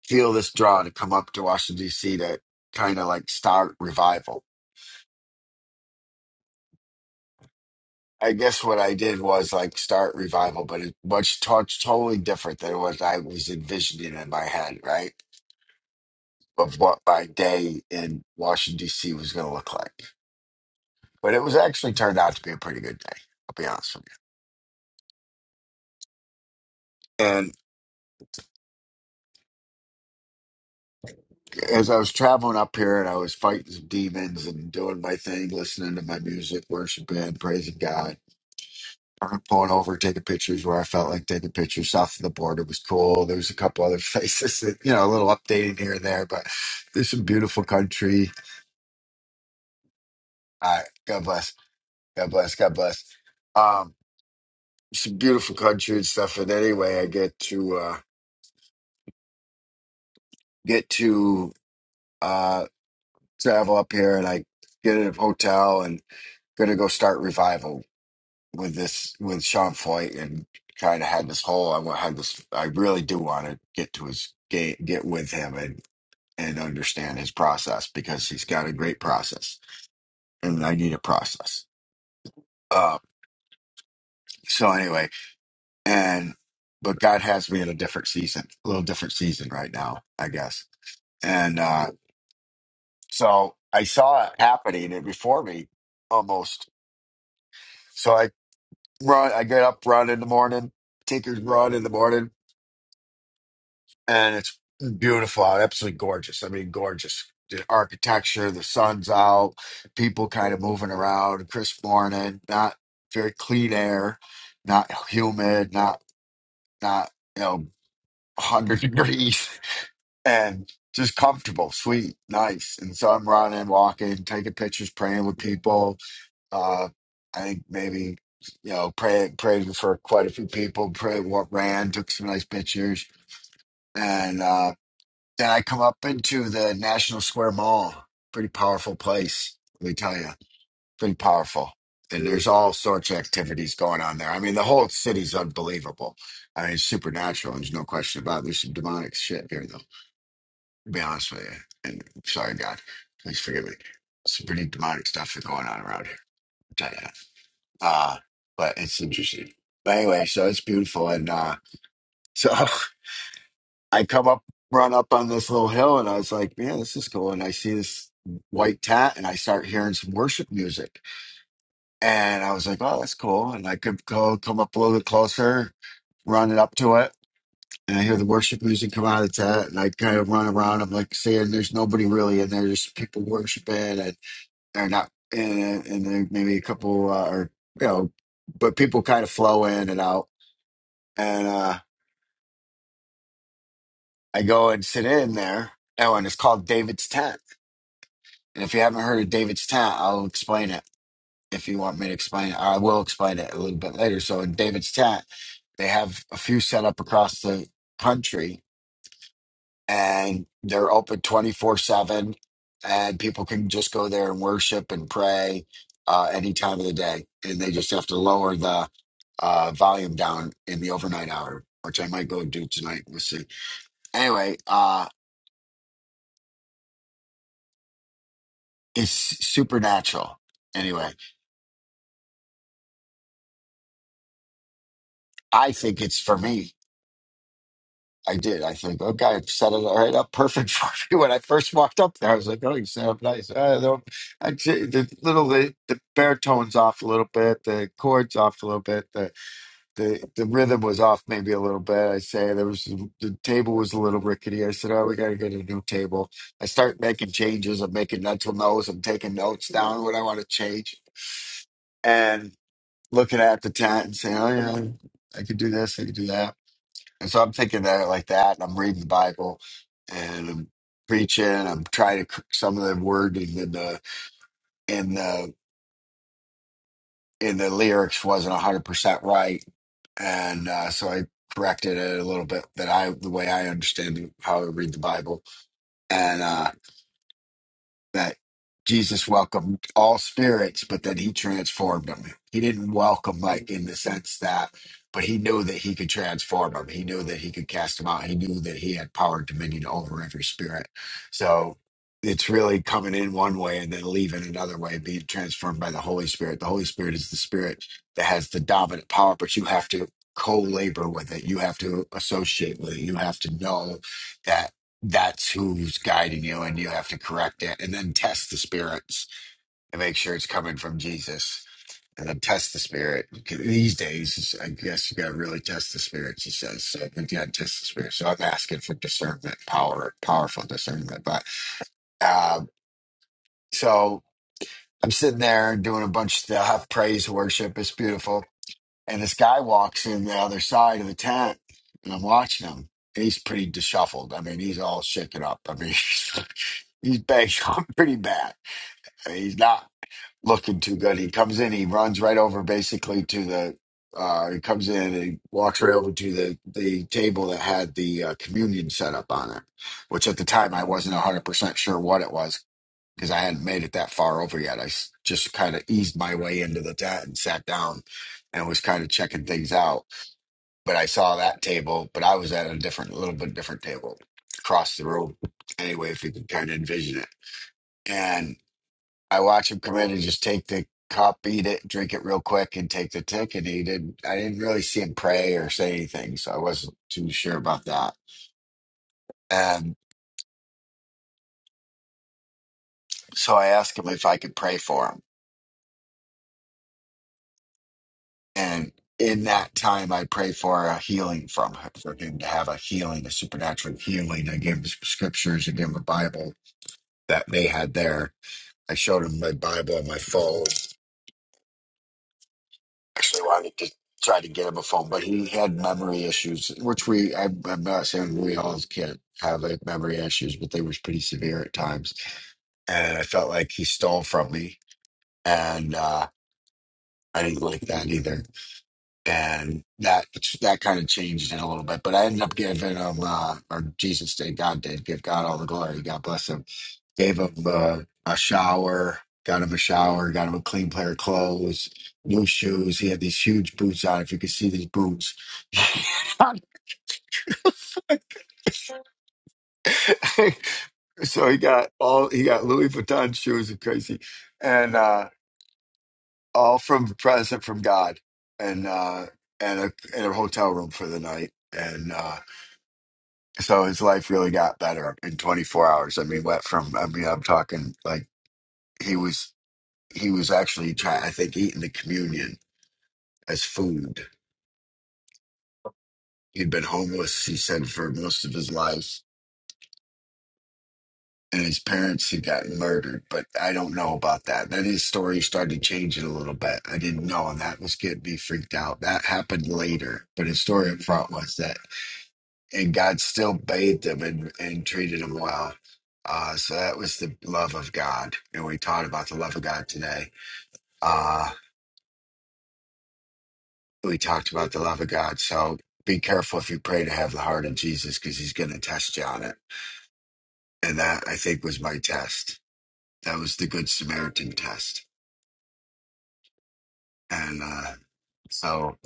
Speaker 1: feel this draw to come up to Washington D.C. to kind of like start revival I guess what I did was like start revival, but it much to- totally different than what I was envisioning in my head, right? Of what my day in Washington D.C. was going to look like. But it was actually turned out to be a pretty good day. I'll be honest with you. And as I was traveling up here, and I was fighting some demons and doing my thing, listening to my music, worshiping, praising God, started pulling over, taking pictures where I felt like taking pictures. South of the border was cool. There was a couple other places that, you know, a little updating here and there, but there's some beautiful country. All right. God bless. God bless. God bless. Um, some beautiful country and stuff. And anyway, I get to, uh, get to, uh, travel up here and I get in a hotel and going to go start revival with this, with Sean Foyt and kind of had this whole, I wa- had this, I really do want to get to his game, get with him and understand his process because he's got a great process and I need a process. Uh, so anyway, and but God has me in a different season, a little different season right now, I guess. And uh, so I saw it happening and before me almost. So I run, I get up, run in the morning, Tinker's run in the morning. and it's beautiful, uh, absolutely gorgeous. I mean, gorgeous. The architecture, the sun's out, people kind of moving around, crisp morning, not very clean air, not humid, not not you know one hundred degrees, and just comfortable, sweet, nice. And so I'm running, walking, taking pictures, praying with people. Uh, I think maybe you know praying praying for quite a few people. Pray what ran, took some nice pictures, and. uh, then I come up into the National Square Mall. Pretty powerful place, let me tell you. Pretty powerful. And there's all sorts of activities going on there. I mean, the whole city's unbelievable. I mean, it's supernatural. There's no question about it. There's some demonic shit here, though, to be honest with you. And sorry, God, please forgive me. Some pretty demonic stuff is going on around here. I'll tell you that. Uh, but it's interesting. But anyway, so it's beautiful. And uh, so I come up, run up on this little hill, and I was like, man, this is cool. And I see this white tent, and I start hearing some worship music. And I was like, oh, that's cool. And I could go come up a little bit closer, running up to it, and I hear the worship music come out of the tent. And I kind of run around. I'm like, saying, there's nobody really in there. There's people worshiping, and they're not, and, and there maybe a couple, uh, or, you know, but people kind of flow in and out. And uh, I go and sit in there. Oh, and it's called David's Tent And if you haven't heard of David's Tent, I'll explain it. If you want me to explain it, I will explain it a little bit later. So in David's Tent, they have a few set up across the country and they're open 24 7 and people can just go there and worship and pray uh, any time of the day. And they just have to lower the uh, volume down in the overnight hour, which I might go do tonight. We'll see. Anyway, uh, it's supernatural. Anyway, I think it's for me I did. I think, okay, I've set it all right up perfect for me. When I first walked up there, I was like, oh, you set up nice. Uh, the, I, j- the little, the, the baritone's off a little bit, the chord's off a little bit, the, the, the rhythm was off maybe a little bit. I say there was, the table was a little rickety. I said, oh, we got to get a new table. I start making changes. I'm making mental notes. I'm taking notes down what I want to change and looking at the tent and saying, oh, yeah, I could do this, I could do that and so I'm thinking that like that, and I'm reading the Bible, and I'm preaching. I'm trying to cr- some of the wording in the in the in the lyrics wasn't 100 percent right, and uh, so I corrected it a little bit that I the way I understand how I read the Bible, and. uh, that Jesus welcomed all spirits, but then he transformed them. He didn't welcome, like, in the sense that, but he knew that he could transform them. He knew that he could cast them out. He knew that he had power and dominion over every spirit. So it's really coming in one way and then leaving another way, being transformed by the Holy Spirit. The Holy Spirit is the spirit that has the dominant power, but you have to co labor with it. You have to associate with it. You have to know that that's who's guiding you and you have to correct it and then test the spirits and make sure it's coming from jesus and then test the spirit 'Cause these days it's- i guess you got to really test the spirits he says so you got to test the spirit so i'm asking for discernment power powerful discernment but um so i'm sitting there doing a bunch of stuff praise worship it's beautiful and this guy walks in the other side of the tent and i'm watching him he's pretty disheveled. I mean, he's all shaken up. I mean, He's banged up pretty bad. I mean, he's not looking too good. He comes in, he runs right over basically to the. Uh, he comes in and he walks right over to the, the table that had the uh, communion set up on it, which at the time I wasn't 100% sure what it was because I hadn't made it that far over yet. I s- just kind of eased my way into the tent and sat down and was kind of checking things out. But I saw that table, but I was at a different, a little bit different table across the room anyway, if you could kind of envision it. I watch him come in and just take the cup, eat it, drink it real quick, and take the ticket. He didn't. I didn't really see him pray or say anything, so I wasn't too sure about that. And so I asked him if I could pray for him, and in that time, I prayed for a healing from him, for him to have a healing, a supernatural healing. I gave him some scriptures, I gave him a Bible that they had there. I showed him my Bible on my phone actually wanted to try to get him a phone, but he had memory issues, which we, I, I'm not saying we all can't have like memory issues, but they was pretty severe at times. And I felt like he stole from me. And uh, I didn't like that either. And that that kind of changed it a little bit. But I ended up giving him, uh, or Jesus did, God did, give God all the glory. God bless him gave him uh, a shower, got him a shower, got him a clean pair of clothes, new shoes. He had these huge boots on. If you could see these boots, so he got all he got Louis Vuitton shoes and crazy, and uh, all from a present from God, and uh, and a and a hotel room for the night. And uh, so his life really got better in 24 hours. I mean, went from I mean, I'm talking like he was he was actually trying. I think eating the communion as food. He'd been homeless, he said, for most of his life. And his parents had gotten murdered, but I don't know about that. Then his story started changing a little bit. I didn't know, and that was getting me freaked out. That happened later, but his story up front was that, and God still bathed him and, and treated him well. Uh, so that was the love of God. And we taught about the love of God today. Uh, we talked about the love of God. So be careful if you pray to have the heart of Jesus because he's going to test you on it and that I think was my test. That was the Good Samaritan test, and uh, so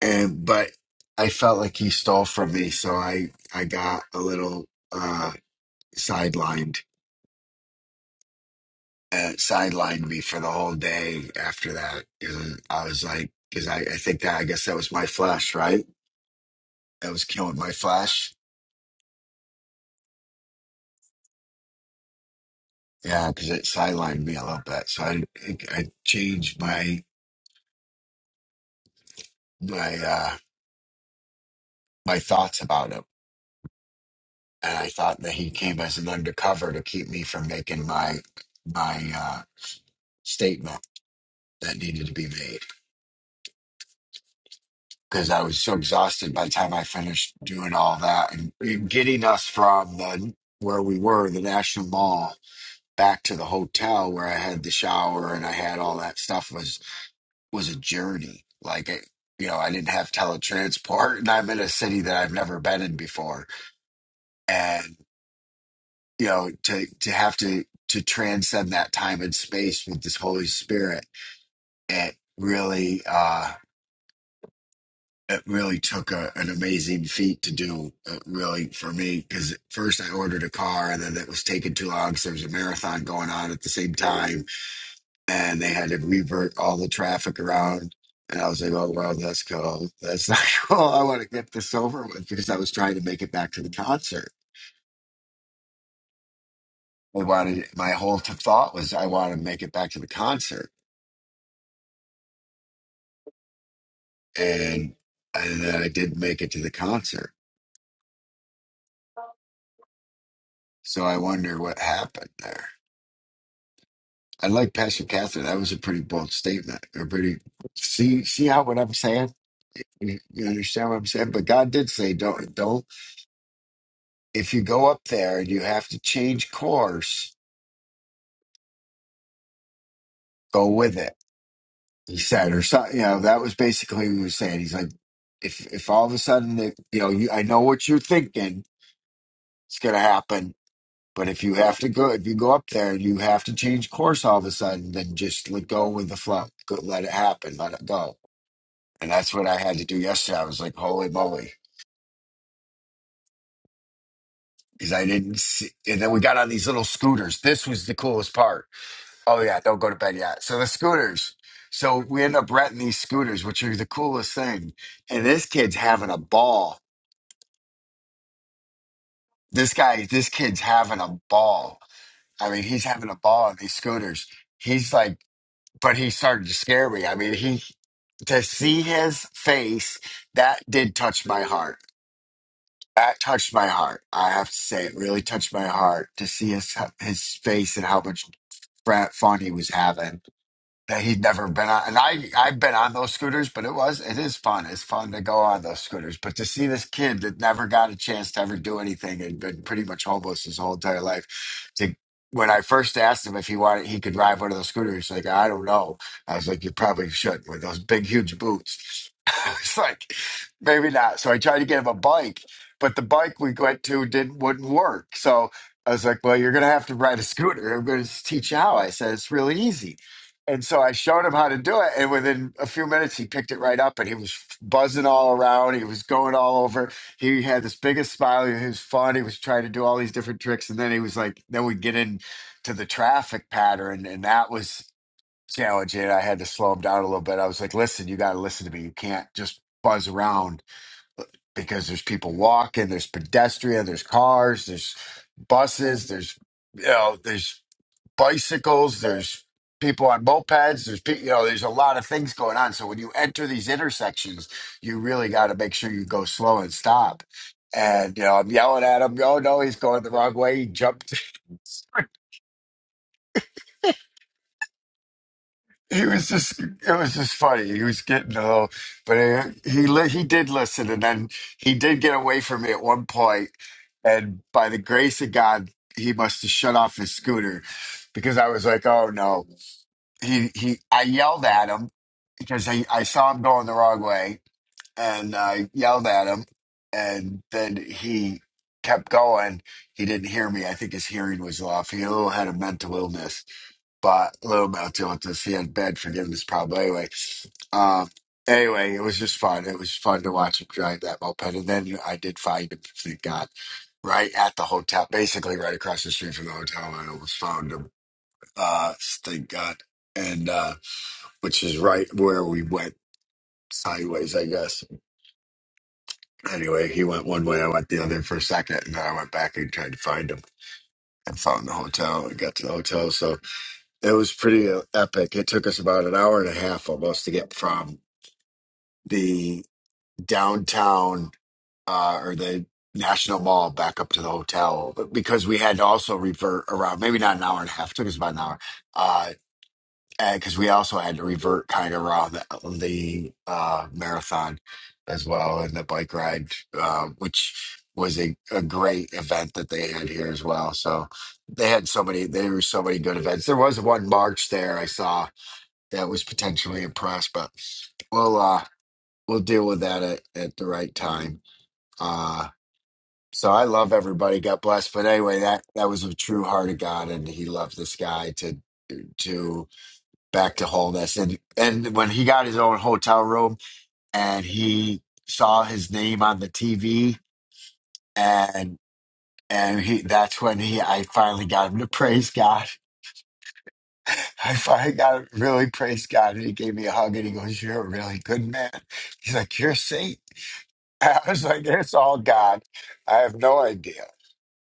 Speaker 1: and but I felt like he stole from me, so I I got a little uh, sidelined. Uh, sidelined me for the whole day after that. 'Cause I was like, because I, I think that I guess that was my flesh, right? That was killing my flesh. Yeah, because it sidelined me a little bit, so I I changed my my uh my thoughts about it. and I thought that he came as an undercover to keep me from making my my uh, statement that needed to be made because I was so exhausted by the time I finished doing all that and and getting us from the where we were the National Mall back to the hotel where I had the shower and I had all that stuff was was a journey like it. You know, I didn't have teletransport, and I'm in a city that I've never been in before, and. you know to to have to to transcend that time and space with this holy spirit it really uh it really took a, an amazing feat to do uh, really for me because at first i ordered a car and then it was taking too long because there was a marathon going on at the same time and they had to revert all the traffic around and I was like, oh, well, that's cool. That's not cool. I want to get this over with because I was trying to make it back to the concert. I wanted my whole t- thought was I want to make it back to the concert and and then I did make it to the concert. So I wonder what happened there. I like Pastor Catherine. That was a pretty bold statement. A pretty see see how what I'm saying. You, you understand what I'm saying? But God did say, don't don't. If you go up there and you have to change course, go with it. He said, or something. You know, that was basically what he was saying. He's like, if if all of a sudden, it, you know, you, I know what you're thinking. It's gonna happen But if you have to go, if you go up there and you have to change course all of a sudden, then just let go with the flow. Go, let it happen. Let it go. And that's what I had to do yesterday. I was like, holy moly. Because I didn't see. And then we got on these little scooters. This was the coolest part. Oh, yeah. Don't go to bed yet. So the scooters. So we end up renting these scooters, which are the coolest thing. And this kid's having a ball. This guy, this kid's having a ball. I mean, he's having a ball on these scooters. He's like, but he started to scare me. I mean, he to see his face that did touch my heart. That touched my heart. I have to say, it really touched my heart to see his his face and how much frat fun he was having that he'd never been on. And I, I've been on those scooters, but it was, it is fun. It's fun to go on those scooters. But to see this kid that never got a chance to ever do anything and been pretty much homeless his whole entire life, to when I first asked him if he wanted, he could ride one of those scooters. He's like, I don't know. I was like, you probably should with those big, huge boots. It's like, maybe not. So I tried to get him a bike, but the bike we went to didn't wouldn't work. So I was like, well, you're gonna have to ride a scooter. I'm gonna teach you how. I said it's really easy. And so I showed him how to do it. And within a few minutes, he picked it right up and he was buzzing all around. He was going all over. He had this biggest smile. He was fun. He was trying to do all these different tricks. And then he was like, then we get into the traffic pattern. And that was challenging. I had to slow him down a little bit. I was like, listen, you got to listen to me. You can't just buzz around because there's people walking, there's pedestrian, there's cars, there's buses, there's, you know, there's bicycles, there's people on mopeds, there's pe- you know, there's a lot of things going on. So when you enter these intersections, you really got to make sure you go slow and stop. And you know, I'm yelling at him, "Oh no, he's going the wrong way!" He jumped. He was just, it was just funny. He was getting a little, but he he, li- he did listen, and then he did get away from me at one point, And by the grace of God, he must have shut off his scooter because I was like, "Oh no!" he he I yelled at him because I, I saw him going the wrong way and I yelled at him and then he kept going. He didn't hear me. I think his hearing was off. He a little had a mental illness, but a little mental illness. He had bad forgiveness problem anyway. Um anyway, it was just fun. It was fun to watch him drive that moped and then I did find him, thank God. Right at the hotel, basically right across the street from the hotel. I almost found him uh, thank God. And uh, which is right where we went sideways, I guess. Anyway, he went one way, I went the other for a second, and then I went back and tried to find him and found the hotel and got to the hotel. So it was pretty uh, epic. It took us about an hour and a half almost to get from the downtown uh, or the National Mall back up to the hotel but because we had to also revert around, maybe not an hour and a half, took us about an hour uh, because we also had to revert kind of around the, the uh, marathon as well and the bike ride, uh, which was a, a great event that they had here as well. So they had so many, there were so many good events. There was one march there I saw that was potentially impressed, but we'll uh, we'll deal with that at, at the right time. Uh, so I love everybody. God bless. But anyway, that that was a true heart of God, and He loved this guy to to back to wholeness. And and when he got his own hotel room and he saw his name on the TV and and he that's when he I finally got him to praise God. I finally got him to really praise God and he gave me a hug and he goes, You're a really good man. He's like, You're a saint. I was like, It's all God. I have no idea.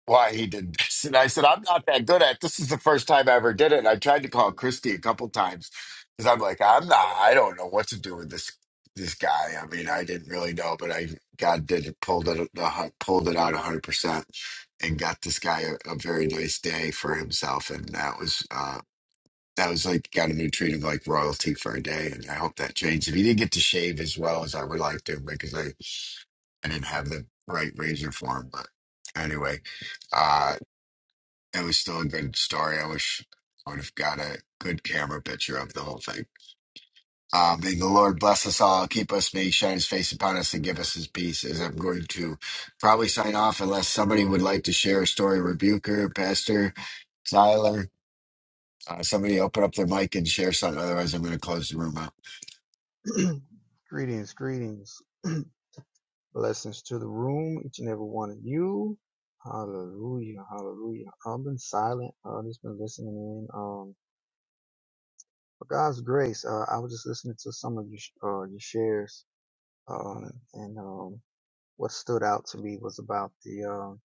Speaker 1: why he did this. And I said, I'm not that good at this. Is the first time I ever did it. And I tried to call Christy a couple times because I'm like, I'm not. I don't know what to do with this this guy. I mean, I didn't really know, but I God did it, pulled it the pulled it out 100 percent and got this guy a, a very nice day for himself. And that was uh that was like got him to treat him like royalty for a day. And I hope that changes. He didn't get to shave as well as I would like to because I I didn't have the right razor for him, but. Anyway, uh, it was still a good story. I wish I would have got a good camera picture of the whole thing. Uh, may the Lord bless us all, keep us, may He shine His face upon us, and give us His peace. As I'm going to probably sign off, unless somebody would like to share a story, rebuker, pastor, Tyler, uh, somebody open up their mic and share something. Otherwise, I'm going to close the room out.
Speaker 9: greetings, greetings. Blessings to the room, each and every one of you. Hallelujah, hallelujah. I've been silent. I've just been listening in. Um, for God's grace, uh, I was just listening to some of your, sh- uh, your shares. Um, and, um, what stood out to me was about the, um,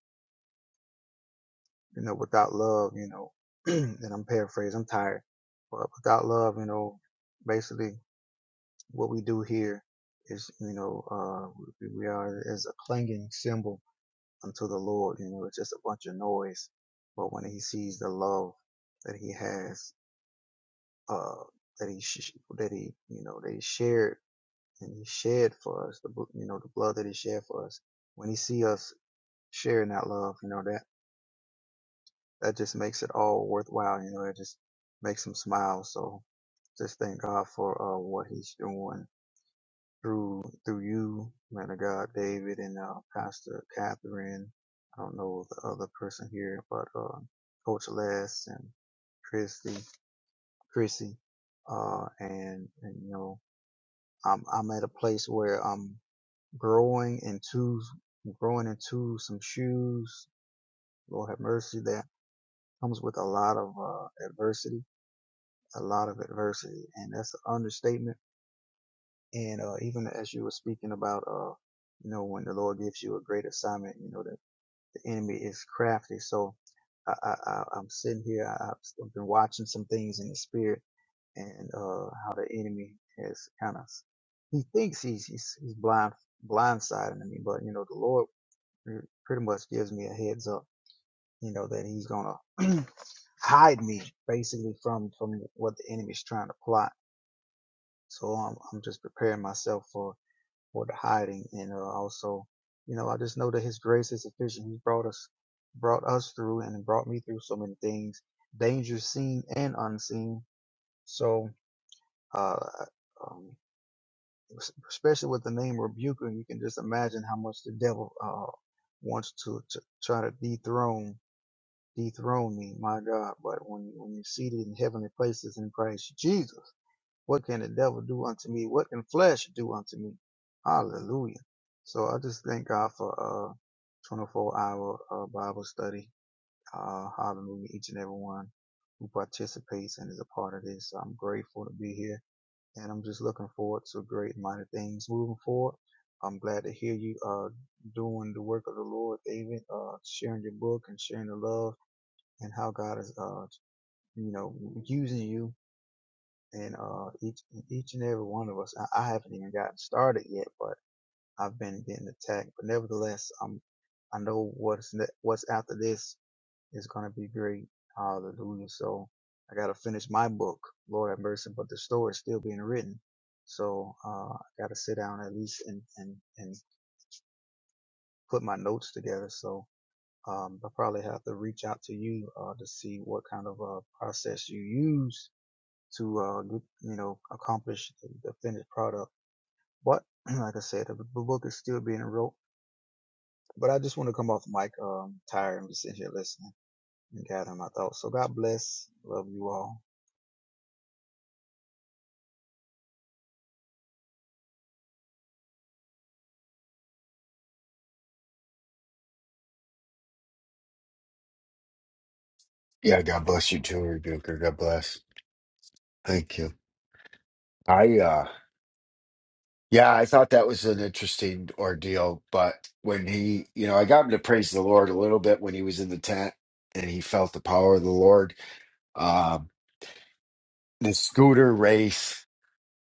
Speaker 9: you know, without love, you know, and I'm paraphrasing, I'm tired, but without love, you know, basically what we do here is, you know, uh, we we are as a clinging symbol unto the Lord. You know, it's just a bunch of noise. But when he sees the love that he has, uh, that he, sh- that he, you know, that he shared and he shed for us, the, you know, the blood that he shed for us, when he see us sharing that love, you know, that, that just makes it all worthwhile. You know, it just makes him smile. So just thank God for, uh, what he's doing through through you, man of God, David, and uh, Pastor Catherine. I don't know the other person here, but uh, Coach Les and Christy, Chrissy, uh, and and you know, I'm I'm at a place where I'm growing into growing into some shoes. Lord have mercy, that comes with a lot of uh, adversity, a lot of adversity, and that's an understatement And uh, even as you were speaking about, uh, you know, when the Lord gives you a great assignment, you know, the, the enemy is crafty. So I, I, I, I'm sitting here, I, I've been watching some things in the spirit and uh, how the enemy has kind of, he thinks he's, he's, he's blind, blindsiding me, but, you know, the Lord pretty much gives me a heads up, you know, that he's going to hide me basically from, from what the enemy's trying to plot. So I'm, I'm just preparing myself for for the hiding. And uh, also, you know, I just know that His grace is sufficient. He's brought us, brought us through, and brought me through so many things, dangers seen and unseen. So, uh, um, especially with the name rebuker, you can just imagine how much the devil uh, wants to, to try to dethrone dethrone me, my God. But when when you're seated in heavenly places in Christ Jesus. What can the devil do unto me? What can flesh do unto me? Hallelujah. So I just thank God for uh 24 hour uh, Bible study. Uh, hallelujah. Each and every one who participates and is a part of this. I'm grateful to be here and I'm just looking forward to great mighty things moving forward. I'm glad to hear you uh doing the work of the Lord, David, uh sharing your book and sharing the love and how God is uh you know using you and uh, each each and every one of us. I, I haven't even gotten started yet, but I've been getting attacked. But nevertheless, um, I know what's ne- what's after this is gonna be great. Hallelujah! So I gotta finish my book, Lord have mercy. But the story is still being written, so uh, I gotta sit down at least and and and put my notes together. So. Um, I probably have to reach out to you uh, to see what kind of uh, process you use to uh, get, you know accomplish the, the finished product. But like I said, the, the book is still being wrote. But I just want to come off the mic um, tired and just sit here listening and gathering my thoughts. So God bless, love you all.
Speaker 1: Yeah, God bless you too, rebuker. God bless. Thank you. I uh, Yeah, I thought that was an interesting ordeal. But when he, you know, I got him to praise the Lord a little bit when he was in the tent and he felt the power of the Lord. Um, the scooter race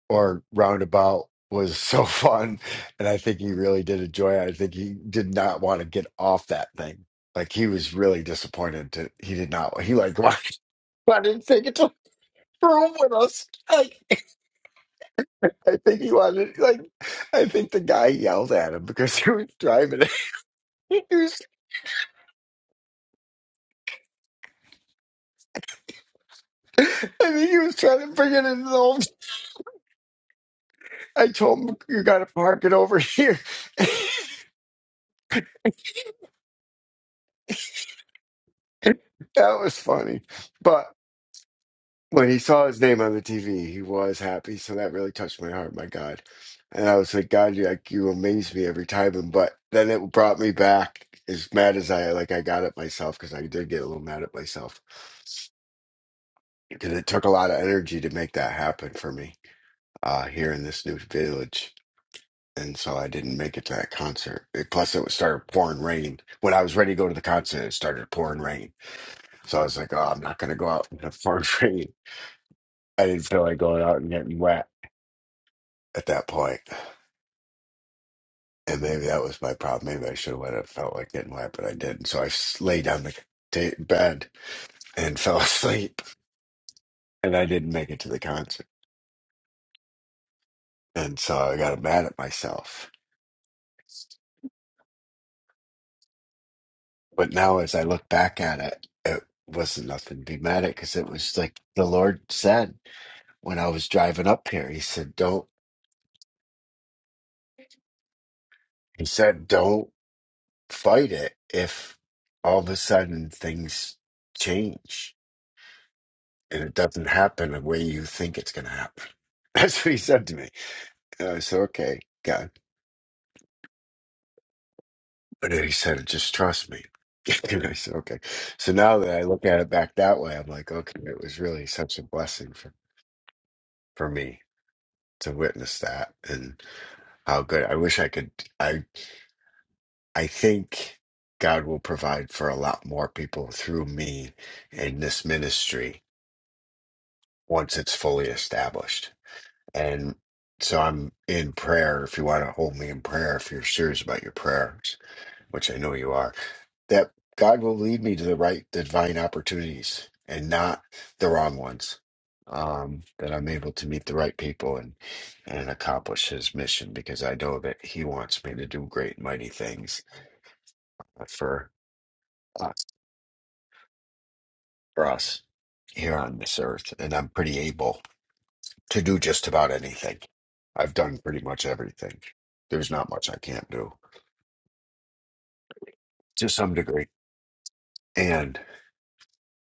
Speaker 1: or roundabout was so fun. And I think he really did enjoy it. I think he did not want to get off that thing. Like he was really disappointed that he did not, he like wanted to take it to the room with us. Like, I think he wanted, like, I think the guy yelled at him because he was driving. He was, I think he was trying to bring it in the old. I told him you got to park it over here. that was funny, but when he saw his name on the TV, he was happy. So that really touched my heart. My God, and I was like, God, you like you amaze me every time. And but then it brought me back as mad as I like. I got at myself because I did get a little mad at myself because it took a lot of energy to make that happen for me uh, here in this new village. and so I didn't make it to that concert. It- plus, it started pouring rain. When I was ready to go to the concert, it started pouring rain. So I was like, "Oh, I'm not going to go out in the pouring rain." I didn't feel like going out and getting wet at that point. And maybe that was my problem. Maybe I should have went and felt like getting wet, but I didn't. So I s- lay down the t- bed and fell asleep, and I didn't make it to the concert. And so I got mad at myself. But now, as I look back at it, it wasn't nothing to be mad at because it was like the Lord said. when I was driving up here. He said, "Don't." He said, "Don't fight it if all of a sudden things change and it doesn't happen the way you think it's going to happen." That's what he said to me. And I said, "Okay, God." But then he said, "Just trust me." and I said, "Okay." So now that I look at it back that way, I'm like, "Okay, it was really such a blessing for for me." To witness that and how good I wish I could. I I think God will provide for a lot more people through me in this ministry once it's fully established. And so I'm in prayer. If you want to hold me in prayer, if you're serious about your prayers, which I know you are, that God will lead me to the right divine opportunities and not the wrong ones. Um, that I'm able to meet the right people and and accomplish His mission because I know that He wants me to do great, mighty things for uh, for us here on this earth, and I'm pretty able to do just about anything. I've done pretty much everything. There's not much I can't do to some degree, and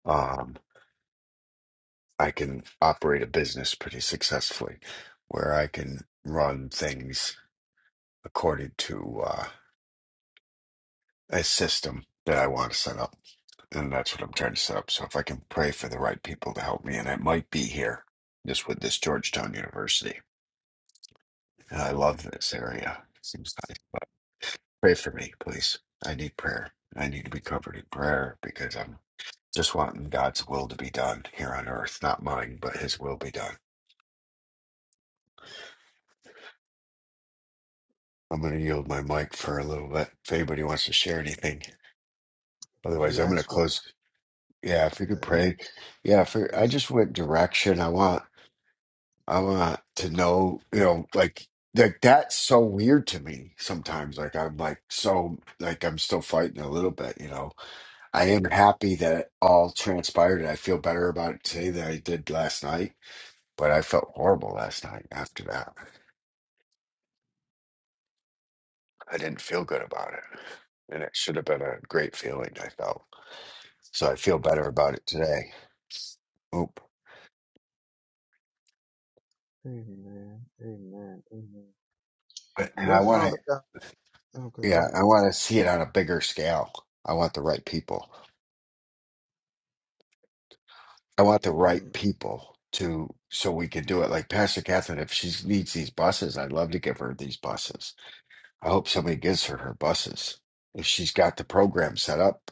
Speaker 1: um, I can operate a business pretty successfully, where I can run things according to uh, a system that I want to set up, and that's what I'm trying to set up. So if I can pray for the right people to help me, and I might be here just with this Georgetown University, and I love this area. Seems nice. Pray for me, please. I need prayer. I need to be covered in prayer because I'm just wanting God's will to be done here on earth. Not mine, but his will be done. I'm going to yield my mic for a little bit if anybody wants to share anything.
Speaker 9: Would
Speaker 1: Otherwise,
Speaker 9: you
Speaker 1: I'm going to
Speaker 9: ask for
Speaker 1: close. Yeah, if you could
Speaker 9: uh,
Speaker 1: pray. Yeah, for I
Speaker 9: that's,
Speaker 1: just want direction. I want I want to know, you know, like like that's so weird to me sometimes. Like I'm like so like I'm still fighting a little bit, you know I am happy that it all transpired. I feel better about it today than I did last night, but I felt horrible last night after that. I didn't feel good about it, and it should have been a great feeling I felt. So I feel better about it today. Oop.
Speaker 9: Amen, Amen, Amen.
Speaker 1: But- And I
Speaker 9: Well,
Speaker 1: want
Speaker 9: Father
Speaker 1: to,
Speaker 9: God, okay, go
Speaker 1: yeah,
Speaker 9: ahead.
Speaker 1: I want to see it on a bigger scale. I want the right people. I want the right
Speaker 9: Amen,
Speaker 1: people to, so we can do it. Like Pastor Catherine, if she needs these buses, I'd love to give her these buses. I hope somebody gives her her buses if she's got the program set up.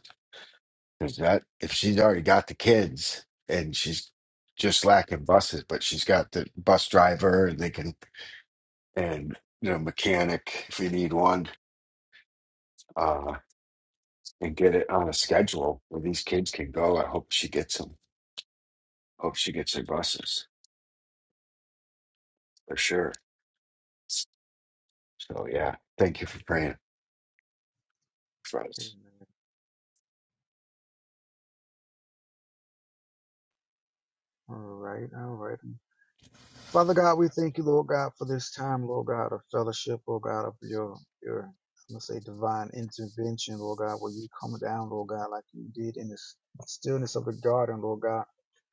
Speaker 1: Because that if she's already got the kids and she's just lacking buses, but she's got the bus driver and they can and you know mechanic if you need one uh, and get it on a schedule where these kids can go. I hope she gets them. Hope she gets her buses for sure. So yeah, thank you for praying for
Speaker 9: Amen.
Speaker 1: us.
Speaker 9: All right, all right. Father God, we thank you, Lord God, for this time, Lord God, of fellowship, Lord God, of your your I'm gonna say divine intervention, Lord God, where you come down, Lord God, like you did in the stillness of the garden, Lord God.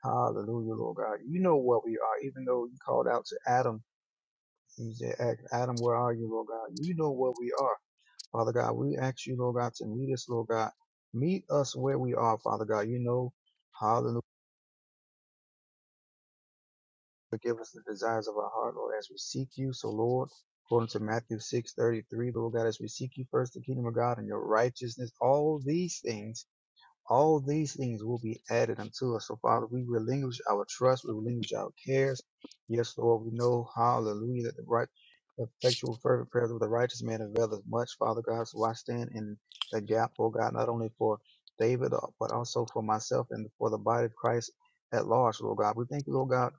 Speaker 9: Hallelujah, Lord God. You know what we are, even though you called out to Adam. You said, Adam, where are you, Lord God? You know what we are, Father God. We ask you, Lord God, to meet us, Lord God. Meet us where we are, Father God. You know, hallelujah. Forgive us the desires of our heart, Lord, as we seek you. So, Lord, according to Matthew six thirty three, Lord God, as we seek you first, the kingdom of God and your righteousness, all these things, all these things will be added unto us. So, Father, we relinquish our trust, we relinquish our cares. Yes, Lord, we know, hallelujah, that the right, effectual, fervent prayers of the righteous man availeth much, Father God. So, I stand in the gap, oh God, not only for David, uh, but also for myself and for the body of Christ at large, Lord God. We thank you, Lord God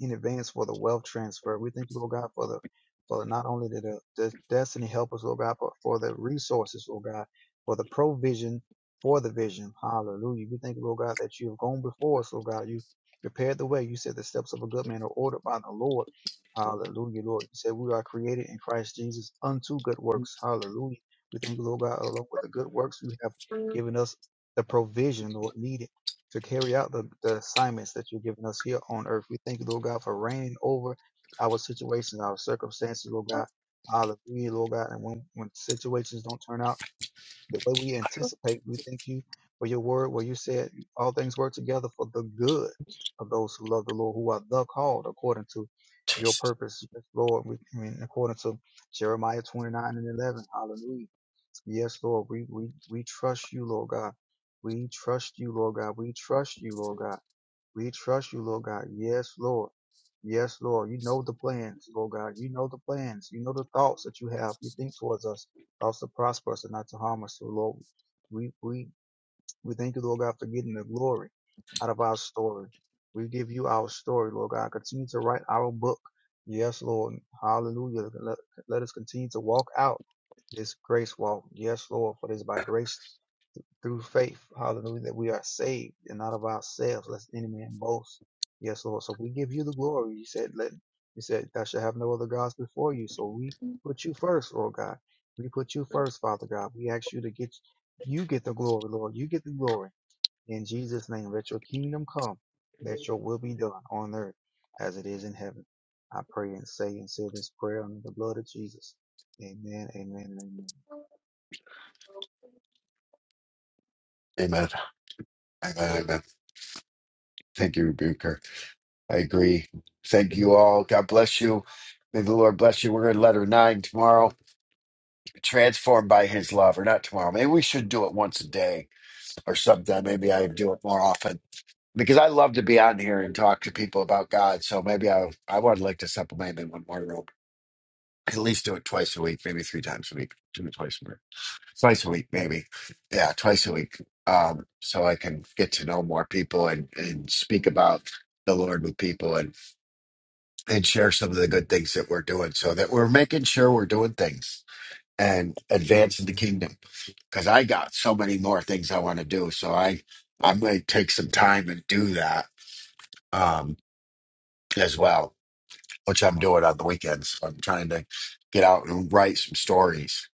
Speaker 9: in advance for the wealth transfer. We thank you, Lord God, for the for not only the, the, the destiny help us, Lord God, but for the resources, Lord God, for the provision for the vision. Hallelujah. We thank you, Lord God, that you have gone before us, Lord God. You prepared the way. You said the steps of a good man are ordered by the Lord. Hallelujah, Lord. You said we are created in Christ Jesus unto good works. Hallelujah. We thank you, Lord God, along with the good works you have given us the provision, Lord, needed to carry out the, the assignments that you've given us here on earth. We thank you, Lord God, for reigning over our situations, our circumstances, Lord God. Hallelujah, Lord God. And when, when situations don't turn out the way we anticipate, we thank you for your word where you said all things work together for the good of those who love the Lord, who are the called according to your
Speaker 1: Jesus.
Speaker 9: purpose, yes, Lord. We, I mean, according to Jeremiah 29 and 11. Hallelujah. Yes, Lord, we, we, we trust you, Lord God. We trust you, Lord God. We trust you, Lord God. We trust you, Lord God. Yes, Lord. Yes, Lord. You know the plans, Lord God. You know the plans. You know the thoughts that you have. You think towards us, thoughts to prosper us and not to harm us. So, Lord, we, we we thank you, Lord God, for getting the glory out of our story. We give you our story, Lord God. Continue to write our book. Yes, Lord. Hallelujah. Let, let us continue to walk out this grace walk. Yes, Lord, for it is by grace through faith. Hallelujah. That we are saved and not of ourselves, lest any man boast. Yes, Lord. So we give you the glory. You said, let, you said, thou shalt have no other gods before you. So we put you first, Lord God. We put you first, Father God. We ask you to get, you get the glory, Lord. You get the glory. In Jesus' name, let your kingdom come. Let your will be done on earth as it is in heaven. I pray and say and seal this prayer under the blood of Jesus. Amen, amen, and amen.
Speaker 1: Amen. Amen. Amen. Thank you, Rebuker. I agree. Thank you all. God bless you. May the Lord bless you. We're in letter nine tomorrow. Transformed by his love, or not tomorrow. Maybe we should do it once a day or sometime. Maybe I do it more often because I love to be on here and talk to people about God. So maybe I I would like to supplement in one more room. At least do it twice a week, maybe three times a week. Do it twice a week. Twice a week, maybe. Yeah, twice a week. Um, so I can get to know more people and, and speak about the Lord with people and share some of the good things that we're doing so that we're making sure we're doing things and advancing the kingdom because i got so many more things i want to do so i i'm going to take some time and do that um as well which i'm doing on the weekends i'm trying to get out and write some stories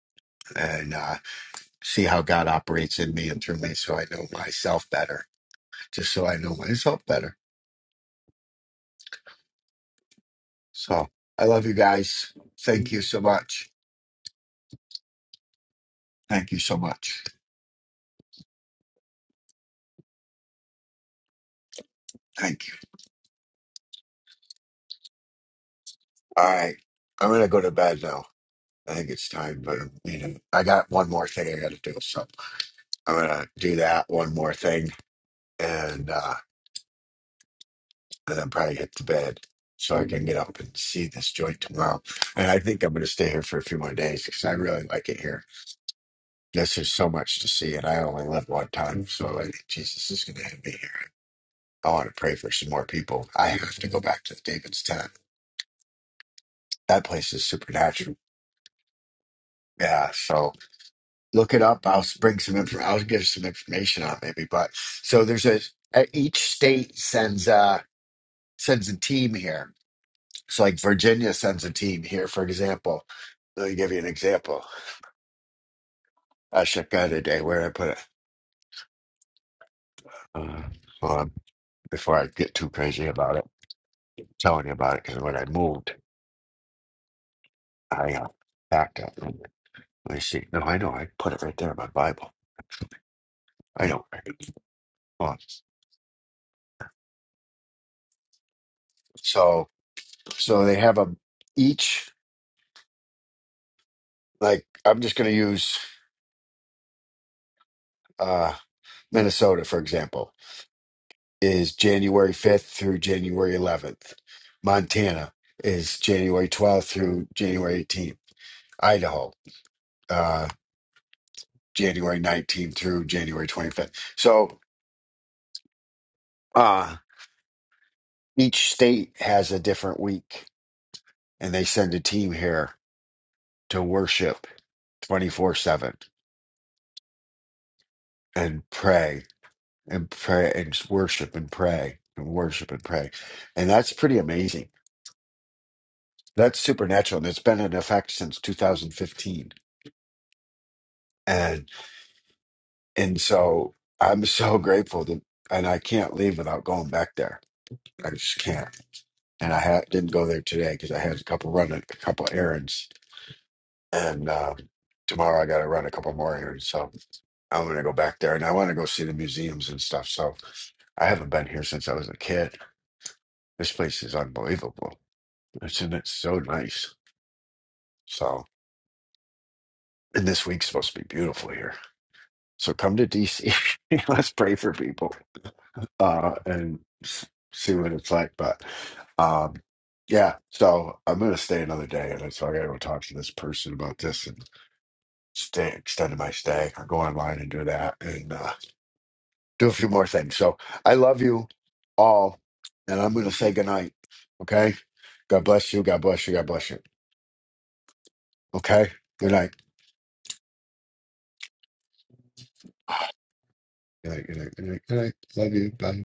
Speaker 1: and uh, see how god operates in me and through me so i know myself better just so i know myself better so i love you guys thank you so much thank you so much thank you All right. I'm gonna go to bed now. I think it's time, but you know, I got one more thing I gotta do, so I'm gonna do that one more thing, and uh, and then probably hit the bed so I can get up and see this joint tomorrow. And I think I'm gonna stay here for a few more days because I really like it here. Yes, there's so much to see, and I only live one time, so I think Jesus is gonna have me here. I want to pray for some more people. I have to go back to David's tent. That place is supernatural. Yeah, so look it up. I'll bring some. Inf- I'll give some information on it maybe. But so there's a uh, each state sends uh sends a team here. So like Virginia sends a team here, for example. Let me give you an example. I checked out today where did I put it. Uh, hold on, before I get too crazy about it, telling you about it because when I moved, I uh, packed up. Let me see. No, I know. I put it right there in my Bible. I know. Hold on. So so they have a each like I'm just going to use. uh, Minnesota, for example, is January 5th through January 11th. Montana is January 12th through January 18th. Idaho, uh, January 19th through January 25th. So uh, each state has a different week, and they send a team here to worship 24 7 and pray and pray and worship and pray and worship and pray. And that's pretty amazing that's supernatural and it's been in effect since 2015 and and so i'm so grateful that and i can't leave without going back there i just can't and i ha- didn't go there today because i had a couple run a couple errands and um, tomorrow i gotta run a couple more errands so i'm gonna go back there and i want to go see the museums and stuff so i haven't been here since i was a kid this place is unbelievable it's and it's so nice so and this week's supposed to be beautiful here So come to DC. Let's pray for people uh, and s- see what it's like. But um, yeah, so I'm gonna stay another day, and so I gotta go talk to this person about this and stay extended my stay. I'll go online and do that and uh, do a few more things. So I love you all, and I'm gonna say goodnight. Okay, God bless you. God bless you. God bless you. Okay, good night. Good night. Good night. Good night. Good night. Love you. Bye.